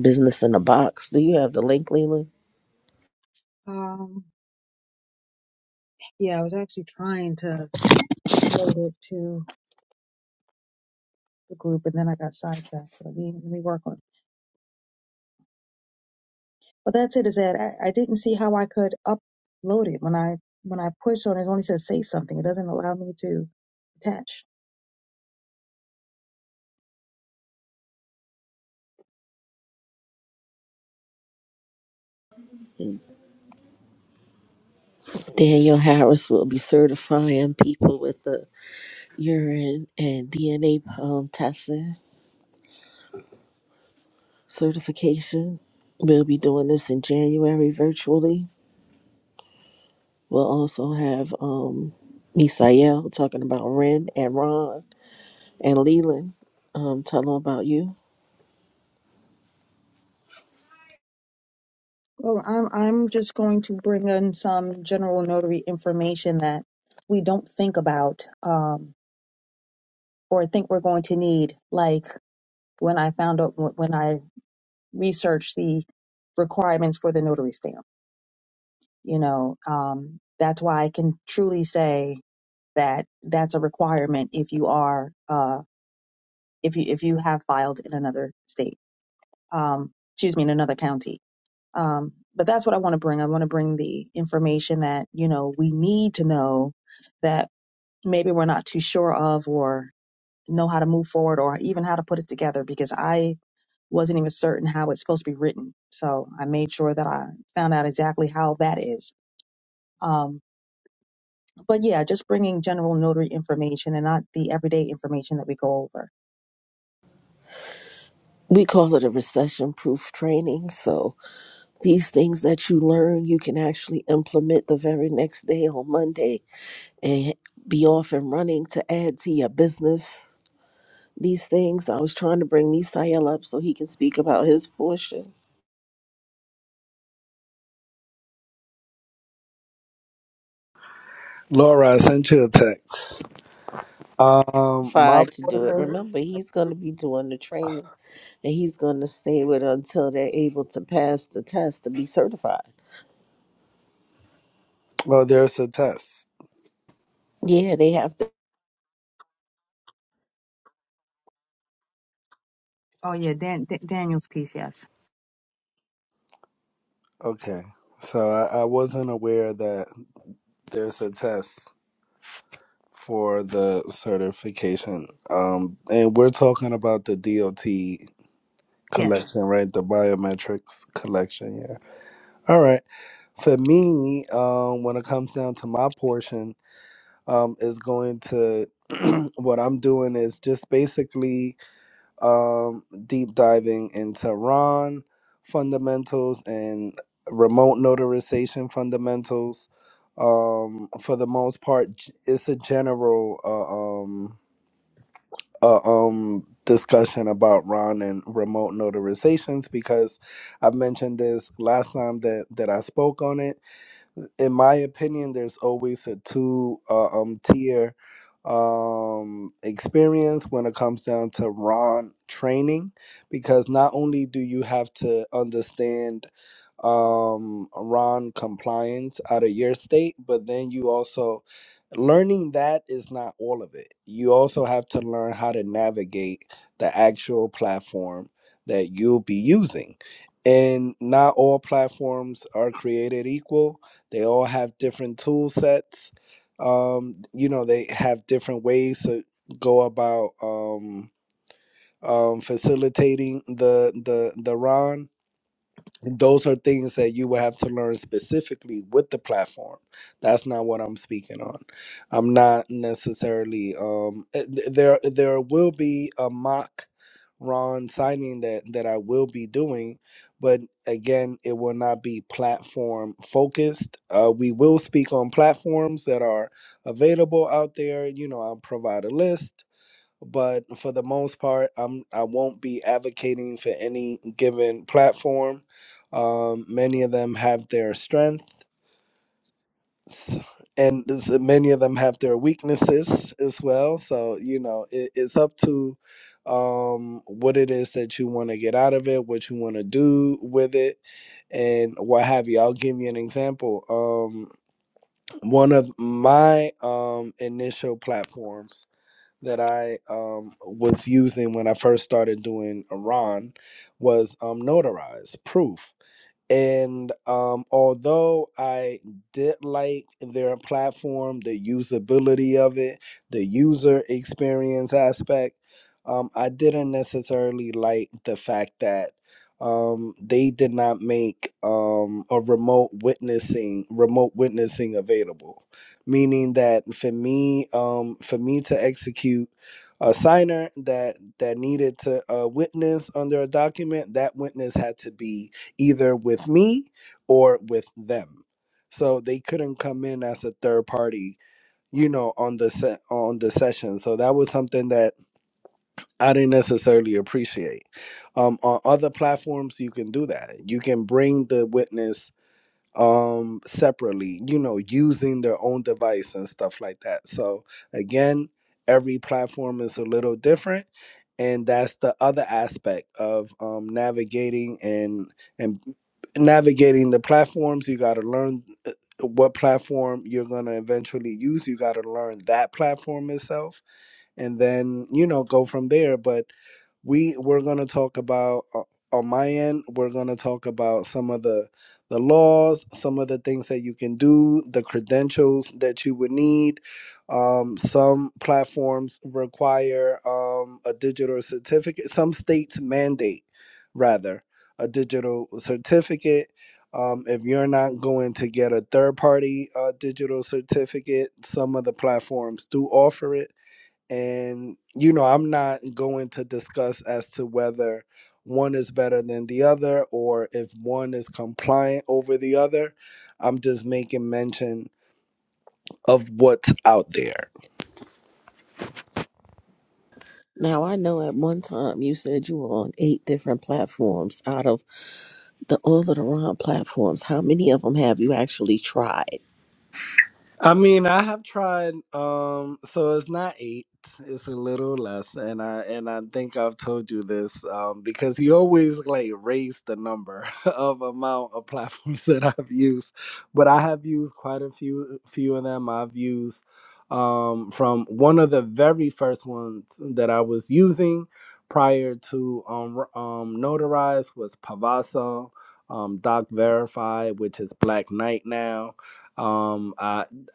Speaker 7: business in a box. Do you have the link, Leland?
Speaker 11: um, yeah, I was actually trying to load it to the group and then I got sidetracked. So let me, let me work on But that's it. Is that I, I didn't see how I could upload it when I when I push on it. It only says say something. It doesn't allow me to attach.
Speaker 7: Daniel Harris will be certifying people with the urine and DNA um, testing certification. We'll be doing this in January virtually. We'll also have um, Misael talking about Ren and Ron and Leland. Um, tell them about you.
Speaker 11: Well, I'm I'm just going to bring in some general notary information that we don't think about um, or think we're going to need. Like when I found out when I researched the requirements for the notary stamp, you know, um, that's why I can truly say that that's a requirement if you are uh, if you if you have filed in another state, um, excuse me, in another county Um, but that's what I want to bring. I want to bring the information that, you know, we need to know that maybe we're not too sure of or know how to move forward or even how to put it together because I wasn't even certain how it's supposed to be written. So I made sure that I found out exactly how that is. Um, but yeah, just bringing general notary information and not the everyday information that we go over.
Speaker 7: We call it a recession proof training. So these things that you learn, you can actually implement the very next day on Monday and be off and running to add to your business these things. I was trying to bring Misael up so he can speak about his portion.
Speaker 9: Laura, I sent you a text. Um, my
Speaker 7: Fired to do it.
Speaker 9: portion.
Speaker 7: Remember, he's going to be doing the training and he's going to stay with her until they're able to pass the test to be certified.
Speaker 9: Well, there's a test.
Speaker 7: Yeah, they have to.
Speaker 11: Oh yeah, Dan, D- Daniel's piece. Yes,
Speaker 9: Okay. So I, I wasn't aware that there's a test for the certification. Um, and we're talking about the DOT
Speaker 11: yes.
Speaker 9: collection, right? The biometrics collection. Yeah. All right. For me, um, when it comes down to my portion, um, is going to what I'm doing is just basically um, deep diving into Ron fundamentals and remote notarization fundamentals. Um, for the most part, g- it's a general uh, um, uh, um, discussion about Ron and remote notarizations because I've mentioned this last time that, that I spoke on it in my opinion, there's always a two uh, um tier um experience when it comes down to Ron training because not only do you have to understand um Ron compliance out of your state, but then you also learning that is not all of it. You also have to learn how to navigate the actual platform that you'll be using. And not all platforms are created equal they all have different tool sets. Um, you know, they have different ways to go about um, um, facilitating the the the run those are things that you will have to learn specifically with the platform that's not what i'm speaking on i'm not necessarily um eh, th- there there will be a mock ron signing that that i will be doing but again it will not be platform focused uh, we will speak on platforms that are available out there you know i'll provide a list but for the most part i'm i won't be advocating for any given platform um, many of them have their strengths and this- many of them have their weaknesses as well so you know it, it's up to um what it is that you want to get out of it what you want to do with it and what have you i'll give you an example um one of my um initial platforms that I um, was using when I first started doing Iran was um, notarized proof. And um, although I did like their platform, the usability of it, the user experience aspect, um, I didn't necessarily like the fact that um, they did not make um, a remote witnessing remote witnessing available, meaning that for me um, for me to execute a signer that that needed to uh, witness under a document, that witness had to be either with me or with them. So they couldn't come in as a third party, you know, on the set on the session. So that was something that I didn't necessarily appreciate. Um, on other platforms, you can do that. You can bring the witness um separately you know using their own device and stuff like that so again every platform is a little different and that's the other aspect of um, navigating and and navigating the platforms you got to learn uh, what platform you're going to eventually use you got to learn that platform itself and then you know go from there but we we're going to talk about uh, on my end we're going to talk about some of the the laws some of the things that you can do the credentials that you would need um, some platforms require um, a digital certificate some states mandate rather a digital certificate um, if you're not going to get a third party uh, digital certificate some of the platforms do offer it and you know i'm not going to discuss as to whether one is better than the other or if one is compliant over the other i'm just making mention of what's out there
Speaker 7: Now, I know at one time you said you were on eight different platforms out of the all of the Ron platforms. How many of them have you actually tried?
Speaker 9: I mean, I have tried. Um, so it's not eight; it's a little less, and I and I think I've told you this um, because he always like raised the number of amount of platforms that I've used, but I have used quite a few few of them. I've used um, from one of the very first ones that I was using prior to um, r- um, Notarize was Pavaso, um, Doc Verify, which is Black Knight now. Um,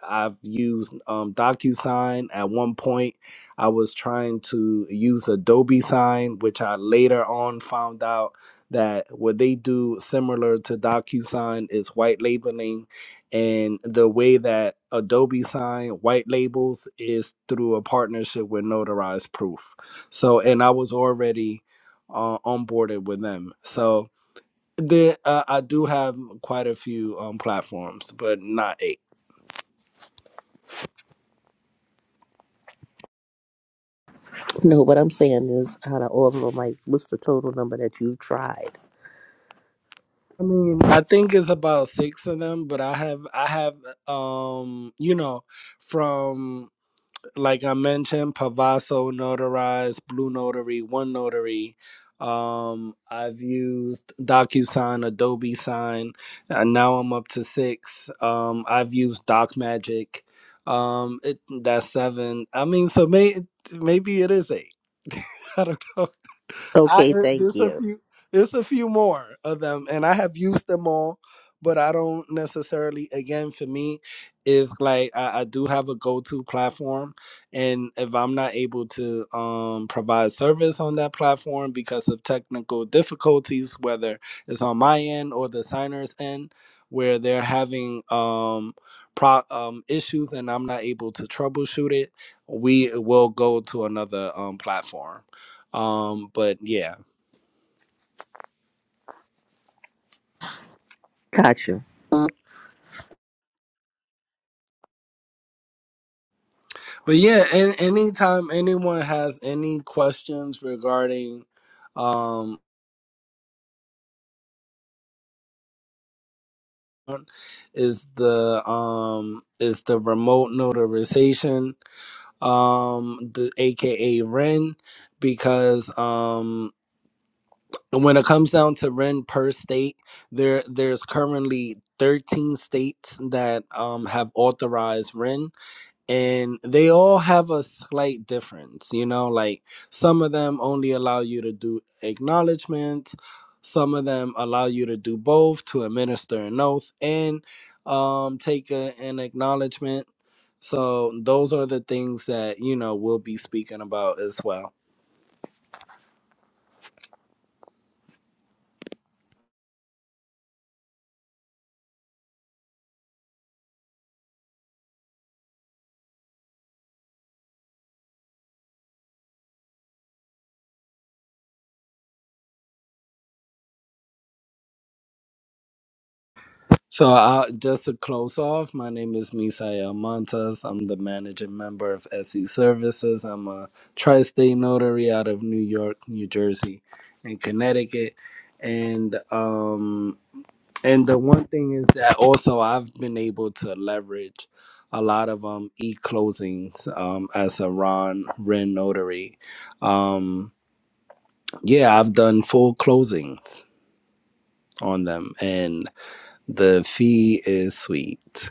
Speaker 9: I've used um, DocuSign. At one point, I was trying to use Adobe Sign, which I later on found out that what they do similar to DocuSign is white labeling. And the way that Adobe Sign white labels is through a partnership with Notarized Proof. So, and I was already uh, onboarded with them. So, there, uh, I do have quite a few um, platforms, but not eight.
Speaker 7: No, what I'm saying is out of all of them, like, what's the total number that you've tried?
Speaker 9: I mean, I think it's about six of them, but I have I have um you know from like I mentioned, Pavaso notarized, Blue Notary, One Notary. Um, I've used DocuSign, Adobe Sign. And now I'm up to six. Um, I've used DocMagic. Um, it, that's seven. I mean, so may, maybe it is eight. I don't know. I
Speaker 7: Okay,
Speaker 9: uh,
Speaker 7: thank
Speaker 9: there's a
Speaker 7: you.
Speaker 9: few there's a few more of them, and I have used them all, but I don't necessarily. Again, for me, is like I, I do have a go to platform and if i'm not able to um, provide service on that platform because of technical difficulties whether it's on my end or the signer's end where they're having um, pro- um, issues and i'm not able to troubleshoot it we will go to another um, platform um but yeah
Speaker 7: Gotcha.
Speaker 9: but yeah and anytime anyone has any questions regarding um is the um is the remote notarization um the aka ren because um when it comes down to ren per state there there's currently 13 states that um have authorized ren and they all have a slight difference you know like some of them only allow you to do acknowledgement some of them allow you to do both to administer an oath and um, take a, an acknowledgement so those are the things that you know we'll be speaking about as well So, uh, just to close off, my name is Misael Montes. I'm the managing member of SE Services. I'm a tri state notary out of New York, New Jersey, and Connecticut. And, um, and the one thing is that also I've been able to leverage a lot of um, e closings um, as a Ron Ren notary. Um, yeah, I've done full closings on them, and the fee is sweet.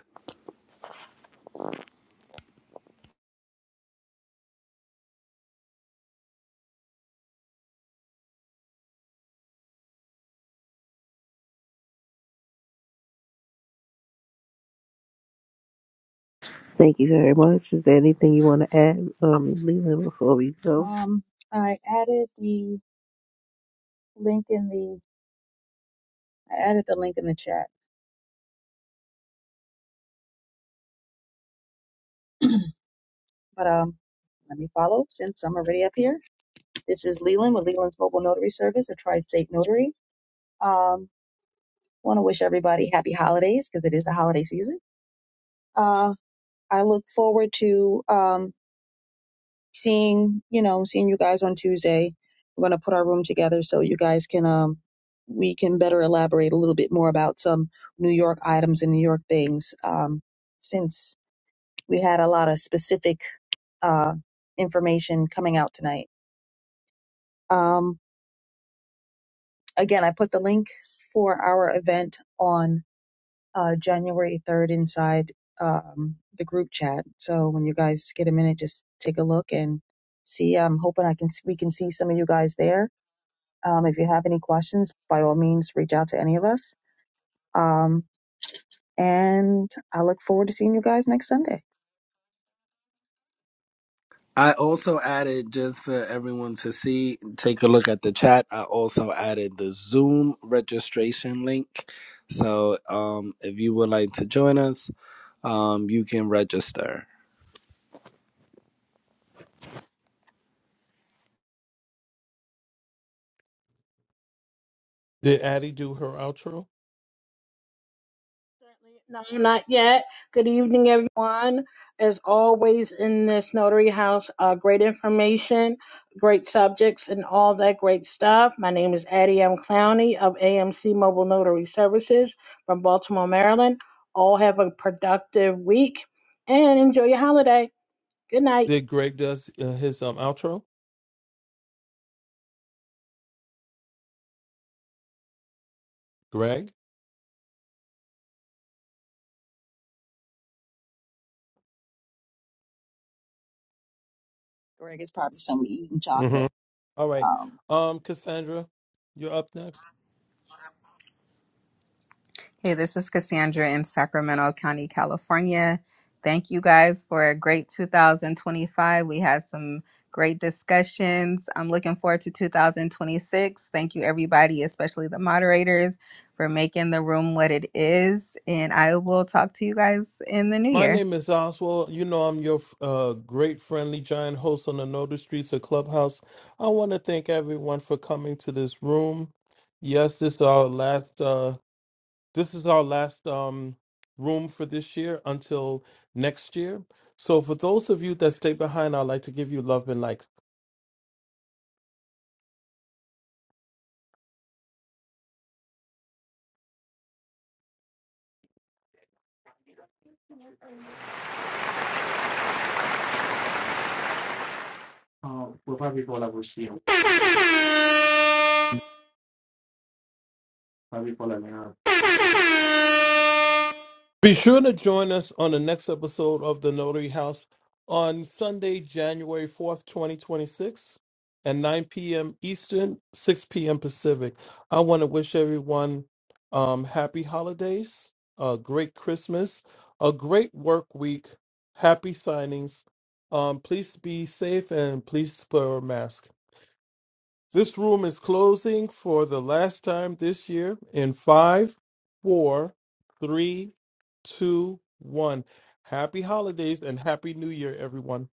Speaker 7: Thank you very much. Is there anything you want to add, um, Leland, before we go?
Speaker 11: Um, I added the link in the I added the link in the chat, but um, let me follow since I'm already up here. This is Leland with Leland's Mobile Notary Service, a tri-state notary. Um, want to wish everybody happy holidays because it is a holiday season. Uh, I look forward to um, seeing you know seeing you guys on Tuesday. We're going to put our room together so you guys can um, we can better elaborate a little bit more about some New York items and New York things um, since we had a lot of specific uh, information coming out tonight. Um, again, I put the link for our event on uh, January 3rd inside um, the group chat. So when you guys get a minute, just take a look and see. I'm hoping I can we can see some of you guys there. Um, if you have any questions, by all means, reach out to any of us. Um, and I look forward to seeing you guys next Sunday.
Speaker 9: I also added just for everyone to see, take a look at the chat. I also added the Zoom registration link. So um, if you would like to join us, um, you can register.
Speaker 1: Did Addie do her outro?
Speaker 2: No, not yet. Good evening, everyone. As always, in this notary house, uh, great information, great subjects, and all that great stuff. My name is Addie M. Clowney of AMC Mobile Notary Services from Baltimore, Maryland. All have a productive week and enjoy your holiday. Good night.
Speaker 1: Did Greg does uh, his um outro? Greg.
Speaker 11: Greg is probably somewhere eating
Speaker 1: Mm-hmm.
Speaker 11: chocolate.
Speaker 1: All right.
Speaker 11: Um,
Speaker 1: Um, Cassandra, you're up next.
Speaker 3: Hey, this is Cassandra in Sacramento County, California. Thank you guys for a great 2025. We had some great discussions. I'm looking forward to 2026. Thank you, everybody, especially the moderators, for making the room what it is. And I will talk to you guys in the new
Speaker 1: My
Speaker 3: year.
Speaker 1: name is Oswald. You know, I'm your uh, great friendly giant host on the Notary Streets of Clubhouse. I want to thank everyone for coming to this room. Yes, this is our last. Uh, this is our last um, room for this year until next year. So, for those of you that stay behind, I'd like to give you love and likes. How do you call that now? Be sure to join us on the next episode of The Notary House on Sunday, January 4th, 2026 at 9 p.m. Eastern, 6 p.m. Pacific. I want to wish everyone um, happy holidays, a great Christmas, a great work week, happy signings. Um, please be safe and please wear a mask. This room is closing for the last time this year in five, four, three, two, one. Happy holidays and happy new year, everyone.